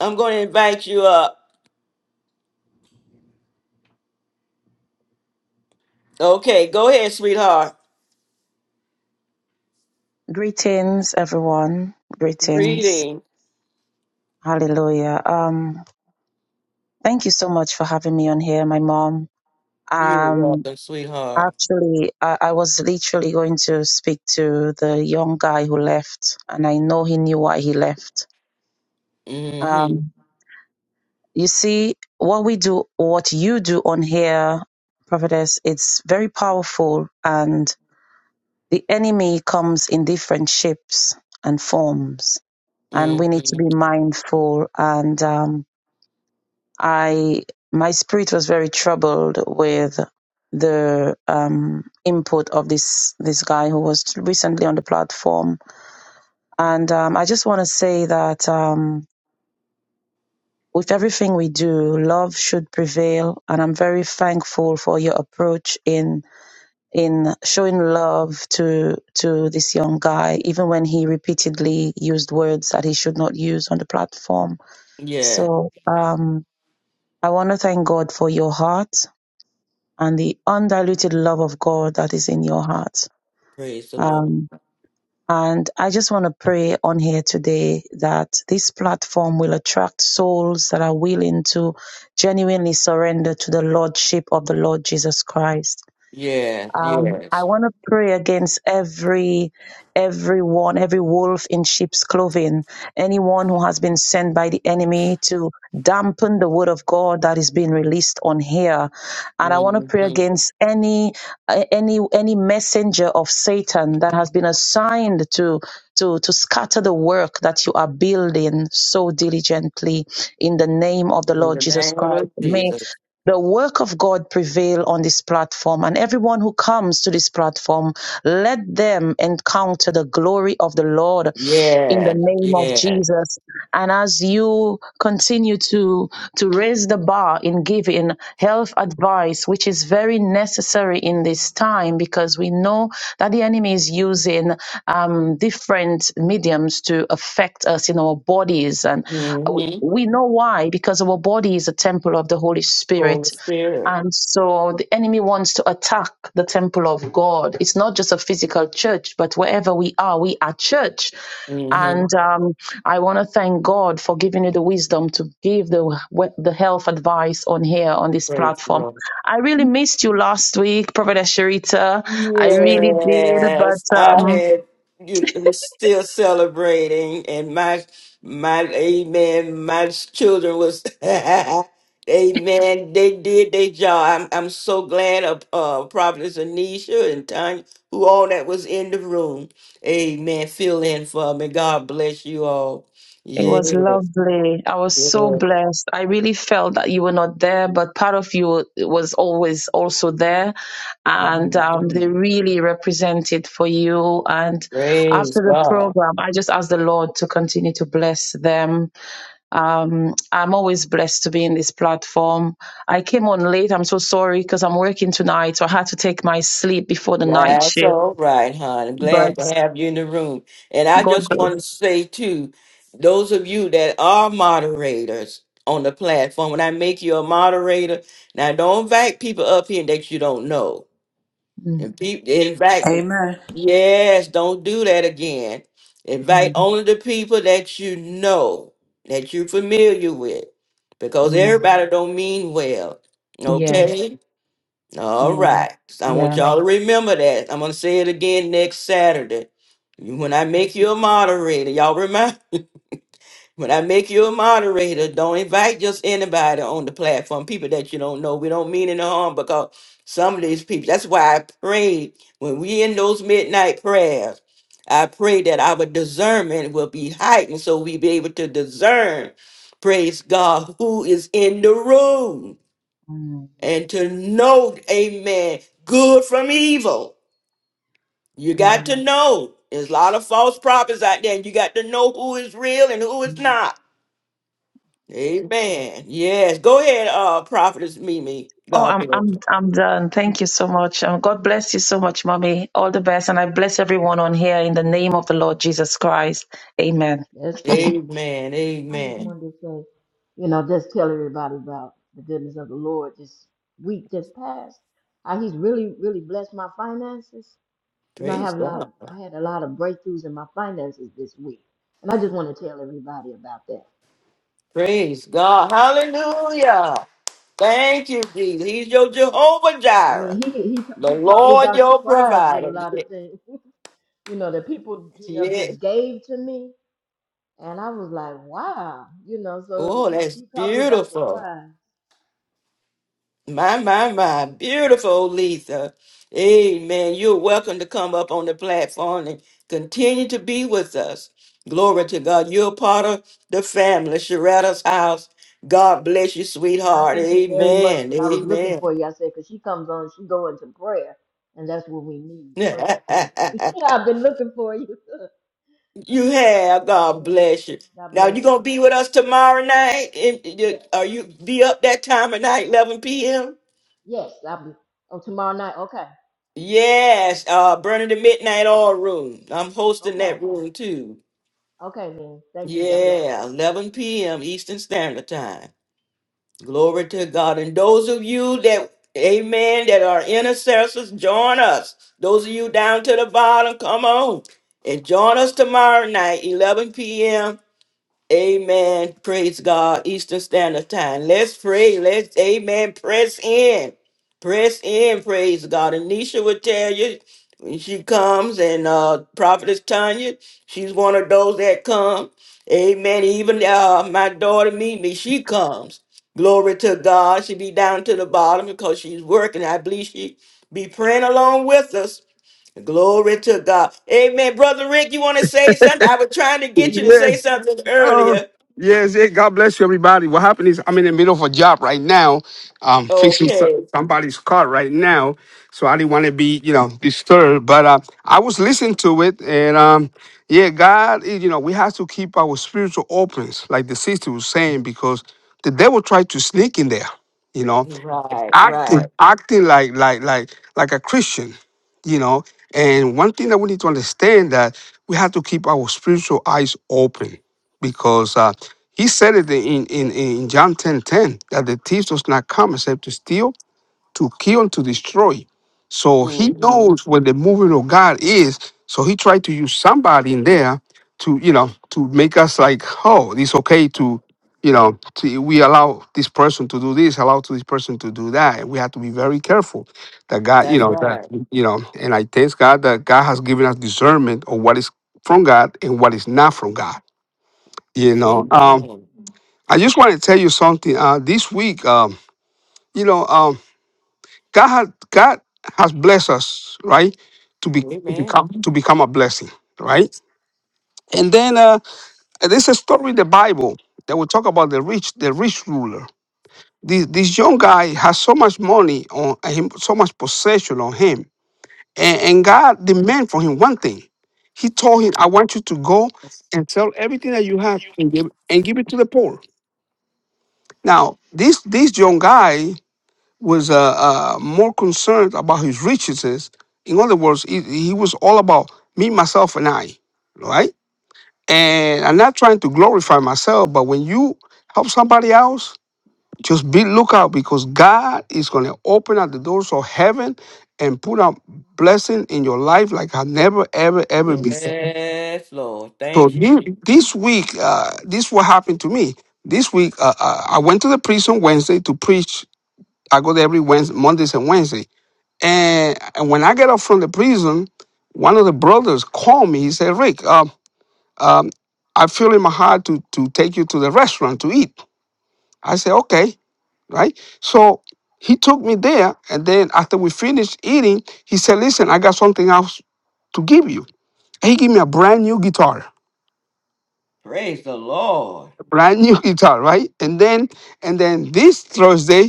Speaker 1: I'm going to invite you up. Okay, go ahead, sweetheart.
Speaker 14: Greetings, everyone. Greetings.
Speaker 1: Greeting.
Speaker 14: Hallelujah. Um, thank you so much for having me on here, my mom.
Speaker 1: You're
Speaker 14: Um,
Speaker 1: welcome, sweetheart.
Speaker 14: actually, I, I was literally going to speak to the young guy who left, and I know he knew why he left.
Speaker 1: Mm-hmm.
Speaker 14: Um, you see, what we do, what you do on here, prophetess, it's very powerful, and the enemy comes in different shapes and forms, and we need to
Speaker 1: Mm-hmm.
Speaker 14: be mindful and um, I my spirit was very troubled with the um, input of this this guy who was recently on the platform, and um, I just want to say that um, with everything we do, love should prevail, and I'm very thankful for your approach in in showing love to to this young guy, even when he repeatedly used words that he should not use on the platform.
Speaker 1: Yeah.
Speaker 14: So um, I want to thank God for your heart and the undiluted love of God that is in your heart.
Speaker 1: Praise the Lord.
Speaker 14: Um, and I just want to pray on here today that this platform will attract souls that are willing to genuinely surrender to the Lordship of the Lord Jesus Christ
Speaker 1: Yes,
Speaker 14: um,
Speaker 1: yes.
Speaker 14: I want to pray against every everyone, every wolf in sheep's clothing, anyone who has been sent by the enemy to dampen the word of God that is being released on here. And I want to pray against any uh, any any messenger of Satan that has been assigned to to to scatter the work that you are building so diligently in the name of the Lord Jesus Christ. May the work of God prevail on this platform and everyone who comes to this platform, let them encounter the glory of the Lord in the
Speaker 1: Yeah,
Speaker 14: name of
Speaker 1: yeah.
Speaker 14: Jesus. And as you continue to, to raise the bar in giving health advice, which is very necessary in this time because we know that the enemy is using um, different mediums to affect us in our bodies. And we
Speaker 1: Mm-hmm.
Speaker 14: we know why, because our body is a temple of the Holy Spirit. And so the enemy wants to attack the temple of God. It's not just a physical church, but wherever we are, we are church.
Speaker 1: Mm-hmm.
Speaker 14: And um, I want to thank God for giving me the wisdom to give the the health advice on here on this
Speaker 1: Praise the
Speaker 14: platform.
Speaker 1: Lord.
Speaker 14: I really missed you last week, Prophetess Sharita. I really did, but
Speaker 1: Yes, I
Speaker 14: um,
Speaker 1: had you I was still celebrating and my my amen, my children was Amen. They did their job. I'm I'm so glad of uh Providence Anisha and Tanya, who all that was in the room. Amen. Fill in for me. God bless you all.
Speaker 14: it was
Speaker 1: Yeah.
Speaker 14: lovely. I was so blessed. I really felt that you were not there, but part of you was always also there, and um, they
Speaker 1: Mhm.
Speaker 14: really represented for you. And
Speaker 1: Praise
Speaker 14: after the
Speaker 1: God.
Speaker 14: program, I just asked the Lord to continue to bless them Um, I'm always blessed to be in this platform. I came on late. I'm so sorry because I'm working tonight, so I had to take my sleep before the night
Speaker 1: That's
Speaker 14: shift.
Speaker 1: all right, hon. Glad
Speaker 14: But
Speaker 1: to have you in the room. And I
Speaker 14: God
Speaker 1: just
Speaker 14: bless.
Speaker 1: want to say, too, those of you that are moderators on the platform, when I make you a moderator, now don't invite people up here that you don't know.
Speaker 14: Mm,
Speaker 1: And people, invite,
Speaker 11: Amen.
Speaker 1: yes, don't do that again. Invite
Speaker 14: mm,
Speaker 1: only the people that you know, that you're familiar with, because
Speaker 14: mm.
Speaker 1: everybody don't mean well.
Speaker 14: Yeah,
Speaker 1: Okay? All
Speaker 14: yeah,
Speaker 1: right. So I want
Speaker 14: yeah.
Speaker 1: y'all to remember that. I'm going to say it again next Saturday. You- When I make you a moderator, y'all remember? When I make you a moderator, don't invite just anybody on the platform, people that you don't know. We don't mean any harm because some of these people, that's why I prayed when we in those midnight prayers, I pray that our discernment will be heightened so we be able to discern, praise God, who is in the room
Speaker 14: Mm,
Speaker 1: and to know, amen, good from evil. You got to
Speaker 14: amen.
Speaker 1: know. There's a lot of false prophets out there, and you got to know who is real and who is
Speaker 14: Mm.
Speaker 1: not. Amen. Yes. Go ahead, uh, prophetess Mimi.
Speaker 14: Oh,
Speaker 1: God
Speaker 14: I'm
Speaker 1: bless
Speaker 14: I'm
Speaker 1: you.
Speaker 14: I'm done. Thank you so much. Um, God bless you so much, mommy. All the best, and I bless everyone on here in the name of the Lord Jesus Christ. Amen.
Speaker 12: That's true.
Speaker 1: Amen.
Speaker 12: I just
Speaker 1: Amen.
Speaker 12: wanted to say, you know, just tell everybody about the goodness of the Lord this week just passed. How he's really, really blessed my finances. You know, I
Speaker 1: Praise
Speaker 12: have a lot
Speaker 1: God.
Speaker 12: of I had a lot of breakthroughs in my finances this week. And I just want to tell everybody about that.
Speaker 1: Praise God. Hallelujah. Thank you, Jesus. He's your Jehovah
Speaker 12: I
Speaker 1: Jireh,
Speaker 12: mean, he he
Speaker 1: the
Speaker 12: he caught me
Speaker 1: Lord
Speaker 12: by
Speaker 1: your
Speaker 12: surprise with a
Speaker 1: provider.
Speaker 12: lot
Speaker 1: Yes.
Speaker 12: of things, you know, that people, you know,
Speaker 1: yes.
Speaker 12: just gave to me. And I was like, wow, you know, so
Speaker 1: Oh,
Speaker 12: he,
Speaker 1: that's
Speaker 12: he caught me by
Speaker 1: beautiful.
Speaker 12: surprise.
Speaker 1: My, my, my. Beautiful, Lisa. Amen. You're welcome to come up on the platform and continue to be with us. Glory to God. You're part of the family, Sharetta's house. God bless you,
Speaker 12: And I
Speaker 1: sweetheart.
Speaker 12: thank you very much
Speaker 1: Amen.
Speaker 12: because I was looking
Speaker 1: Amen.
Speaker 12: for you. I said, because she comes on, she go into prayer, and that's what we need. But- Yeah, I've been looking for you.
Speaker 1: you have. God
Speaker 12: hmm
Speaker 1: bless you.
Speaker 12: God
Speaker 1: Now
Speaker 12: bless.
Speaker 1: you gonna be with us tomorrow night. And you-
Speaker 12: Yes,
Speaker 1: Are you be up that time of night, 11 p.m.?
Speaker 12: yes. I'll be. Oh, tomorrow night. Okay,
Speaker 1: Yes, uh, Burning the Midnight Oil Room. I'm hosting
Speaker 12: okay,
Speaker 1: that room too.
Speaker 12: okay, man. Thank you. God bless.
Speaker 1: Yeah, 11 p.m. Eastern Standard Time. Glory to God. And those of you that, amen, that are intercessors, join us. Those of you down to the bottom, come on and join us tomorrow night, 11 p.m. Amen. Praise God. Eastern Standard Time. Let's pray. Let's, amen. Press in. Press in. Praise God. Anisha will tell you when she comes, and uh, Prophetess Tanya, she's one of those that come. Amen. Even uh, my daughter, Mimi, she comes. Glory to God. She be down to the bottom because she's working. I believe she be praying along with us. Glory to God. Amen. Brother Rick, you want to say something? I was trying to get you to
Speaker 15: Yes.
Speaker 1: say something
Speaker 15: Oh,
Speaker 1: earlier.
Speaker 15: yes. Yeah. God bless you, everybody. What happened is I'm in the middle of a job right now. Um, fixing some,
Speaker 1: Okay.
Speaker 15: somebody's car right now, so I didn't want to be, you know, disturbed. But uh, I was listening to it, and um, yeah, God, eh, you know, we have to keep our spiritual opens, like the sister was saying, because the devil tried to sneak in there. You know,
Speaker 1: Right, right.
Speaker 15: acting acting like like like like a Christian, you know. And one thing that we need to understand that we have to keep our spiritual eyes open because uh, he said it in, in in John ten ten that the thief does not come except to steal, to kill, to destroy. So he
Speaker 1: hmm
Speaker 15: knows where the movement of God is. So he tried to use somebody in there to, you know, to make us like, oh, it's okay to, you know, to, we allow this person to do this, allow to this person to do that. We have to be very careful that God, you
Speaker 1: That's
Speaker 15: know, that,
Speaker 1: right.
Speaker 15: you know, and I thank God that God has given us discernment on what is from God and what is not from God. You know, um,
Speaker 1: Amen.
Speaker 15: I just want to tell you something. Uh, this week, um, you know, um, God has God has blessed us, right? To be to
Speaker 1: Amen.
Speaker 15: become to become a blessing, right? And then uh, there's a story in the Bible that will talk about the rich the rich ruler. This this young guy has so much money on him, so much possession on him, and, and God demand from him one thing. He told him, "I want you to go and sell everything that you have and give and give it to the poor." Now this this young guy was uh, uh, more concerned about his riches. In other words, he, he was all about me, myself, and I, right? And I'm not trying to glorify myself, but when you help somebody else, just be lookout because God is going to open up the doors of heaven and put a blessing in your life like I never, ever, ever before.
Speaker 1: Yes, Lord.
Speaker 15: So
Speaker 1: Thank you.
Speaker 15: this, this week, uh, this what happened to me. This week, uh, uh, I went to the prison Wednesday to preach. I go there every Wednesday, Mondays and Wednesdays and, and when I get up from the prison, one of the brothers called me. He said, Rick, um, um, I feel in my heart to, to take you to the restaurant to eat. I said, okay, right? So he took me there. And then after we finished eating, he said, listen, I got something else to give you. And he gave me a brand new guitar,
Speaker 1: Praise the Lord.
Speaker 15: a brand new guitar, right? And then, and then this Thursday,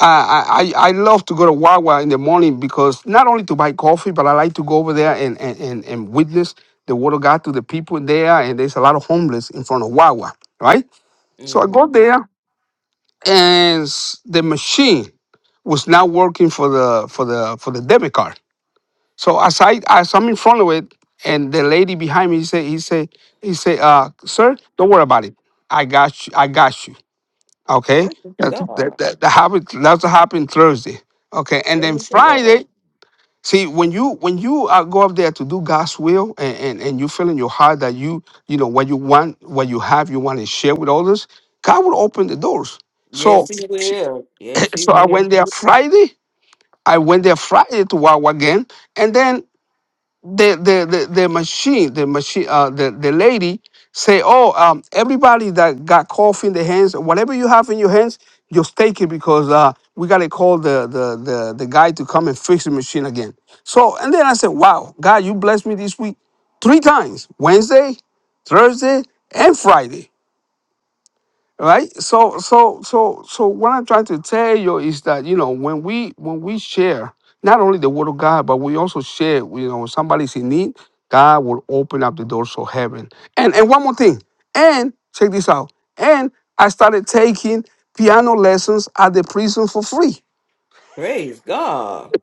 Speaker 15: I, I I love to go to Wawa in the morning because not only to buy coffee, but I like to go over there and and, and, and witness the word of God to the people there. And there's a lot of homeless in front of Wawa, right? So I
Speaker 1: hmm
Speaker 15: go there, and s- the machine was not working for the for the for the debit card. So as I as I'm in front of it, and the lady behind me he said he said he said, uh, "Sir, don't worry about it. I got you. I got you." Okay,
Speaker 1: Praise
Speaker 15: that
Speaker 1: God.
Speaker 15: that, that, that happens. That's what happened Thursday. Okay, and then
Speaker 1: Praise the Lord.
Speaker 15: Friday. See, when you when you uh, go up there to do God's will, and, and and you feel in your heart that you you know what you want, what you have, you want to share with others, God will open the doors. So
Speaker 1: Yes, He will. Yes, He
Speaker 15: so I
Speaker 1: will.
Speaker 15: went there Friday. I went there Friday to Wawa again, and then the the the, the machine the machine uh the, the lady say oh um everybody that got coffee in the hands whatever you have in your hands just take it because uh we gotta call the the the, the guy to come and fix the machine again so and then i said wow god you blessed me this week three times wednesday thursday and friday right so so so so what i'm trying to tell you is that you know when we when we share not only the word of god but we also share you know when somebody's in need god will open up the doors of heaven and and one more thing and check this out and i started taking piano lessons at the prison for free
Speaker 1: Praise God.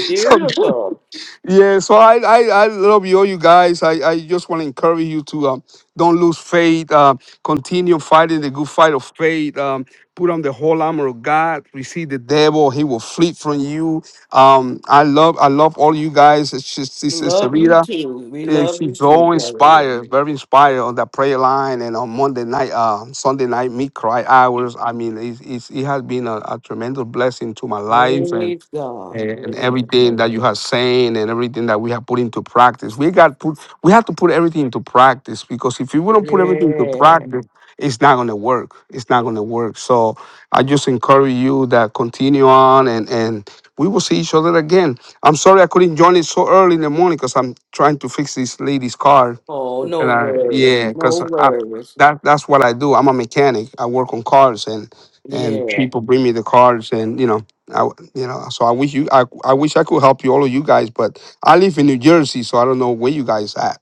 Speaker 15: so
Speaker 1: Beautiful.
Speaker 15: Yeah, so I, I, I love you all you guys. I, I just want to encourage you to um, don't lose faith. Uh, continue fighting the good fight of faith. Um, put on the whole armor of God. Receive the devil; he will flee from you. Um, I love I love all you guys. It's just Sister
Speaker 1: Love you
Speaker 15: Sarita.
Speaker 1: too. We
Speaker 15: eh,
Speaker 1: love you
Speaker 15: She's
Speaker 1: too,
Speaker 15: so
Speaker 1: Brother
Speaker 15: inspired, very inspired on that prayer line and on Monday night, uh, Sunday night, meet cry
Speaker 1: Rick.
Speaker 15: hours. I mean, it, it's, it has been a, a tremendous blessing to my life and
Speaker 1: Praise God.
Speaker 15: and
Speaker 1: Praise the
Speaker 15: everything
Speaker 1: Lord.
Speaker 15: that you have saying and everything that we have put into practice. We got put we have to put everything into practice because if you don't put everything into
Speaker 1: Yeah.
Speaker 15: practice, it's not gonna work. It's not gonna work. So I just encourage you that continue on and and we will see each other again. I'm sorry I couldn't join it so early in the morning because I'm trying to fix this lady's car
Speaker 1: Oh, no
Speaker 15: and I,
Speaker 1: worries.
Speaker 15: yeah,
Speaker 1: No
Speaker 15: because
Speaker 1: worries.
Speaker 15: that that's what I do. I'm a mechanic. I work on cars, and and
Speaker 1: Yeah.
Speaker 15: people bring me the cars, and you know, I w- you know. So I wish you, I I wish I could help you, all of you guys, but I live in New Jersey, so I don't know where you guys at.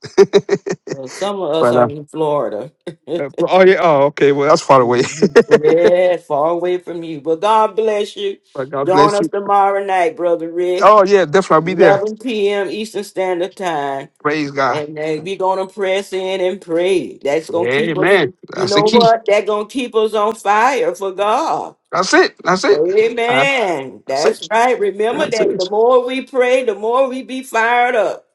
Speaker 1: Well, some of us
Speaker 15: but
Speaker 1: are
Speaker 15: uh,
Speaker 1: in Florida.
Speaker 15: uh, oh yeah, oh okay, well that's far away.
Speaker 1: Mhm. yeah, far away from you. But God bless you.
Speaker 15: But God
Speaker 1: Join
Speaker 15: bless
Speaker 1: us
Speaker 15: you.
Speaker 1: tomorrow night, Brother Rick,
Speaker 15: Oh yeah, definitely I'll be there.
Speaker 1: 11 p.m. Eastern Standard Time.
Speaker 15: Praise God.
Speaker 1: And uh, we're going to press in and pray. That's going to keep us,
Speaker 15: Amen.
Speaker 1: you
Speaker 15: That's the
Speaker 1: know
Speaker 15: key.
Speaker 1: what? That's going to keep us on fire for God.
Speaker 15: That's it. That's it. Uh,
Speaker 1: Amen.
Speaker 15: that's
Speaker 1: That's
Speaker 15: it.
Speaker 1: right. Remember
Speaker 15: That's
Speaker 1: that the
Speaker 15: it.
Speaker 1: more we pray, the more we be fired up.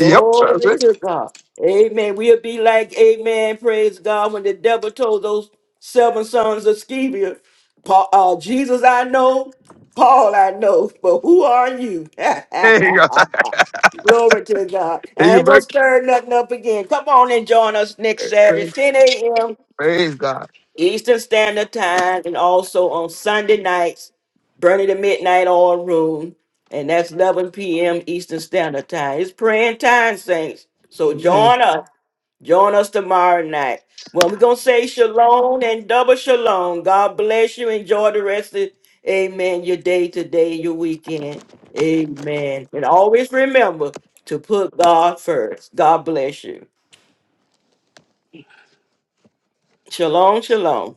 Speaker 15: yep. That's it.
Speaker 1: to God. Amen. We'll be like, Amen. Praise God. When the devil told those seven sons of Sceva, Paul, uh, Jesus I know, Paul I know, but who are you?
Speaker 15: Hey God.
Speaker 1: Glory to God.
Speaker 15: Hey,
Speaker 1: I
Speaker 15: you
Speaker 1: ain't gonna stir nothing up again. Come on and join us next
Speaker 15: back.
Speaker 1: Saturday, 10 a.m.
Speaker 15: Praise God.
Speaker 1: Eastern Standard Time, and also on Sunday nights, Burning the Midnight Oil Room, and that's 11 p.m. Eastern Standard Time. It's praying time, saints. So
Speaker 15: Amen.
Speaker 1: join us. Join us tomorrow night. Well, we're going to say shalom and double shalom. God bless you. Enjoy the rest of, amen, your day today, your weekend. Amen. And always remember to put God first. God bless you. Shalom, shalom.